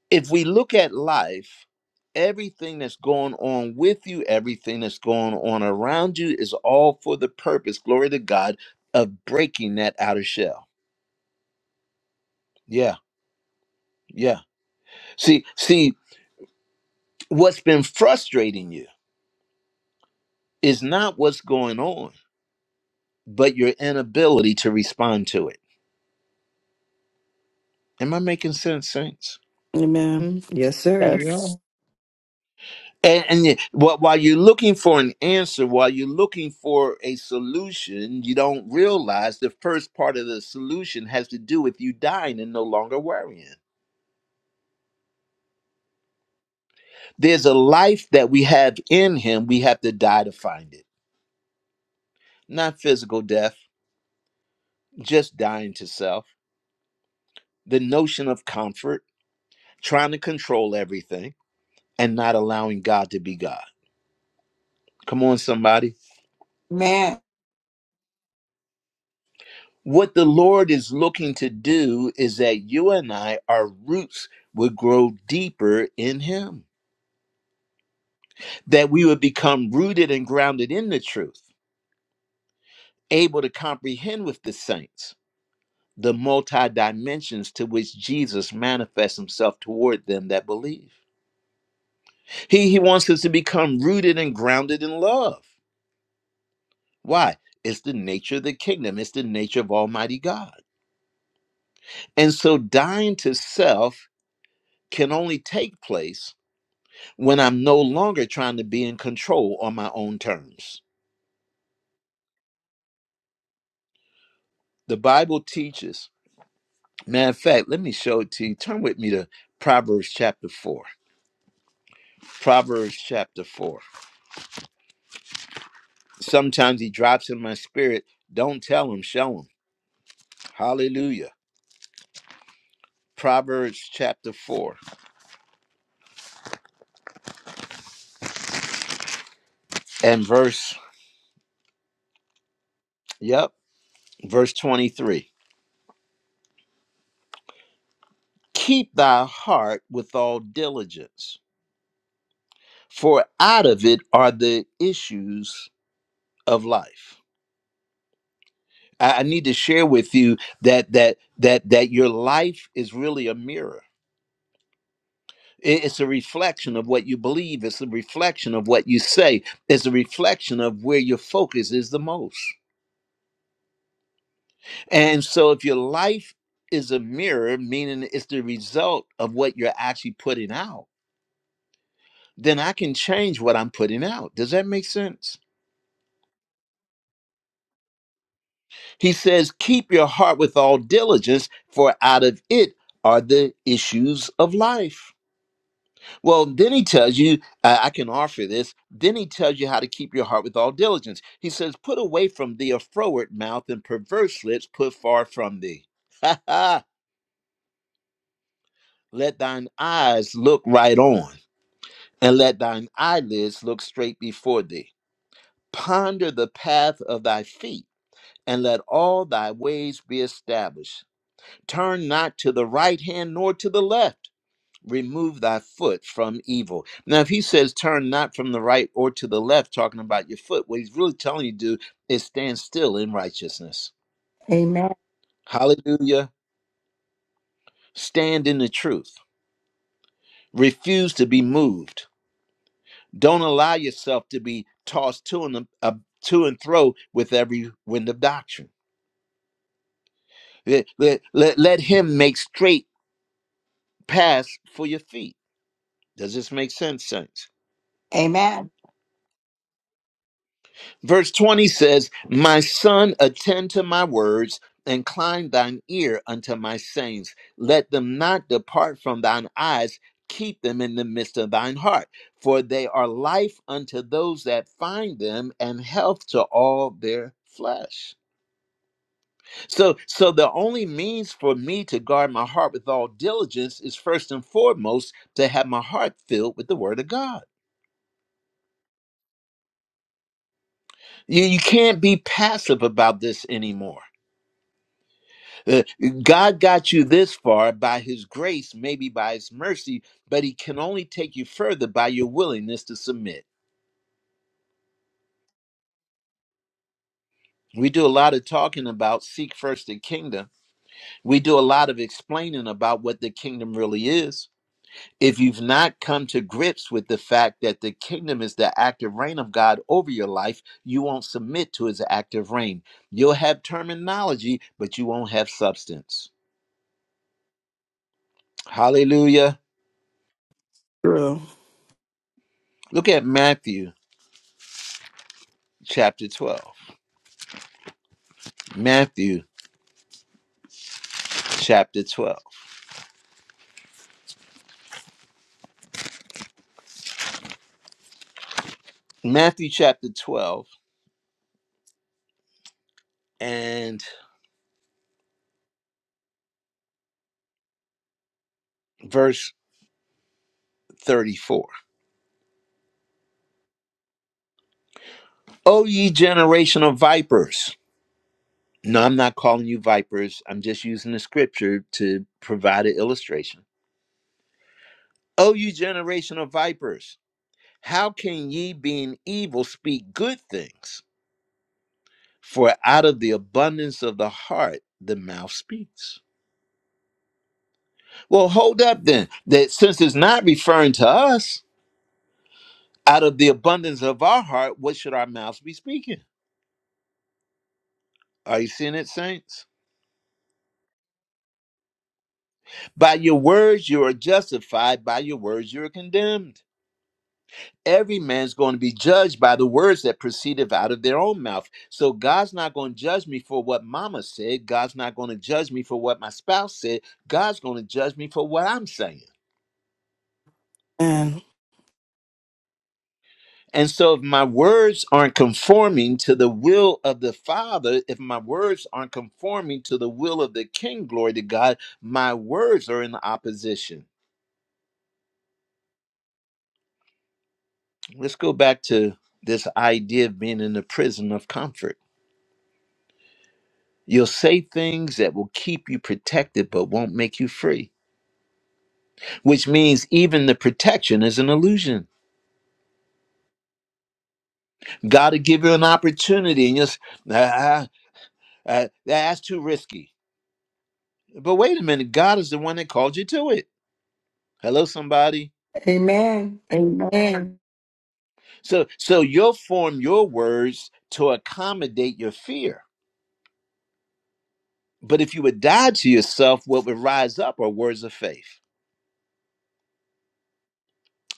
S1: If we look at life, everything that's going on with you, everything that's going on around you is all for the purpose, glory to God, of breaking that outer shell. Yeah, yeah. See, see, what's been frustrating you is not what's going on but your inability to respond to it. Am I making sense, Saints?
S4: Amen.
S3: Mm. Yes, sir. You
S4: That's
S3: are.
S1: And, and yet- wh- while you're looking for an answer, while you're looking for a solution, you don't realize the first part of the solution has to do with you dying and no longer worrying. There's a life that we have in Him, we have to die to find it. Not physical death, just dying to self. The notion of comfort, trying to control everything, and not allowing God to be God. Come on, somebody.
S9: Amen.
S1: What the Lord is looking to do is that you and I, our roots would grow deeper in Him, that we would become rooted and grounded in the truth, able to comprehend with the saints the multi dimensions to which Jesus manifests Himself toward them that believe. He, he wants us to become rooted and grounded in love. Why? It's the nature of the kingdom, it's the nature of Almighty God. And so dying to self can only take place when I'm no longer trying to be in control on my own terms. The Bible teaches. Matter of fact, let me show it to you. Turn with me to Proverbs chapter 4. Proverbs chapter 4. Sometimes he drops in my spirit. Don't tell him, show him. Hallelujah. Proverbs chapter 4 and verse, yep, verse 23. Keep thy heart with all diligence, for out of it are the issues of life I, I need to share with you that that that that your life is really a mirror. I- It's a reflection of what you believe. It's a reflection of what you say. It's a reflection of where your focus is the most. And so, if your life is a mirror, meaning it's the result of what you're actually putting out, then I can change what I'm putting out. Does that make sense? He says, Keep your heart with all diligence, for out of it are the issues of life Well, then he tells you, I I can offer this. Then he tells you how to keep your heart with all diligence. He says, Put away from thee a froward mouth and perverse lips, put far from thee. *laughs* Ha ha! Let thine eyes look right on, and let thine eyelids look straight before thee. Ponder the path of thy feet, and let all thy ways be established. Turn not to the right hand nor to the left remove thy foot from evil. Now, if he says turn not from the right or to the left, talking about your foot, what he's really telling you to do is stand still in righteousness.
S9: Amen.
S1: Hallelujah. Stand in the truth. Refuse to be moved. Don't allow yourself to be tossed to and uh, to and fro with every wind of doctrine. Let, let, let let him make straight paths for your feet. Does this make sense, saints?
S9: Amen.
S1: Verse 20 says, My son, attend to my words, incline thine ear unto my sayings. Let them not depart from thine eyes, keep them in the midst of thine heart. For they are life unto those that find them, and health to all their flesh. So, so the only means for me to guard my heart with all diligence is first and foremost to have my heart filled with the word of God. You, you can't be passive about this anymore. Uh, God got you this far by his grace, maybe by his mercy, but he can only take you further by your willingness to submit. We do a lot of talking about seek first the kingdom. We do a lot of explaining about what the kingdom really is. If you've not come to grips with the fact that the kingdom is the active reign of God over your life, you won't submit to his active reign. You'll have terminology, but you won't have substance. Hallelujah.
S4: true.
S1: Look at Matthew chapter 12. Matthew chapter 12. Matthew chapter 12 and verse 34. O ye generation of vipers. No, I'm not calling you vipers. I'm just using the scripture to provide an illustration. O you generation of vipers, how can ye being evil speak good things? For out of the abundance of the heart the mouth speaks. Well, hold up then. That since it's not referring to us, out of the abundance of our heart, what should our mouths be speaking? Are you seeing it, saints? By your words, you are justified. By your words, you are condemned. Every man's going to be judged by the words that proceeded out of their own mouth. So God's not going to judge me for what mama said. God's not going to judge me for what my spouse said. God's going to judge me for what I'm saying.
S4: Amen.
S1: And so, if my words aren't conforming to the will of the Father, if my words aren't conforming to the will of the King, glory to God, my words are in opposition. Let's go back to this idea of being in the prison of comfort. You'll say things that will keep you protected but won't make you free, which means even the protection is an illusion. God will give you an opportunity and you'll s- "Ah, ah, ah, that's too risky. But wait a minute, God is the one that called you to it. Hello, somebody.
S9: Amen. Amen.
S1: So, so you'll form your words to accommodate your fear. But if you would die to yourself, what would rise up are words of faith.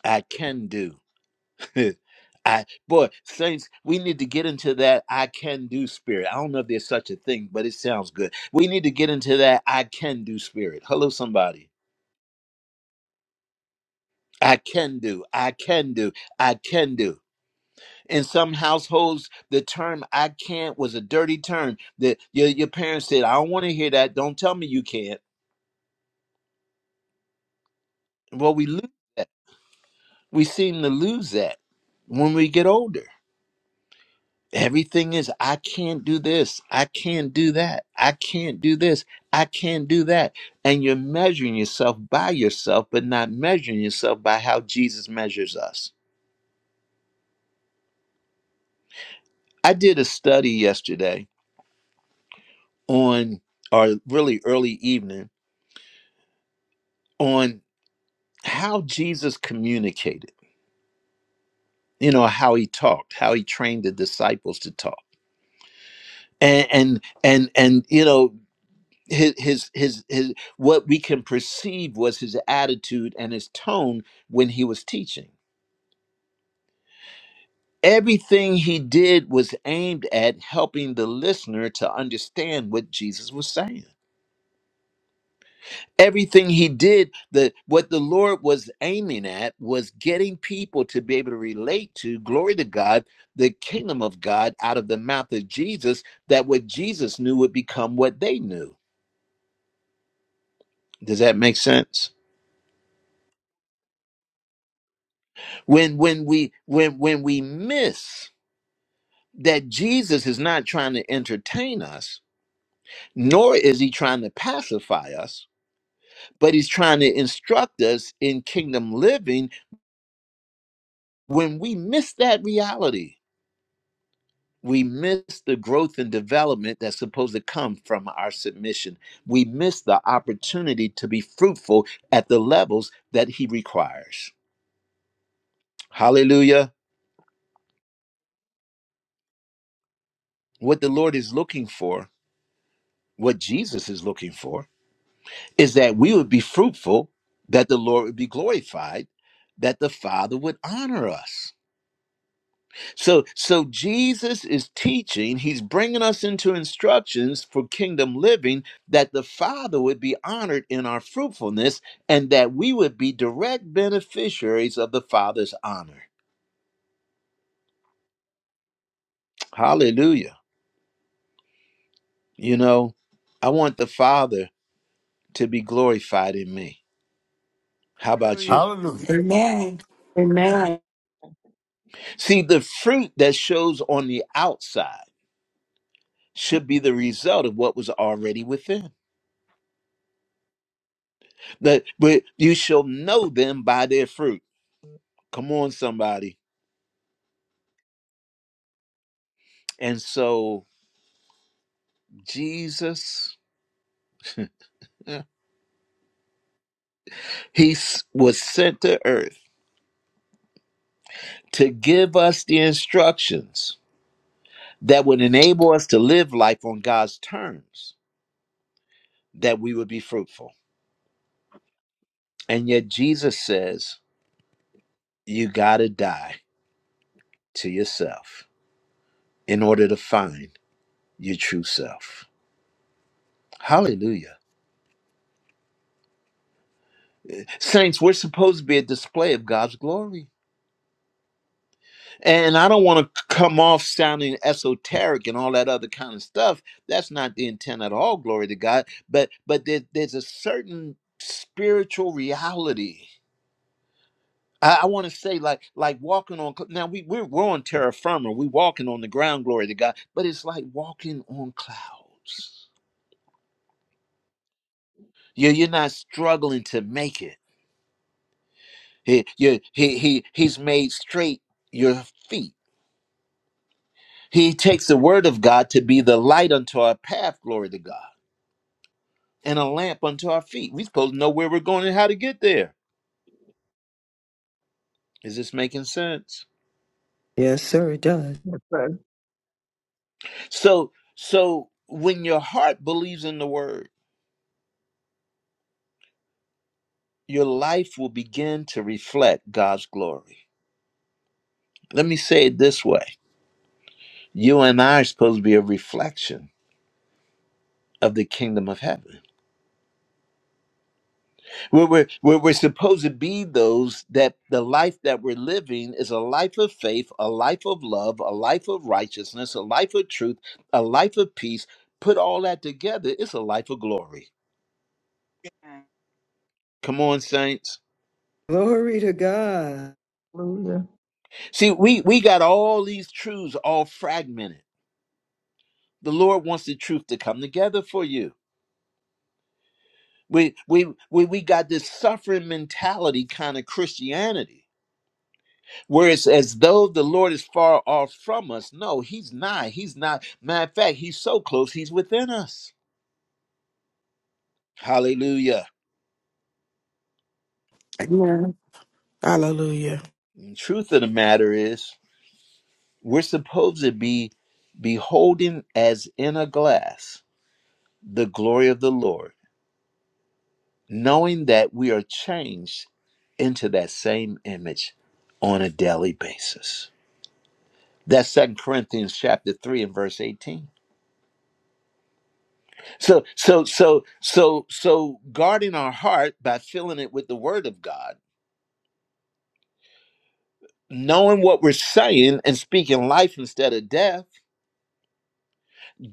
S1: I can do. *laughs* I boy, saints, we need to get into that I can do spirit. I don't know if there's such a thing, but it sounds good. We need to get into that I can do spirit. Hello, somebody. I can do. I can do. I can do. In some households, the term I can't was a dirty term that your, your parents said, I don't want to hear that. Don't tell me you can't. Well, we lose that. We seem to lose that when we get older. Everything is, I can't do this. I can't do that. I can't do this. I can't do that. And you're measuring yourself by yourself, but not measuring yourself by how Jesus measures us. I did a study yesterday on, or really early evening, on how Jesus communicated, you know, how he talked, how he trained the disciples to talk. And and and, and you know, his, his his his what we can perceive was his attitude and his tone when he was teaching. Everything he did was aimed at helping the listener to understand what Jesus was saying. everything he did the what the lord was aiming at was getting people to be able to relate to glory to god the kingdom of god out of the mouth of jesus that what jesus knew would become what they knew does that make sense when when we when when we miss that jesus is not trying to entertain us nor is he trying to pacify us but he's trying to instruct us in kingdom living when we miss that reality we miss the growth and development that's supposed to come from our submission. We miss the opportunity to be fruitful at the levels that He requires. Hallelujah. What the Lord is looking for, what Jesus is looking for, is that we would be fruitful, that the Lord would be glorified, that the Father would honor us. So so Jesus is teaching, he's bringing us into instructions for kingdom living that the Father would be honored in our fruitfulness and that we would be direct beneficiaries of the Father's honor. Hallelujah. You know, I want the Father to be glorified in me. How about
S11: Hallelujah.
S1: you?
S2: Hallelujah.
S9: Amen. Amen.
S1: See, the fruit that shows on the outside should be the result of what was already within. That but you shall know them by their fruit. Come on somebody. And so Jesus, eh, he s- was sent to earth to give us the instructions that would enable us to live life on God's terms, that we would be fruitful. And yet Jesus says, you got to die to yourself in order to find your true self. Hallelujah. Saints, we're supposed to be a display of God's glory. And I don't want to come off sounding esoteric and all that other kind of stuff. That's not the intent at all, glory to God. But but there, there's a certain spiritual reality. I, I want to say like like walking on cl- now we we're, we're on terra firma. We're walking on the ground, glory to God. But it's like walking on clouds. you you're not struggling to make it. He, you, he, he, he's made straight your feet. He takes the word of God to be the light unto our path, glory to God. and a lamp unto our feet. We are supposed to know where we're going and how to get there. Is this making sense?
S3: Yes, sir. It does.
S1: So so when your heart believes in the word, your life will begin to reflect God's glory. Let me say it this way. You and I are supposed to be a reflection of the kingdom of heaven. We're, we're, we're, we're supposed to be those that the life that we're living is a life of faith, a life of love, a life of righteousness, a life of truth, a life of peace. Put all that together, it's a life of glory. Come on, saints.
S3: Glory to God.
S10: Hallelujah.
S1: See, we, we got all these truths all fragmented. The Lord wants the truth to come together for you. We, we, we, we got this suffering mentality kind of Christianity where it's as though the Lord is far off from us. No, he's not. He's not. Matter of fact, he's so close, he's within us. Hallelujah.
S4: Amen. Hallelujah.
S1: And truth of the matter is, we're supposed to be beholding as in a glass the glory of the Lord, knowing that we are changed into that same image on a daily basis. That's Second Corinthians chapter 3 and verse 18. So so so so so guarding our heart by filling it with the word of God, knowing what we're saying and speaking life instead of death,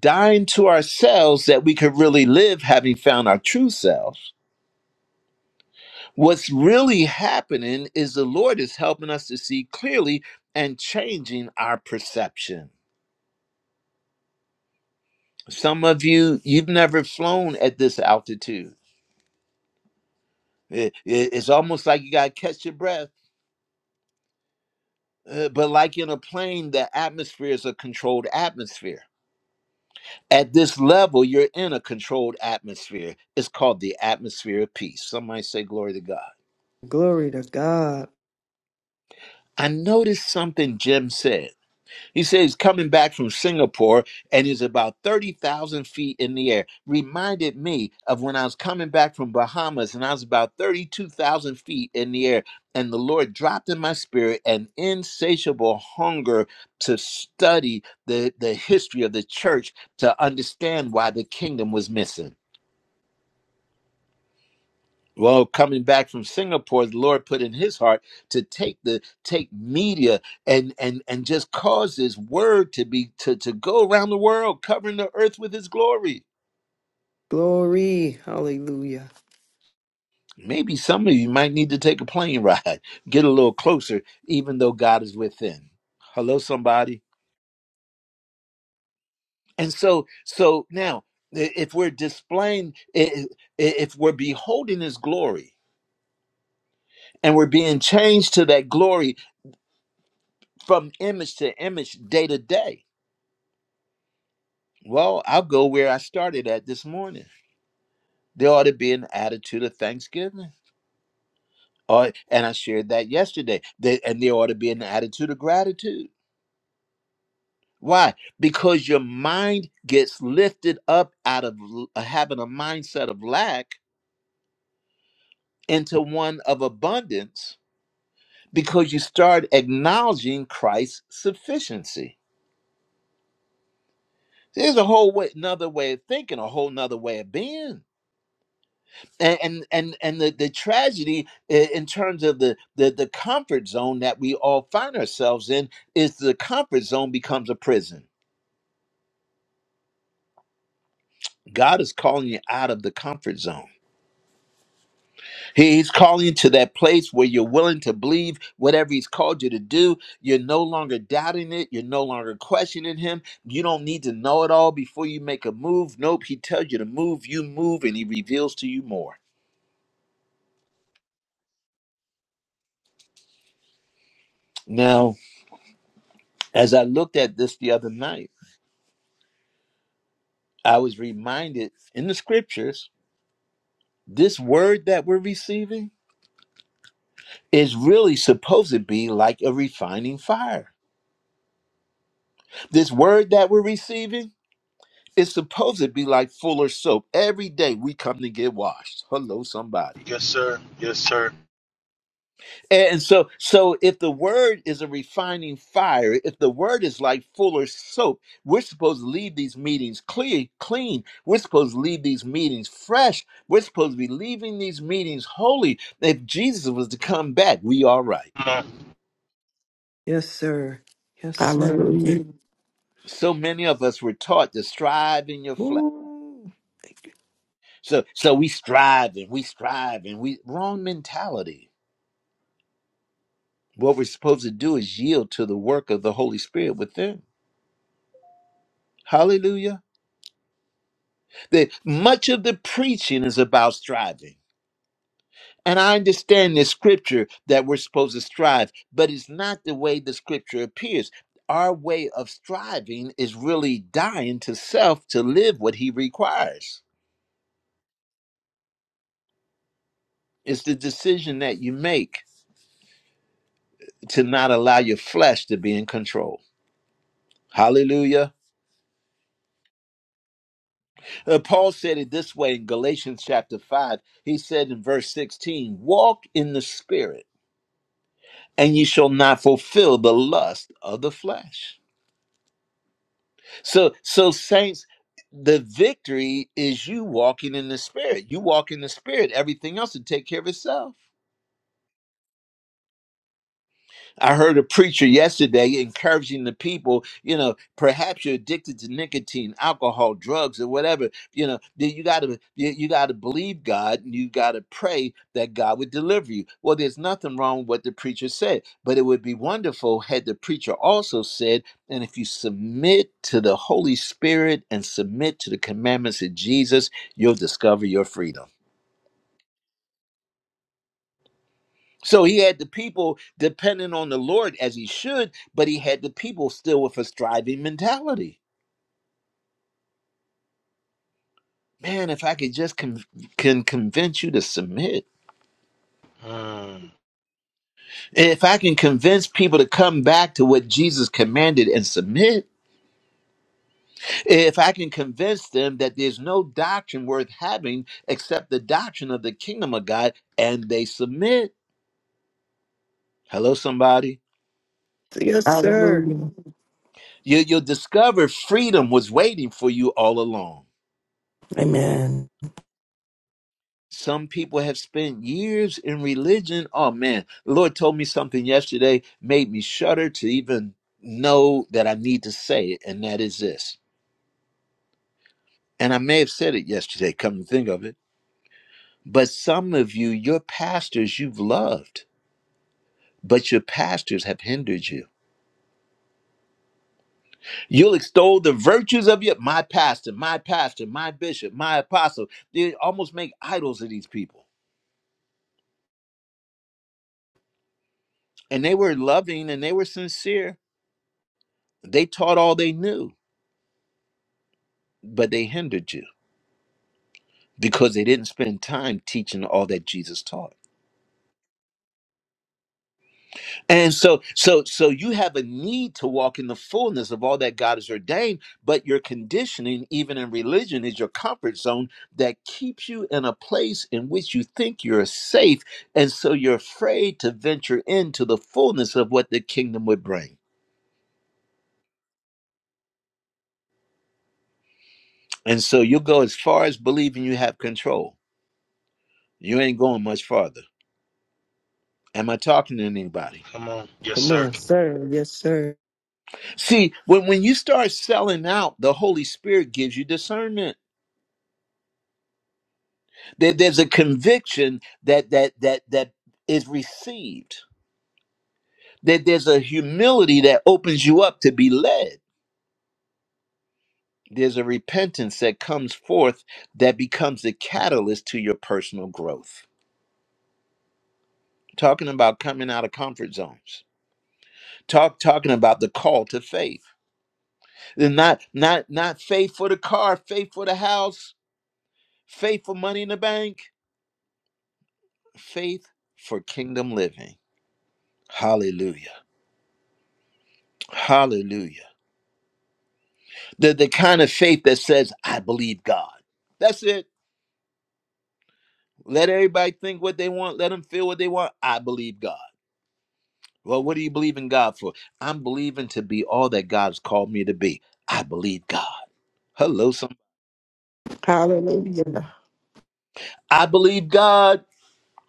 S1: dying to ourselves that we could really live having found our true selves. What's really happening is the Lord is helping us to see clearly and changing our perception. Some of you you've never flown at this altitude. It- it- it's almost like you got to catch your breath Uh, but like in a plane, the atmosphere is a controlled atmosphere. At this level, you're in a controlled atmosphere. It's called the atmosphere of peace. Somebody say, Glory to God.
S3: Glory to God.
S1: I noticed something Jim said. He says he's coming back from Singapore and he's about 30,000 feet in the air. Reminded me of when I was coming back from Bahamas and I was about 32,000 feet in the air. And the Lord dropped in my spirit an insatiable hunger to study the, the history of the church to understand why the kingdom was missing. Well, coming back from Singapore, the Lord put in his heart to take the take media and and and just cause his word to be to to go around the world, covering the earth with his glory.
S3: Glory. Hallelujah.
S1: Maybe some of you might need to take a plane ride, *laughs* get a little closer, even though God is within. Hello, somebody. And so, so now, i- if we're displaying, i- i- if we're beholding His glory, and we're being changed to that glory from image to image, day to day Well, I'll go where I started at this morning. There ought to be an attitude of thanksgiving. Or, and I shared that yesterday. There- and there ought to be an attitude of gratitude. Why? Because your mind gets lifted up out of l- uh, having a mindset of lack into one of abundance because you start acknowledging Christ's sufficiency. There's a whole way, another way of thinking, a whole nother way of being. and and and, and the, the tragedy i- in terms of the, the the comfort zone that we all find ourselves in is the comfort zone becomes a prison god is calling you out of the comfort zone He- he's calling you to that place where you're willing to believe whatever he's called you to do you're no longer doubting it you're no longer questioning him you don't need to know it all before you make a move nope he tells you to move you move and he reveals to you more now as i looked at this the other night I was reminded in the scriptures, this word that we're receiving is really supposed to be like a refining fire. This word that we're receiving is supposed to be like fuller soap. Every day we come to get washed. Hello, somebody.
S6: you. Yes, sir. Yes, sir.
S1: And so, so if the word is a refining fire, if the word is like fuller soap, we're supposed to leave these meetings clear, clean. We're supposed to leave these meetings fresh. We're supposed to be leaving these meetings holy. If Jesus was to come back, we all right.
S6: Come on.
S3: Yes, sir. Yes, sir.
S4: Hallelujah.
S1: So many of us were taught to strive in your flesh.
S3: Woo.
S1: So, so we strive and we strive and we wrong mentality. What we're supposed to do is yield to the work of the Holy Spirit within. Hallelujah. The, much of the preaching is about striving. And I understand the scripture that we're supposed to strive, but it's not the way the scripture appears. Our way of striving is really dying to self to live what he requires. It's the decision that you make to not allow your flesh to be in control. Hallelujah. Uh, Paul said it this way in Galatians chapter 5. He said in verse 16, Walk in the spirit, and ye shall not fulfill the lust of the flesh. So, so saints, the victory is you walking in the spirit. You walk in the spirit, everything else will take care of itself. I heard a preacher yesterday encouraging the people, you know, perhaps you're addicted to nicotine, alcohol, drugs, or whatever. You know, that you gotta you, you gotta believe God and you gotta pray that God would deliver you. Well, there's nothing wrong with what the preacher said, but it would be wonderful had the preacher also said, and if you submit to the Holy Spirit and submit to the commandments of Jesus, you'll discover your freedom. So he had the people dependent on the Lord as he should, but he had the people still with a striving mentality. Man, if I could just con- can convince you to submit,
S6: Mm,
S1: if I can convince people to come back to what Jesus commanded and submit, if I can convince them that there's no doctrine worth having except the doctrine of the kingdom of God, and they submit. Hello, somebody.
S3: Yes, sir.
S4: Hallelujah.
S1: You, you'll discover freedom was waiting for you all along.
S4: Amen.
S1: Some people have spent years in religion. Oh man, the Lord told me something yesterday, made me shudder to even know that I need to say it, and that is this. And I may have said it yesterday, come to think of it. But some of you, your pastors you've loved, but your pastors have hindered you. You'll extol the virtues of your my pastor, my pastor, my bishop, my apostle. They almost make idols of these people. And they were loving and they were sincere. They taught all they knew but they hindered you because they didn't spend time teaching all that Jesus taught. And so so so you have a need to walk in the fullness of all that God has ordained, but your conditioning even in religion is your comfort zone that keeps you in a place in which you think you're safe and so you're afraid to venture into the fullness of what the kingdom would bring. And so you go as far as believing you have control. You ain't going much farther. Am I talking to anybody?
S6: come on. Yes,
S3: Come
S6: sir.
S3: on, sir. Yes, sir.
S1: See, when, when you start selling out, the Holy Spirit gives you discernment. There, there's a conviction that that that that is received. That there's a humility that opens you up to be led. There's a repentance that comes forth that becomes the catalyst to your personal growth. Talking about coming out of comfort zones. Talk talking about the call to faith. Not not not faith for the car, faith for the house, faith for money in the bank faith for kingdom living. Hallelujah. Hallelujah. The, the kind of faith that says, I believe God. That's it. Let everybody think what they want. Let them feel what they want. I believe God. Well, what do you believe in God for? I'm believing to be all that God's called me to be. I believe God. Hello, some.
S4: Hallelujah.
S1: I believe God.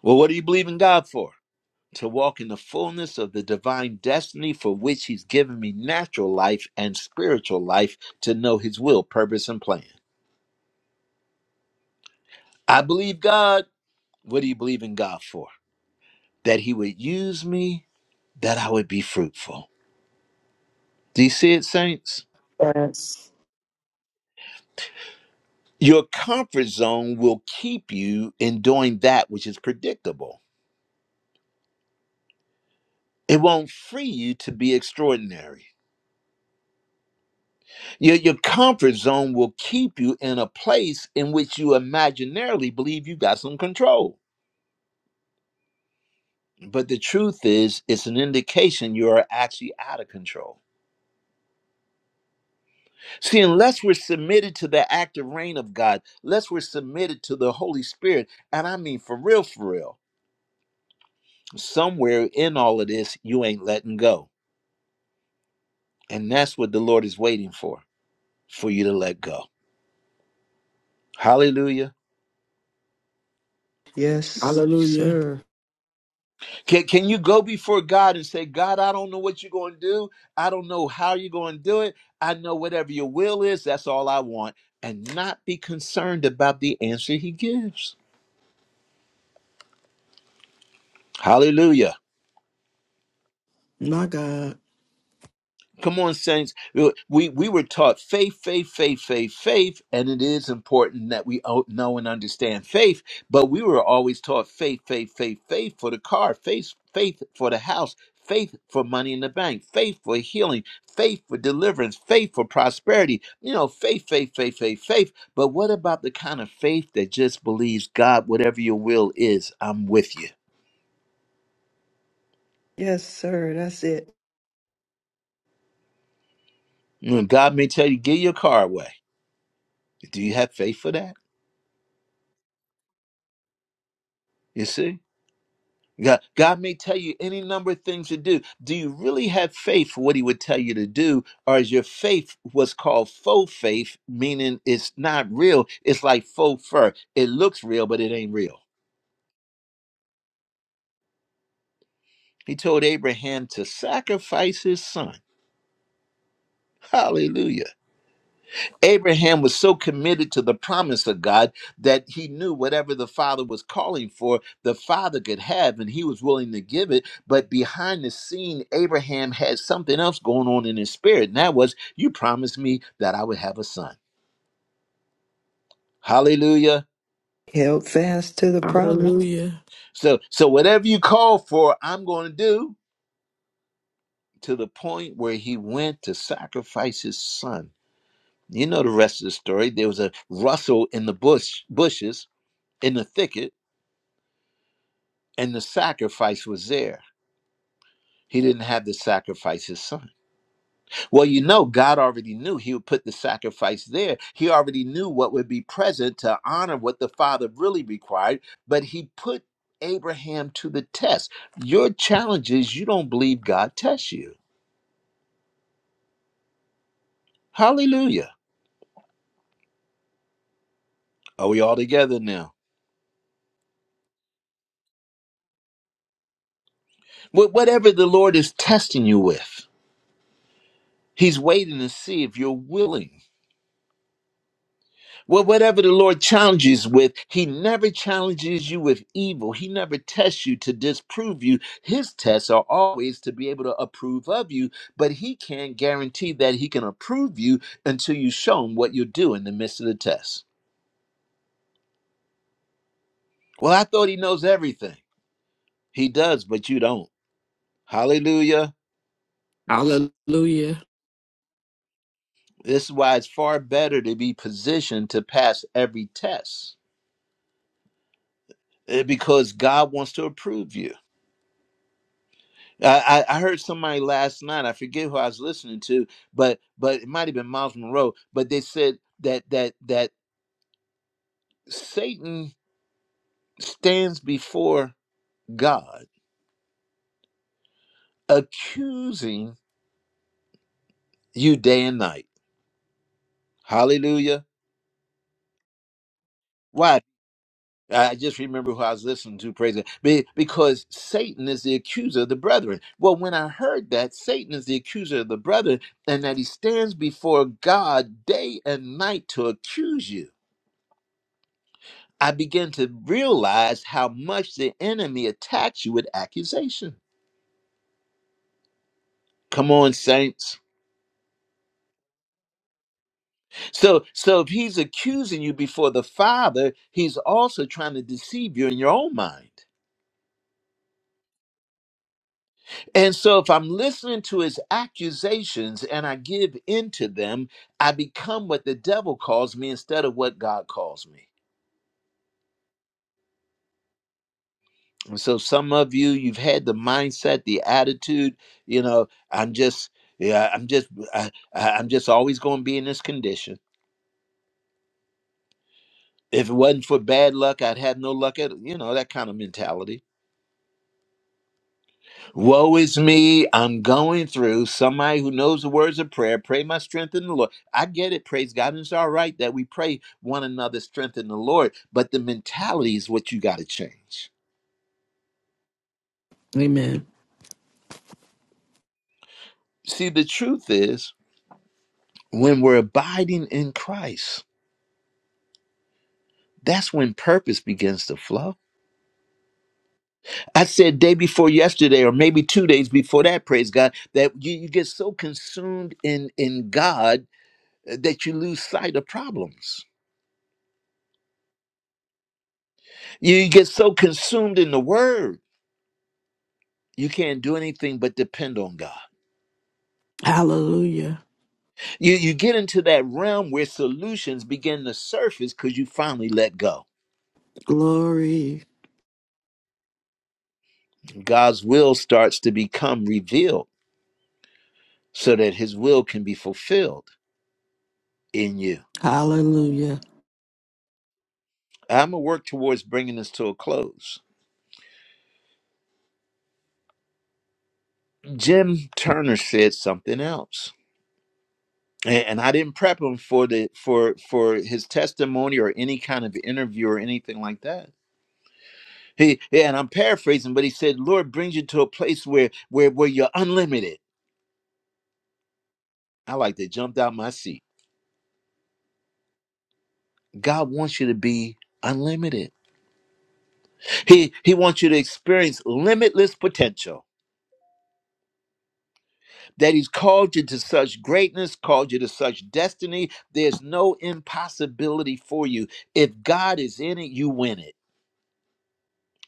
S1: Well, what do you believe in God for? To walk in the fullness of the divine destiny for which He's given me natural life and spiritual life to know His will, purpose, and plan. I believe God. What do you believe in God for? That He would use me, that I would be fruitful. Do you see it, saints?
S4: Yes.
S1: Your comfort zone will keep you in doing that which is predictable. It won't free you to be extraordinary. Your, your comfort zone will keep you in a place in which you imaginarily believe you got some control. But the truth is, it's an indication you are actually out of control. See, unless we're submitted to the active reign of God, unless we're submitted to the Holy Spirit, and I mean for real, for real, somewhere in all of this, you ain't letting go. And that's what the Lord is waiting for, for you to let go. Hallelujah.
S3: Yes,
S4: Hallelujah.
S3: sir.
S1: Can, can you go before God and say, God, I don't know what you're going to do. I don't know how you're going to do it. I know whatever your will is, that's all I want. And not be concerned about the answer he gives. Hallelujah.
S4: My God.
S1: Come on, saints. Uh, We we were taught faith, faith, faith, faith, faith, and it is important that we o- know and understand faith. But we were always taught faith, faith, faith, faith for the car, faith, faith for the house, faith for money in the bank, faith for healing, faith for deliverance, faith for prosperity. You know, faith, faith, faith, faith, faith. But what about the kind of faith that just believes God, whatever your will is, I'm with you.
S3: Yes, sir. That's it.
S1: You know, God may tell you, give your car away. Do you have faith for that? You see. God, God may tell you any number of things to do. Do you really have faith for what He would tell you to do? Or is your faith what's called faux faith, meaning it's not real? It's like faux fur. It looks real, but it ain't real. He told Abraham to sacrifice his son. Hallelujah Abraham was so committed to the promise of God that he knew whatever the Father was calling for, the Father could have, and he was willing to give it. But behind the scene, Abraham had something else going on in his spirit, and that was, You promised me that I would have a son. Hallelujah.
S3: Held fast to the promise,
S4: Hallelujah.
S1: So, so whatever you call for, I'm going to do to the point where he went to sacrifice his son. You know the rest of the story. There was a rustle in the bush, bushes, in the thicket, and the sacrifice was there. He didn't have to sacrifice his son. Well, you know, God already knew he would put the sacrifice there. He already knew what would be present to honor what the father really required, but he put Abraham to the test. Your challenge is you don't believe God tests you. Hallelujah. Are we all together now? Wh- Whatever the Lord is testing you with, he's waiting to see if you're willing Well, whatever the Lord challenges with, He never challenges you with evil. He never tests you to disprove you. His tests are always to be able to approve of you, but He can't guarantee that He can approve you until you show Him what you do in the midst of the test. Well, I thought He knows everything. He does, but you don't. Hallelujah.
S4: Hallelujah.
S1: This is why it's far better to be positioned to pass every test eh, because God wants to approve you. I, I I heard somebody last night. I forget who I was listening to, but but it might have been Miles Monroe. But they said that that that Satan stands before God, accusing you day and night. Hallelujah. Why? I just remember who I was listening to. Praise it, Be- because Satan is the accuser of the brethren. Well, when I heard that Satan is the accuser of the brethren, and that he stands before God day and night to accuse you I began to realize how much the enemy attacks you with accusation. Come on, saints. So, so if he's accusing you before the Father, he's also trying to deceive you in your own mind. And so, if I'm listening to his accusations and I give in to them, I become what the devil calls me instead of what God calls me. And so, some of you, you've had the mindset, the attitude, you know, I'm just, yeah, I'm just, I, I- I'm just always going to be in this condition. if it wasn't for bad luck, I'd have no luck at you know that kind of mentality. Woe is me! I'm going through. Somebody who knows the words of prayer, pray my strength in the Lord. I get it. Praise God, and it's all right that we pray one another's strength in the Lord. But the mentality is what you got to change.
S4: Amen.
S1: See, the truth is, when we're abiding in Christ, that's when purpose begins to flow. I said day before yesterday, or maybe two days before that, praise God, that you, you get so consumed in in God uh, that you lose sight of problems. You get so consumed in the word, you can't do anything but depend on God.
S4: Hallelujah.
S1: You, you get into that realm where solutions begin to surface because you finally let go.
S4: Glory.
S1: God's will starts to become revealed so that his will can be fulfilled in you.
S4: Hallelujah.
S1: I'm going to work towards bringing this to a close. Jim Turner said something else. And and I didn't prep him for the for for his testimony or any kind of interview or anything like that He yeah, and I'm paraphrasing, but he said, "Lord brings you to a place where where where you're unlimited." I like that. Jumped out my seat. God wants you to be unlimited. He he wants you to experience limitless potential. That he's called you to such greatness, called you to such destiny. There's no impossibility for you. If God is in it, you win it.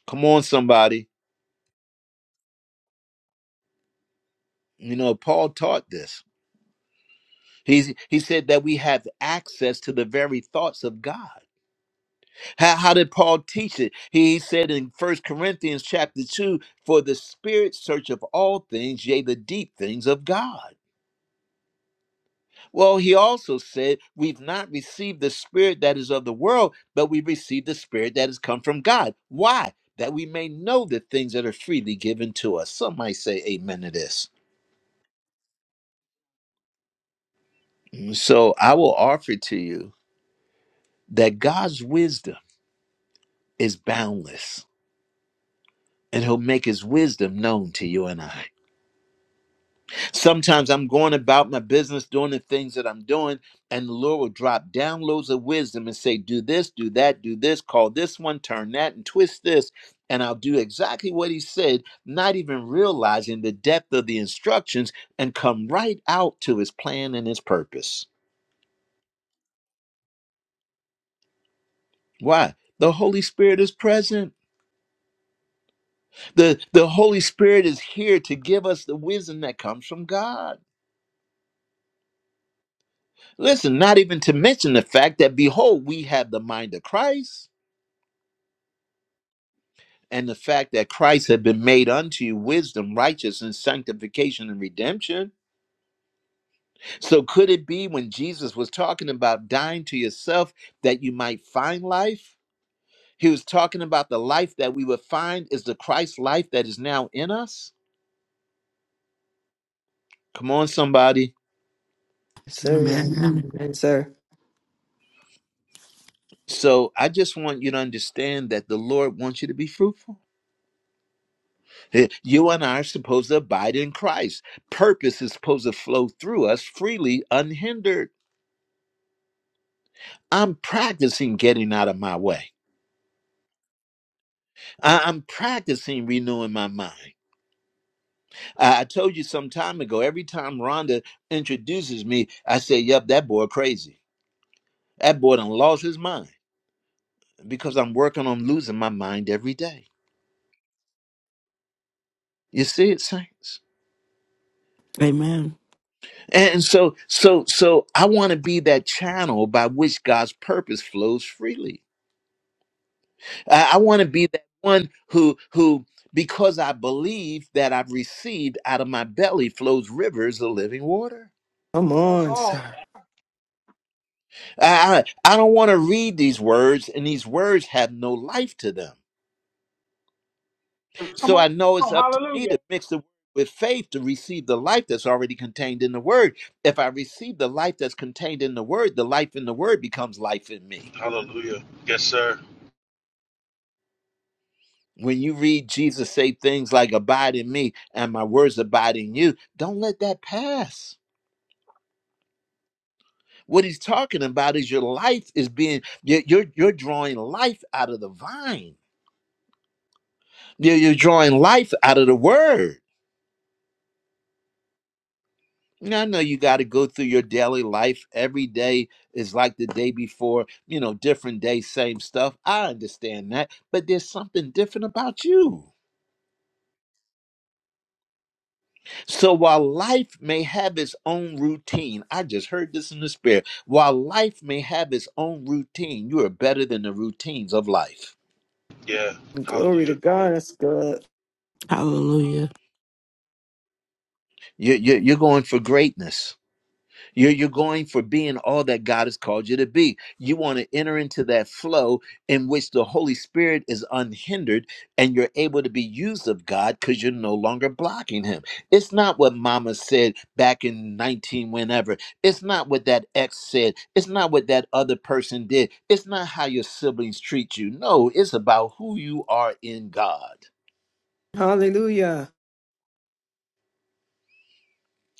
S1: Come on, somebody. You know, Paul taught this. He he said that we have access to the very thoughts of God. How, how did Paul teach it? He said in First Corinthians chapter 2, for the spirit search of all things, yea, the deep things of God. Well, he also said, we've not received the spirit that is of the world, but we received the spirit that has come from God. Why? That we may know the things that are freely given to us. Some might say amen to this. So I will offer to you that God's wisdom is boundless, and he'll make his wisdom known to you and I. Sometimes I'm going about my business doing the things that I'm doing, and the Lord will drop downloads of wisdom and say, Do this, do that, do this, call this one, turn that, and twist this. And I'll do exactly what He said, not even realizing the depth of the instructions, and come right out to His plan and His purpose. Why? The Holy Spirit is present. The, the Holy Spirit is here to give us the wisdom that comes from God. Listen, not even to mention the fact that, behold, we have the mind of Christ. and the fact that Christ had been made unto you wisdom, righteousness, sanctification, and redemption. So, could it be when Jesus was talking about dying to yourself that you might find life? He was talking about the life that we would find is the Christ life that is now in us. Come on, somebody.
S3: sir.
S4: Amen.
S3: And, sir.
S1: So, I just want you to understand that the Lord wants you to be fruitful. Eh, You and I are supposed to abide in Christ. Purpose is supposed to flow through us freely, unhindered. I'm practicing getting out of my way. I- I'm practicing renewing my mind. I-, I told you some time ago, every time Rhonda introduces me, I say, Yep, that boy crazy. That boy done lost his mind because I'm working on losing my mind every day. You see it, saints?
S4: Amen.
S1: And so, so, so I want to be that channel by which God's purpose flows freely. I, I want to be that one who, who, because I believe that I've received out of my belly flows rivers of living water.
S3: Come
S11: That's
S3: on,
S11: all.
S3: sir.
S1: I, I don't want to read these words, and these words have no life to them.
S11: Come
S1: So
S11: on,
S1: I know it's up to
S11: hallelujah.
S1: me to mix the word with faith to receive the life that's already contained in the word. If I receive the life that's contained in the word, the life in the word becomes life in me.
S6: Hallelujah. Yes, sir.
S1: When you read Jesus say things like, Abide in me and my words abide in you, don't let that pass. What he's talking about is your life is being, you're, you're, you're drawing life out of the vine, you're, you're drawing life out of the word. Yeah, I know you got to go through your daily life. Every day is like the day before, you know, different day, same stuff. I understand that, but there's something different about you. So while life may have its own routine, I just heard this in the spirit. While life may have its own routine, you are better than the routines of life.
S6: Yeah.
S3: Glory to
S6: Hallelujah.
S3: God. That's good.
S4: Hallelujah.
S1: You- you- You're going for greatness You're, you're going for being all that God has called you to be. You want to enter into that flow in which the Holy Spirit is unhindered and you're able to be used of God because you're no longer blocking Him. It's not what Mama said back in 19, whenever. It's not what that ex said. It's not what that other person did. It's not how your siblings treat you. No, it's about who you are in God.
S3: Hallelujah.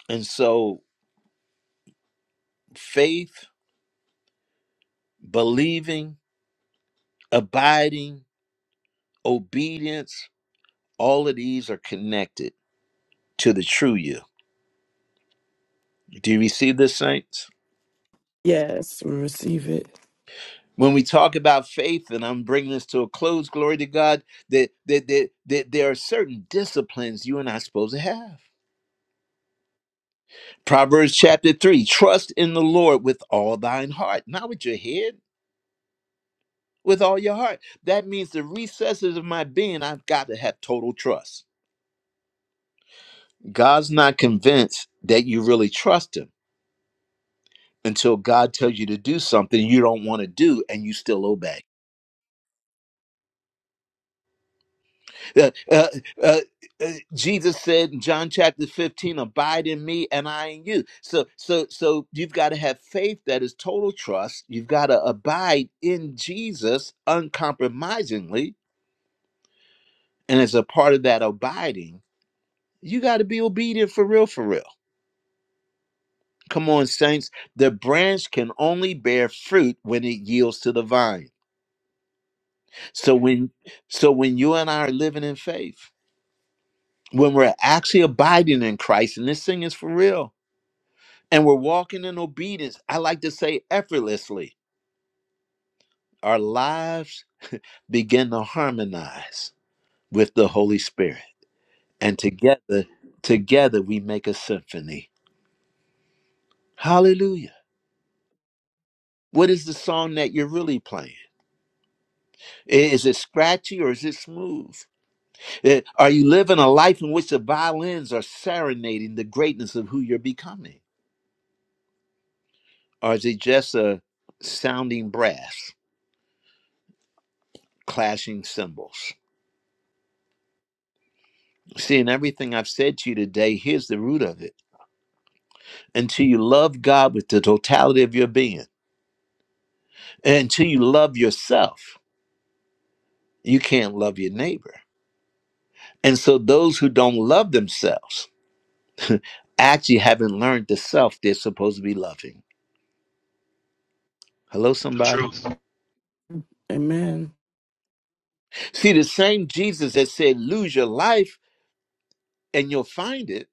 S1: And so faith, believing, abiding, obedience, All of these are connected to the true you. Do you receive this, saints?
S4: Yes, we receive it.
S1: When we talk about faith, and I'm bringing this to a close, glory to God, that, that, that, that there are certain disciplines you and I are supposed to have. Proverbs chapter 3 Trust in the Lord with all thine heart, not with your head, with all your heart. That means the recesses of my being, I've got to have total trust. God's not convinced that you really trust Him until God tells you to do something you don't want to do and you still obey. Uh, uh, uh, uh, Jesus said in John chapter 15, abide in me and I in you. So so so you've got to have faith that is total trust. You've got to abide in Jesus uncompromisingly. And as a part of that abiding, you got to be obedient for real, for real. Come on, saints. The branch can only bear fruit when it yields to the vine. So when so when you and I are living in faith, when we're actually abiding in Christ, and this thing is for real and we're walking in obedience, I like to say effortlessly, our lives begin to harmonize with the Holy Spirit. And together, together we make a symphony. Hallelujah. What is the song that you're really playing? Is it scratchy or is it smooth? I- Are you living a life in which the violins are serenading the greatness of who you're becoming? Or is it just a sounding brass, clashing cymbals? See, in everything I've said to you today, here's the root of it until you love God with the totality of your being, and until you love yourself, you can't love your neighbor. And so those who don't love themselves *laughs* actually haven't learned the self they're supposed to be loving. Hello,
S6: Truth.
S1: somebody?
S4: Amen.
S1: See, the same Jesus that said, lose your life and you'll find it,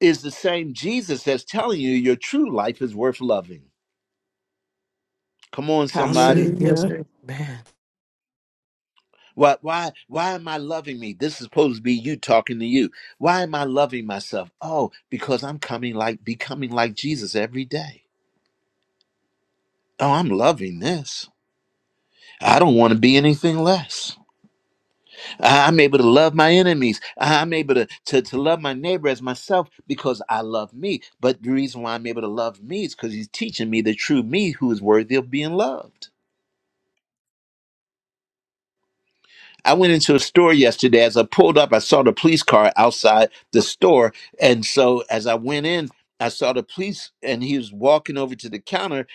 S1: is the same Jesus that's telling you your true life is worth loving. Come on,
S3: Yes,
S1: somebody.
S3: sir. Yes,
S4: Hallelujah.
S3: sir. Man.
S1: Why, why, why am I loving me? This is supposed to be you talking to you. Why am I loving myself? Oh, because I'm coming like becoming like Jesus every day. Oh, I'm loving this. I don't want to be anything less. I- I'm able to love my enemies. I- I'm able to, to, to love my neighbor as myself because I love me. But the reason why I'm able to love me is because he's teaching me the true me who is worthy of being loved. I went into a store yesterday. As I pulled up, I saw the police car outside the store. And so as I went in, I saw the police and he was walking over to the counter.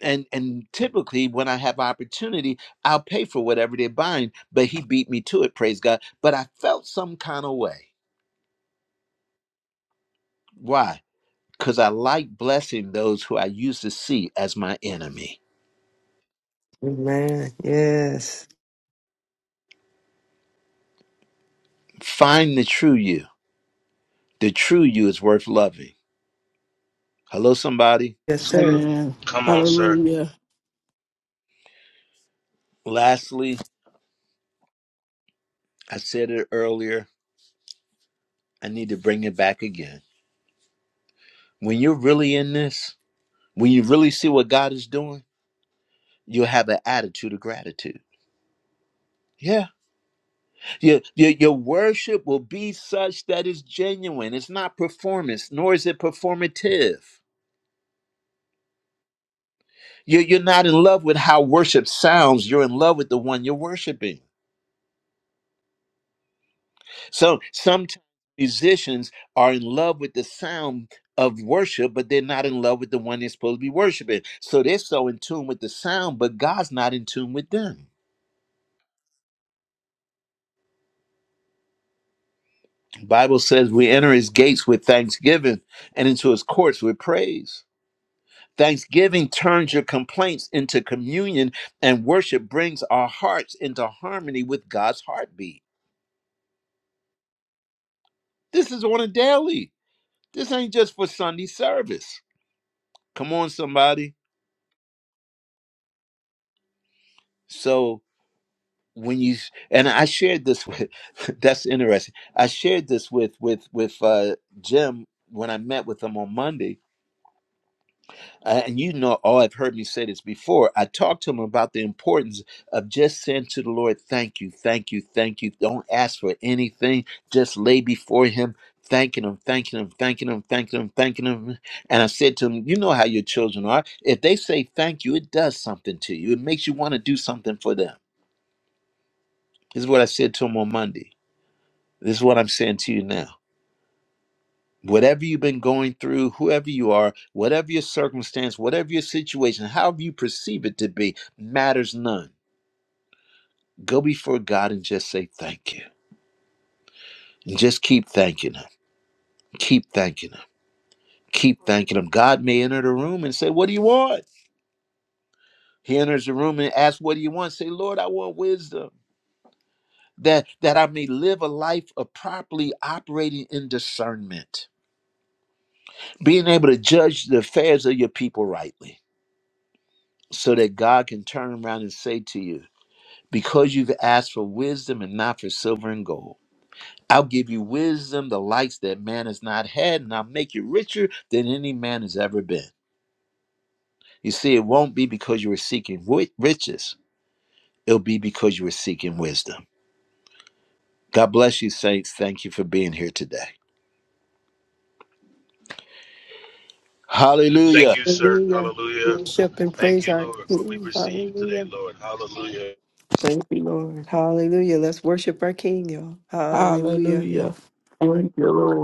S1: And and typically when I have opportunity, I'll pay for whatever they're buying. But he beat me to it, praise God. But I felt some kind of way. Why? Because I like blessing those who I used to see as my enemy.
S3: Amen. Amen. Yes.
S1: Find the true you. The true you is worth loving. Hello, somebody.
S3: Yes,
S6: It's
S3: sir.
S6: good.
S4: Amen.
S6: Come on, sir.
S4: Hallelujah.
S1: Lastly, I said it earlier I need to bring it back again. When you're really in this, when you really see what God is doing, you'll have an attitude of gratitude. Yeah. Your, your, your worship will be such that it's genuine. It's not performance, nor is it performative. You're, you're not in love with how worship sounds. You're in love with the one you're worshiping. So sometimes musicians are in love with the sound of worship, but they're not in love with the one they're supposed to be worshiping. So they're so in tune with the sound, but God's not in tune with them. Bible says we enter his gates with thanksgiving and into his courts with praise. Thanksgiving turns your complaints into communion, and worship brings our hearts into harmony with God's heartbeat. This is on a daily. This ain't just for Sunday service. Come on, somebody. So when you and I shared this with *laughs* that's interesting. I shared this with with with uh Jim when I met with him on Monday Uh, and you know, all I've heard me say this before. I talked to him about the importance of just saying to the Lord, "Thank you, thank you, thank you." Don't ask for anything; just lay before Him, thanking Him, thanking Him, thanking Him, thanking Him, thanking Him. And I said to him, "You know how your children are. If they say thank you, it does something to you. It makes you want to do something for them." This is what I said to him on Monday. This is what I'm saying to you now whatever you've been going through, whoever you are, whatever your circumstance, whatever your situation, however you perceive it to be, matters none. Go before God and just say thank you. And just keep thanking Him. Keep thanking Him. Keep thanking Him. God may enter the room and say, What do you want? He enters the room and asks, What do you want? Say, Lord, I want wisdom. That, that I may live a life of properly operating in discernment, being able to judge the affairs of your people rightly, so that God can turn around and say to you, Because you've asked for wisdom and not for silver and gold. I'll give you wisdom, the likes that man has not had, and I'll make you richer than any man has ever been. You see, it won't be because you were seeking wi- riches, it'll be because you were seeking wisdom. God bless you, saints. Thank you for being here today.
S6: Thank
S1: Hallelujah.
S6: you, sir.
S3: Hallelujah.
S6: Hallelujah.
S3: Worship and
S6: Thank
S3: praise
S6: you,
S3: our
S6: Lord, for we
S3: King.
S6: received today,
S3: Hallelujah.
S6: Lord. Hallelujah.
S3: Thank you, Lord. Hallelujah. Let's worship our King, y'all. Hallelujah.
S4: Hallelujah. Thank you, Lord.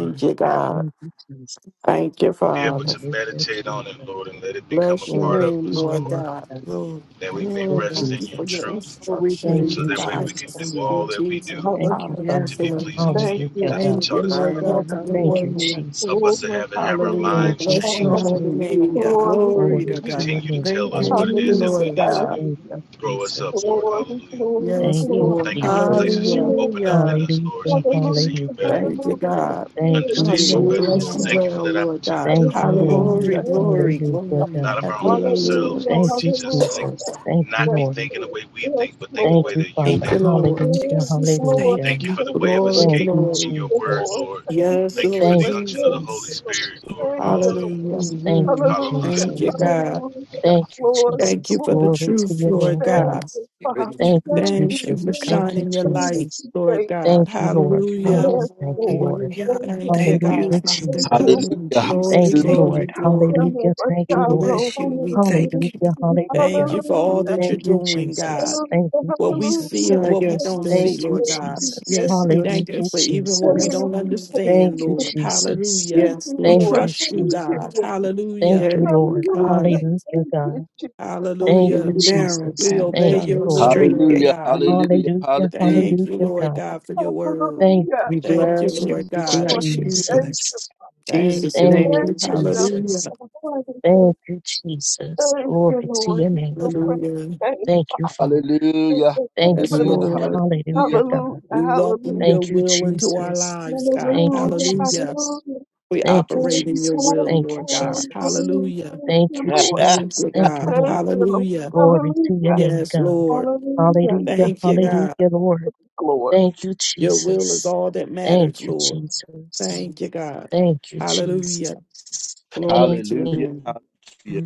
S7: Lord.
S4: you, God.
S7: Thank you, Jesus.
S4: Thank you,
S6: Be able
S4: Father.
S6: to
S7: Hallelujah,
S6: meditate on it,
S7: Jesus.
S6: Lord, and let it become a
S4: Bless your
S7: Glory
S6: part
S7: to
S6: of
S4: name,
S6: us,
S7: your
S4: Lord
S6: Lord,
S7: name,
S4: God.
S7: God.
S3: Lord.
S6: that we may
S7: Yes,
S3: Lord,
S6: rest
S4: Thank
S3: God.
S6: in
S4: you
S6: your
S4: for your
S7: Jesus.
S6: truth,
S3: Oh, we
S4: instruction
S7: Thank
S4: and
S3: praise
S6: so
S7: you,
S4: your
S3: you,
S6: that way
S3: Lord.
S6: we can
S4: guidance.
S3: Thank
S6: do
S7: Jesus.
S6: all
S3: you,
S4: Lord.
S6: that we
S3: Jesus.
S6: do
S7: Thank
S10: Hallelujah.
S7: you, Father.
S6: to
S3: Yes,
S6: be
S4: Hallelujah.
S3: Lord.
S6: pleasing to
S10: Thank
S6: you
S10: you,
S7: Hallelujah,
S6: because you've
S10: Jesus.
S4: Thank
S7: God.
S4: you,
S6: taught us
S4: Lord
S6: how.
S3: Amen.
S10: Yes,
S4: God, for your
S7: Thank
S10: Lord.
S7: you,
S4: word.
S3: Hallelujah.
S6: Help
S10: Oh,
S6: us to
S7: Jesus.
S6: have it,
S10: wonderful
S6: have our
S4: Hallelujah.
S7: Thank
S10: Lord,
S6: minds
S7: you,
S4: Bless your
S10: Father,
S7: Jesus.
S6: changed
S4: holy name,
S3: Hallelujah.
S4: God.
S10: glory to
S3: Glory
S10: your
S7: Glory
S3: to
S6: to
S7: to
S10: name,
S7: your
S6: continue
S3: God.
S6: to
S7: name,
S6: tell
S10: Jesus.
S3: Thank you,
S7: God.
S6: us what
S4: Thank
S6: it
S4: you,
S6: is that
S10: Hallelujah.
S4: Lord
S6: we need
S3: Jesus.
S6: to do.
S4: God.
S7: Thank
S10: Hallelujah.
S7: you,
S6: Grow us up,
S7: Jesus.
S6: Lord.
S10: Glory,
S6: Hallelujah.
S10: glory,
S4: Yes,
S7: Thank you,
S4: Lord.
S6: Thank you
S10: glory.
S6: for the
S7: Jesus.
S10: Thank
S6: places
S10: you,
S6: you've
S4: Hallelujah.
S10: Lord.
S6: opened up in
S3: Hallelujah.
S6: us, Lord,
S7: Hallelujah.
S6: so we can see
S10: Hallelujah.
S6: you
S7: Hallelujah.
S6: better
S4: Thank you,
S10: Hallelujah.
S4: God.
S7: Thank
S10: Glory,
S7: you,
S4: We
S6: understand you
S4: want to
S10: glory,
S6: better,
S4: bless
S6: Lord.
S4: you
S7: Jesus.
S3: Hallelujah.
S10: glory.
S6: Thank you for
S4: well,
S6: that
S4: Lord
S6: opportunity.
S4: God.
S7: Thank
S10: Thank
S7: you,
S10: you,
S6: Hallelujah.
S10: Lord.
S7: Lord.
S3: Glory,
S4: Hallelujah.
S10: Thank you,
S3: glory,
S7: Hallelujah,
S10: Father.
S3: glory.
S6: Not
S7: God.
S6: of
S4: Have
S6: our
S4: your way,
S6: own
S4: Lord.
S6: selves,
S10: Hallelujah.
S7: Thank
S6: Lord.
S7: you,
S6: Teach us to like
S10: Hallelujah.
S7: Jesus. Thank you,
S6: not
S10: Yes,
S6: be
S7: Lord.
S6: thinking the
S10: Lord.
S6: way we
S10: Yes,
S6: think, but think the
S7: Thank
S10: Lord.
S6: way
S7: you,
S6: that you
S7: Father.
S4: Thank you,
S6: think, Lord.
S4: Lord.
S7: Hallelujah.
S10: Lord,
S3: Jesus.
S10: Lord,
S3: Thank
S7: Hallelujah.
S3: you,
S6: Thank
S3: God.
S6: you for the
S10: thank
S6: way of
S10: you, Lord.
S4: Glory,
S7: Thank
S6: escape
S7: you,
S6: in
S4: glory.
S10: Thank
S6: your
S10: you,
S6: word,
S7: Jesus.
S10: Lord.
S6: Lord.
S10: Thank
S3: Yes,
S6: Thank
S10: you,
S6: you for
S3: Lord
S7: Thank
S6: the
S10: Lord. Thank
S6: unction of the Holy
S10: you,
S7: you,
S3: Jesus.
S10: Lord.
S6: Spirit, Lord.
S10: Thank you, Lord.
S6: Hallelujah.
S4: Hallelujah.
S7: Jesus. Thank
S3: Mm-hmm.
S7: you,
S10: Hallelujah,
S6: Hallelujah.
S4: Thank you,
S7: Jesus.
S4: God.
S10: hallelujah.
S7: Thank you,
S10: Glory,
S4: Thank you
S7: Jesus.
S4: for
S10: Lord,
S4: the
S7: Glory to
S4: truth,
S7: your
S4: Lord
S7: name,
S10: Thank
S4: God.
S7: God.
S10: you, Father.
S7: Thank you,
S10: Thank you,
S4: Thank
S10: thank
S4: you
S7: Jesus.
S4: for
S7: Thank you,
S10: you,
S4: shining your
S10: thank
S4: light,
S7: Jesus.
S10: you,
S4: Lord
S10: thank
S4: God.
S7: Thank you, Lord.
S10: you.
S7: Thank
S4: Hallelujah.
S7: you,
S10: Yes,
S7: thank you,
S10: Lord.
S7: Lord.
S3: Hallelujah.
S10: Thank you,
S4: Thank you,
S3: Thank
S10: Father.
S7: Hallelujah,
S3: you,
S4: God.
S3: Father
S10: Thank
S7: Jesus.
S10: you,
S1: Hallelujah.
S3: God, in
S1: Hallelujah.
S4: Glory,
S3: Jesus'
S7: Thank you,
S10: Lord. Thank
S4: glory,
S3: name.
S7: Lord.
S10: you,
S4: glory.
S7: Hallelujah.
S10: Jehovah
S7: Thank
S3: We
S7: you, Lord.
S10: Jireh.
S3: bless you. We
S10: Holy
S3: thank you.
S7: Hallelujah.
S10: Spirit.
S4: Thank
S7: Hallelujah.
S4: you
S10: Hallelujah,
S4: for all that you're
S7: Thank
S3: Hallelujah.
S7: you,
S4: doing, God.
S7: Jesus.
S10: hallelujah,
S7: Thank you,
S4: What we
S7: Jesus.
S4: see
S10: hallelujah.
S4: and
S3: Ah,
S4: what we
S10: Thank
S3: yes,
S4: don't
S3: Lord.
S7: Thank
S4: see,
S7: you,
S4: Lord
S10: you,
S4: God.
S10: thank
S3: Yes,
S7: Jesus.
S10: you,
S3: yes,
S4: We
S3: Lord.
S4: thank you
S7: Hallelujah,
S3: Yes,
S4: for even what we
S7: Jesus.
S3: yes,
S10: Thank
S4: don't
S3: Lord.
S7: Thank
S4: understand,
S7: you,
S10: you,
S4: Lord.
S7: Jesus.
S4: Hallelujah.
S3: Yes,
S4: We
S7: Thank
S3: Lord.
S10: Lord.
S7: you,
S4: trust you,
S10: Thank you,
S4: God.
S7: Jesus.
S10: Lord.
S7: Thank
S4: Hallelujah.
S7: you,
S3: Yes,
S7: Lord.
S10: Hallelujah.
S3: God.
S7: Hallelujah,
S10: Thank you,
S7: God.
S10: Jesus.
S3: Walk
S7: Thank
S10: Thank
S3: in
S7: you,
S3: the
S4: Hallelujah.
S10: you.
S3: narrow
S7: Jesus.
S4: We
S3: path,
S4: obey
S7: Thank
S3: down
S7: you,
S3: the
S4: your will,
S7: Lord.
S3: straight
S10: Lord.
S4: Lord
S3: gate.
S1: Hallelujah,
S4: God.
S10: Thank you.
S1: hallelujah,
S7: Hallelujah.
S1: hallelujah,
S4: Thank you,
S7: Hallelujah,
S4: Lord
S7: God.
S4: God, for your word.
S7: Thank
S10: Hallelujah.
S3: We
S4: Thank you,
S3: bless
S10: Glory,
S3: you.
S4: Lord
S7: you,
S3: We
S4: God.
S10: Lord.
S3: bless you. We
S10: Thank
S3: bless you.
S10: you.
S7: Jesus.
S4: Thank
S3: Jesus'
S4: you,
S7: Thank
S3: name.
S7: you,
S10: Thank
S4: Lord.
S10: you,
S7: Jesus.
S4: Hallelujah.
S10: Jehovah.
S7: Thank you, Jesus.
S10: Thank
S7: Glory
S10: you,
S7: to
S10: Lord.
S7: your name,
S10: So
S7: God.
S10: precious.
S4: Hallelujah.
S10: Thank
S7: Thank you, Father.
S1: hallelujah,
S10: you,
S7: Thank you,
S4: Yes,
S10: Father.
S7: Lord.
S1: hallelujah,
S4: Lord.
S7: Hallelujah,
S1: hallelujah,
S10: Hallelujah.
S7: God.
S4: We welcome
S10: Hallelujah.
S4: your
S7: Thank you,
S4: will into our
S7: Jesus.
S4: lives, God.
S7: Thank you,
S10: Hallelujah.
S4: Hallelujah.
S7: Jesus.
S10: Hallelujah.
S4: We
S7: Thank you,
S10: Glory,
S4: operate in your
S7: Jesus.
S4: will,
S10: glory,
S7: Thank you,
S4: Lord God.
S10: glory,
S7: Jesus.
S10: glory.
S4: Hallelujah.
S10: Thank
S7: Thank
S10: you,
S7: you,
S10: Lord.
S1: *laughs*
S4: Thank
S7: Jesus.
S4: you,
S7: Thank you,
S4: God.
S10: Thank
S7: Lord.
S10: you, Lord.
S4: Hallelujah.
S7: Glory to your
S10: Hallelujah.
S7: name,
S4: Yes,
S7: God.
S4: Lord.
S10: Hallelujah. You can
S7: Hallelujah,
S4: Thank you,
S10: see,
S4: God.
S7: hallelujah, Lord.
S10: Lord.
S7: Thank you,
S4: Your will is
S7: Jesus.
S4: all that
S7: Thank
S4: matters,
S7: you,
S4: Lord.
S7: Jesus.
S4: Thank you, God.
S7: Thank you,
S4: Hallelujah.
S7: Jesus.
S4: Glory
S7: Thank
S4: to your
S7: you,
S1: hallelujah,
S4: name.
S1: hallelujah.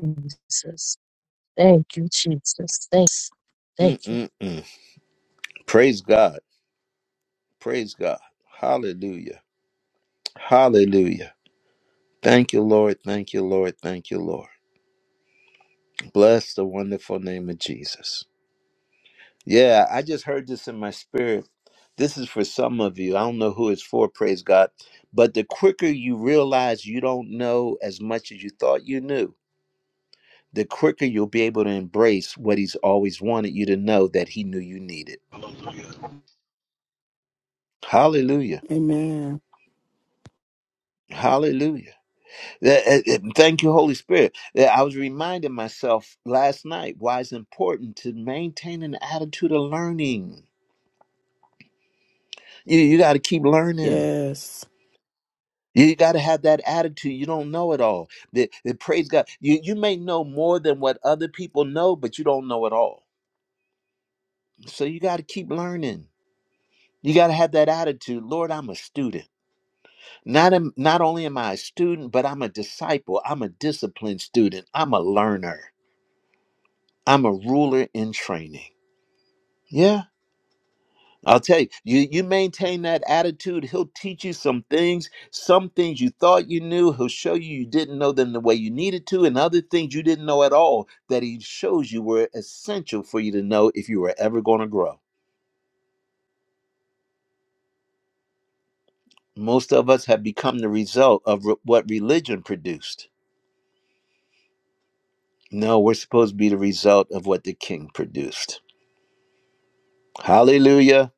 S7: Jesus. Thank you, Jesus. Thanks. Thank
S1: Mm-mm-mm. Praise God. Praise God. Hallelujah. Hallelujah. Thank you, Lord. Thank you, Lord. Thank you, Lord. Bless the wonderful name of Jesus. Yeah, I just heard this in my spirit. This is for some of you. I don't know who it's for, praise God. But the quicker you realize you don't know as much as you thought you knew, the quicker you'll be able to embrace what He's always wanted you to know that He knew you needed.
S6: Hallelujah.
S1: Hallelujah.
S4: Amen.
S1: Hallelujah. Uh, uh, uh, Thank you, Holy Spirit. Uh, I was reminding myself last night why it's important to maintain an attitude of learning. You, you got to keep learning.
S4: Yes.
S1: You got to have that attitude. You don't know it all. The, the praise God. You you may know more than what other people know, but you don't know it all. So you got to keep learning. You got to have that attitude. Lord, I'm a student. Not am, not only am I a student, but I'm a disciple. I'm a disciplined student. I'm a learner. I'm a ruler in training. Yeah. I'll tell you, you, you maintain that attitude, he'll teach you some things. Some things you thought you knew, he'll show you you didn't know them the way you needed to, and other things you didn't know at all that he shows you were essential for you to know if you were ever going to grow. Most of us have become the result of re- what religion produced. No, we're supposed to be the result of what the king produced. Hallelujah.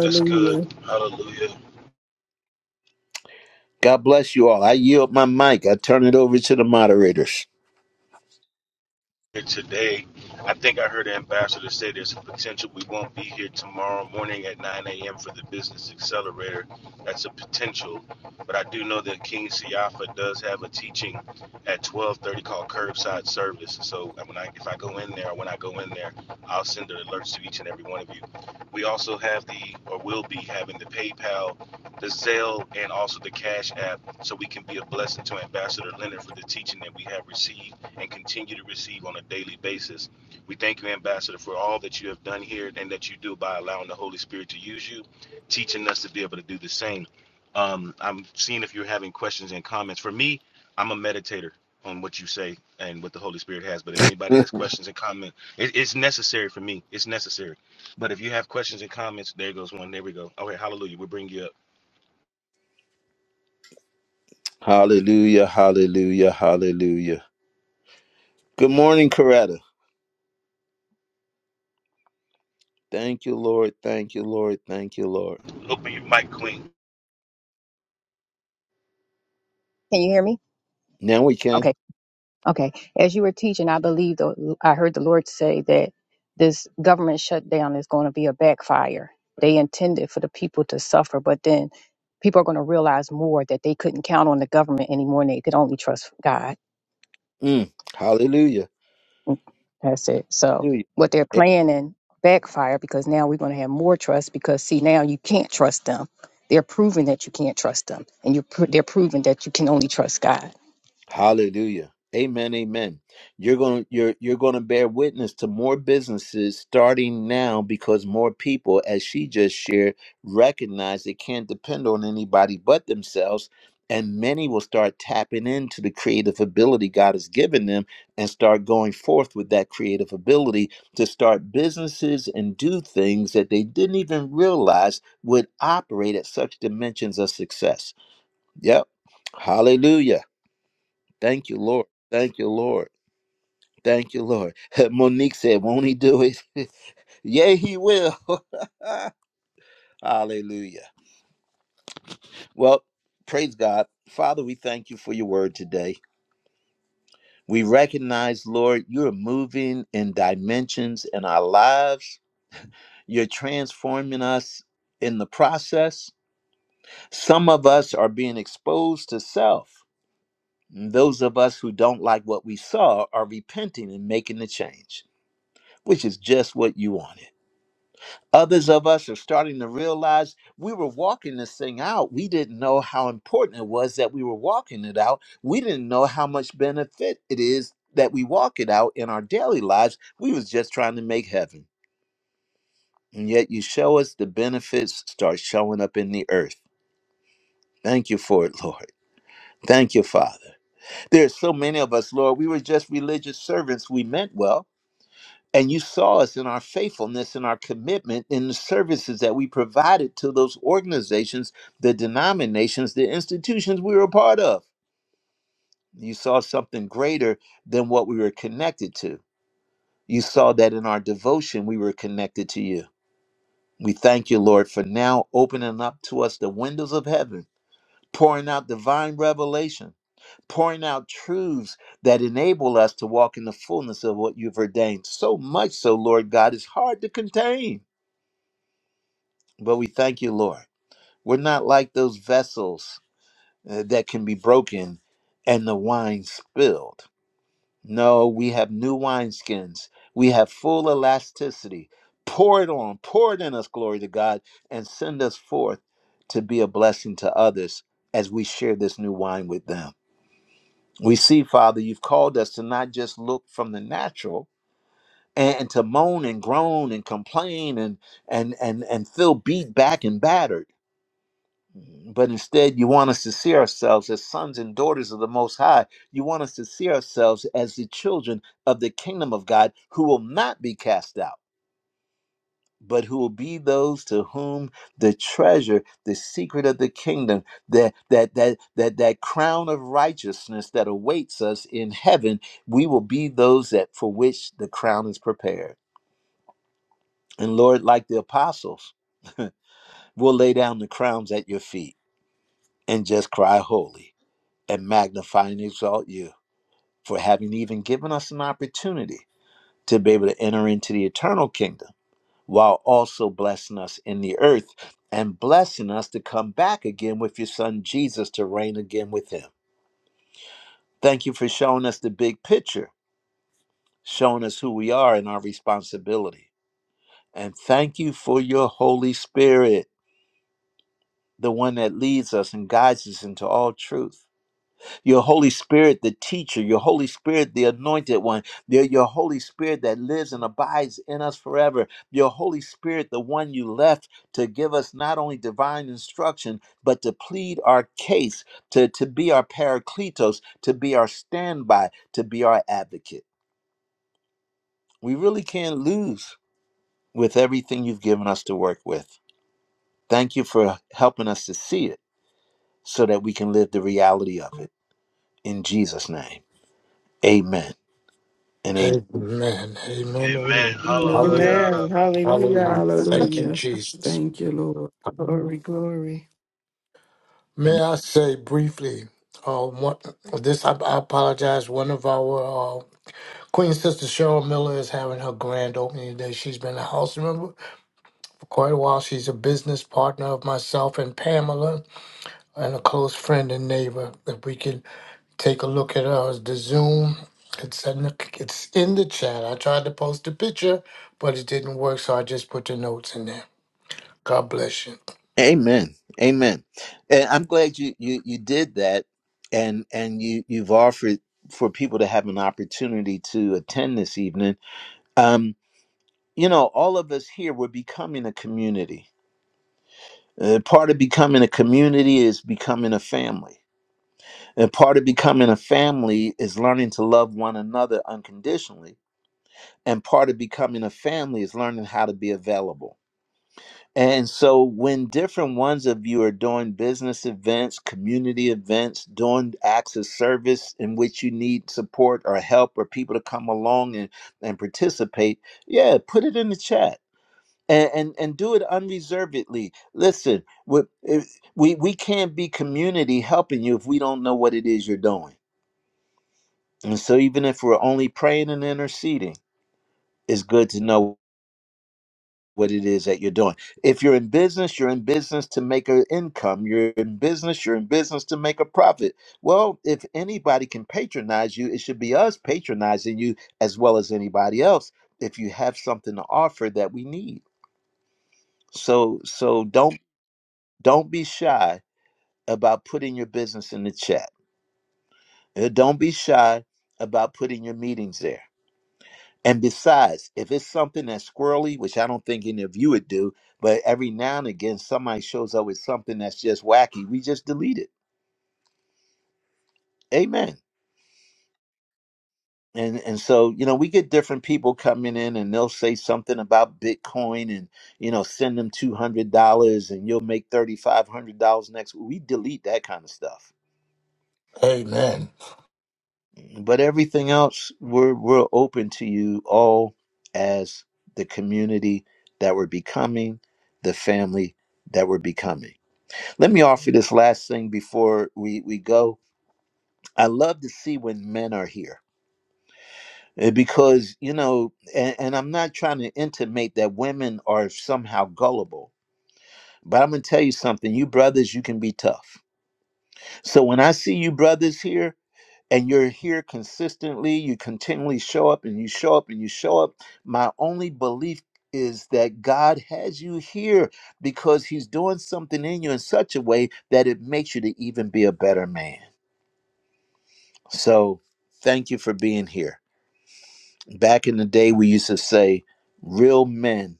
S6: That's good. Hallelujah.
S1: God bless you all. I yield my mic, I turn it over to the moderators.
S6: today. I think I heard the ambassador say there's a potential we won't be here tomorrow morning at 9 a.m. for the business accelerator. That's a potential, but I do know that King Siafa does have a teaching at 12:30 called Curbside Service. So when I, if I go in there, when I go in there, I'll send the alerts to each and every one of you. We also have the, or will be having the PayPal, the Zelle, and also the Cash App, so we can be a blessing to Ambassador Leonard for the teaching that we have received and continue to receive on a daily basis. We thank you, Ambassador, for all that you have done here and that you do by allowing the Holy Spirit to use you, teaching us to be able to do the same. Um, I'm seeing if you're having questions and comments. For me, I'm a meditator on what you say and what the Holy Spirit has. But if anybody has
S1: *laughs*
S6: questions and comments, it, it's necessary for me. It's necessary. But if you have questions and comments, there goes one. There we go. All right, hallelujah. We'll bring you up.
S1: Hallelujah, hallelujah, hallelujah. Good morning, Coretta. Thank you, Lord. Thank you, Lord. Thank you, Lord.
S6: Open your mic, Queen.
S12: Can you hear me?
S1: Now we can.
S12: Okay. Okay. As you were teaching, I believe the, I heard the Lord say that this government shutdown is going to be a backfire. They intended for the people to suffer, but then people are going to realize more that they couldn't count on the government anymore and they could only trust God.
S1: Mm. Hallelujah.
S12: Mm, That's it. So what they're
S1: Hallelujah.
S12: planning backfire because now we're going to have more trust because see now you can't trust them. They're proving that you can't trust them, and you're pro- they're proving that you can only trust God.
S1: Hallelujah. Amen. Amen. You're going to you're you're going to bear witness to more businesses starting now because more people as she just shared recognize they can't depend on anybody but themselves and many will start tapping into the creative ability God has given them and start going forth with that creative ability to start businesses and do things that they didn't even realize would operate at such dimensions of success. Yep. Hallelujah. Thank you, Lord. Thank you, Lord. Thank you, Lord. *laughs* Monique said, Won't he do it? *laughs* Yea, he will. *laughs* Hallelujah. Well, praise God. Father, we thank you for your word today. We recognize, Lord, you're moving in dimensions in our lives. You're transforming us in the process. Some of us are being exposed to self. Those of us who don't like what we saw are repenting and making the change, which is just what you wanted. Others of us are starting to realize we were walking this thing out. We didn't know how important it was that we were walking it out. We didn't know how much benefit it is that we walk it out in our daily lives. We was just trying to make heaven. And yet you show us the benefits start showing up in the earth. Thank you for it, Lord. Thank you, Father. There's so many of us, Lord. We were just religious servants. We meant well And you saw us in our faithfulness and our commitment in the services that we provided to those organizations, the denominations, the institutions we were a part of. You saw something greater than what we were connected to. You saw that in our devotion, we were connected to you. We thank you, Lord, for now opening up to us the windows of heaven, pouring out divine revelation, pouring out truths that enable us to walk in the fullness of what you've ordained. So much so, Lord God, it's hard to contain. But we thank you, Lord. We're not like those vessels uh, that can be broken and the wine spilled. No, we have new wineskins. We have full elasticity. Pour it on, pour it in us, glory to God, and send us forth to be a blessing to others as we share this new wine with them. We see, Father, you've called us to not just look from the natural and, and to moan and groan and complain and and and and feel beat back and battered But instead, you want us to see ourselves as sons and daughters of the Most High. You want us to see ourselves as the children of the kingdom of God who will not be cast out, but who will be those to whom the treasure, the secret of the kingdom, that, that, that, that, that crown of righteousness that awaits us in heaven, we will be those that for which the crown is prepared. And Lord, like the apostles, *laughs* we'll lay down the crowns at your feet and just cry holy. and magnify and exalt you for having even given us an opportunity to be able to enter into the eternal kingdom while also blessing us in the earth and blessing us to come back again with your son Jesus to reign again with him. Thank you for showing us the big picture, showing us who we are and our responsibility. And thank you for your Holy Spirit, the one that leads us and guides us into all truth. your Holy Spirit, the teacher, your Holy Spirit, the anointed one, your, your Holy Spirit that lives and abides in us forever, your Holy Spirit, the one you left to give us not only divine instruction, but to plead our case, to, to be our paracletos, to be our standby, to be our advocate. We really can't lose with everything you've given us to work with. Thank you for helping us to see it so that we can live the reality of it. In Jesus' name, amen and amen.
S2: Amen, amen,
S6: Amen.
S2: amen.
S4: Amen.
S2: Hallelujah,
S6: Hallelujah.
S3: Amen.
S2: hallelujah.
S3: Hallelujah.
S2: Thank you,
S3: *laughs*
S4: Hallelujah.
S2: Jesus.
S4: Thank you, Lord.
S3: glory, glory.
S2: May I say briefly, uh, one, this, I, I apologize. One of our uh, Queen Sister Cheryl Miller is having her grand opening today. She's been a house member for quite a while. She's a business partner of myself and Pamela and a close friend and neighbor. If we can Take a look at us. The Zoom. It's in the, it's in the chat. I tried to post a picture, but it didn't work, so I just put the notes in there. God bless you.
S1: Amen. Amen. And I'm glad you you you did that and and you you've offered for people to have an opportunity to attend this evening. Um you know, all of us here we're becoming a community. Uh, part of becoming a community is becoming a family. And part of becoming a family is learning to love one another unconditionally. And part of becoming a family is learning how to be available And so, when different ones of you are doing business events, community events, doing acts of service in which you need support or help or people to come along and, and participate, yeah, put it in the chat. And, and and do it unreservedly. Listen, we, if, we we can't be community helping you if we don't know what it is you're doing. And so, even if we're only praying and interceding, it's good to know what it is that you're doing. If you're in business, you're in business to make an income. You're in business, you're in business to make a profit. Well, if anybody can patronize you, it should be us patronizing you as well as anybody else if you have something to offer that we need. So so don't don't be shy about putting your business in the chat. Uh, Don't be shy about putting your meetings there And besides, if it's something that's squirrely, which I don't think any of you would do, but every now and again somebody shows up with something that's just wacky, we just delete it. Amen. And and so, you know, we get different people coming in and they'll say something about Bitcoin and, you know, send them two hundred dollars and you'll make thirty five hundred dollars next We delete that kind of stuff.
S2: Amen.
S1: But everything else, we're we're open to you all as the community that we're becoming, the family that we're becoming. Let me offer this last thing before we, we go. I love to see when men are here eh, because, you know, and, and I'm not trying to intimate that women are somehow gullible, but I'm going to tell you something. You brothers, you can be tough. So when I see you brothers here, and you're here consistently, you continually show up and you show up and you show up. My only belief is that God has you here because He's doing something in you in such a way that it makes you to even be a better man. So thank you for being here. Back in the day, we used to say, real men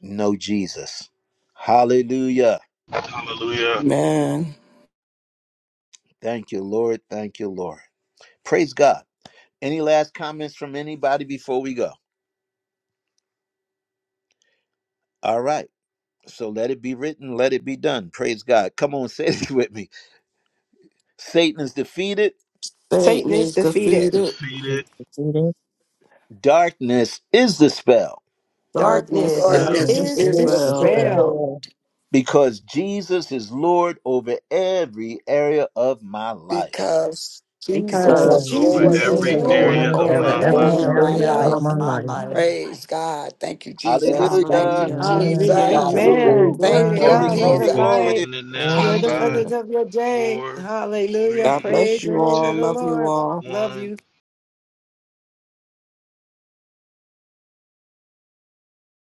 S1: know Jesus. Hallelujah.
S6: Hallelujah.
S4: Man,
S1: Thank you, Lord. Thank you, Lord. Praise God. Any last comments from anybody before we go? All right. So let it be written, let it be done. Praise God. Come on, *laughs* say this with me. Satan is defeated,
S3: Satan
S4: Satan
S3: is
S4: is
S6: And is
S3: defeated.
S4: defeated.
S6: defeated.
S7: you.
S1: darkness is dispelled
S4: Darkness
S9: Lord,
S3: Darkness
S4: is
S6: belt
S7: darkness
S9: this
S10: darkness
S3: is
S9: is
S7: is
S9: the
S10: is
S4: dispelled
S9: spell.
S7: dispelled
S3: dispelled
S10: despair
S1: because Jesus is Lord over every area of my life.
S9: because Jesus
S3: because
S10: because
S9: is
S7: because
S4: because
S6: over
S9: Lord
S3: Jesus is
S10: Jesus
S7: Jesus
S4: Jesus
S6: every
S9: over
S10: is
S4: is
S7: is
S10: with
S4: Lord
S6: area
S9: every
S3: Lord
S7: Lord
S6: of
S4: over
S3: over
S7: over
S10: the
S6: my
S9: area
S4: every
S7: every
S6: life.
S10: very
S9: of
S3: every
S9: my
S7: area
S10: every
S4: area
S7: of
S3: area
S4: of
S9: life.
S10: time
S7: my
S3: of
S4: my
S7: life.
S3: your
S4: life.
S9: Praise
S3: life.
S9: God. Thank you,
S10: and
S9: Jesus. Thank
S1: Hallelujah.
S9: you,
S4: Hallelujah.
S7: Amen.
S10: we
S3: Hallelujah.
S4: Thank you,
S9: Jesus.
S10: God. God
S4: Lord.
S3: Amen.
S7: Praise
S1: Woohoo!
S3: Glory
S9: Thank
S7: God.
S3: to
S10: bless
S9: you,
S1: Glory,
S3: God. Love
S10: everyone.
S1: glory,
S9: Jesus.
S3: and
S6: We're
S7: Hallelujah.
S1: glory.
S3: light.
S6: closing it now in
S3: Joy
S7: Glory
S3: the
S7: to God.
S6: five,
S3: feathers
S4: Hallelujah.
S3: of your day.
S6: four,
S3: Hallelujah.
S4: God
S6: three,
S4: bless
S3: Praise
S4: you
S3: the name of
S4: all.
S3: the
S6: two,
S4: Love you
S3: Lord.
S4: all.
S3: Love
S6: one.
S3: you.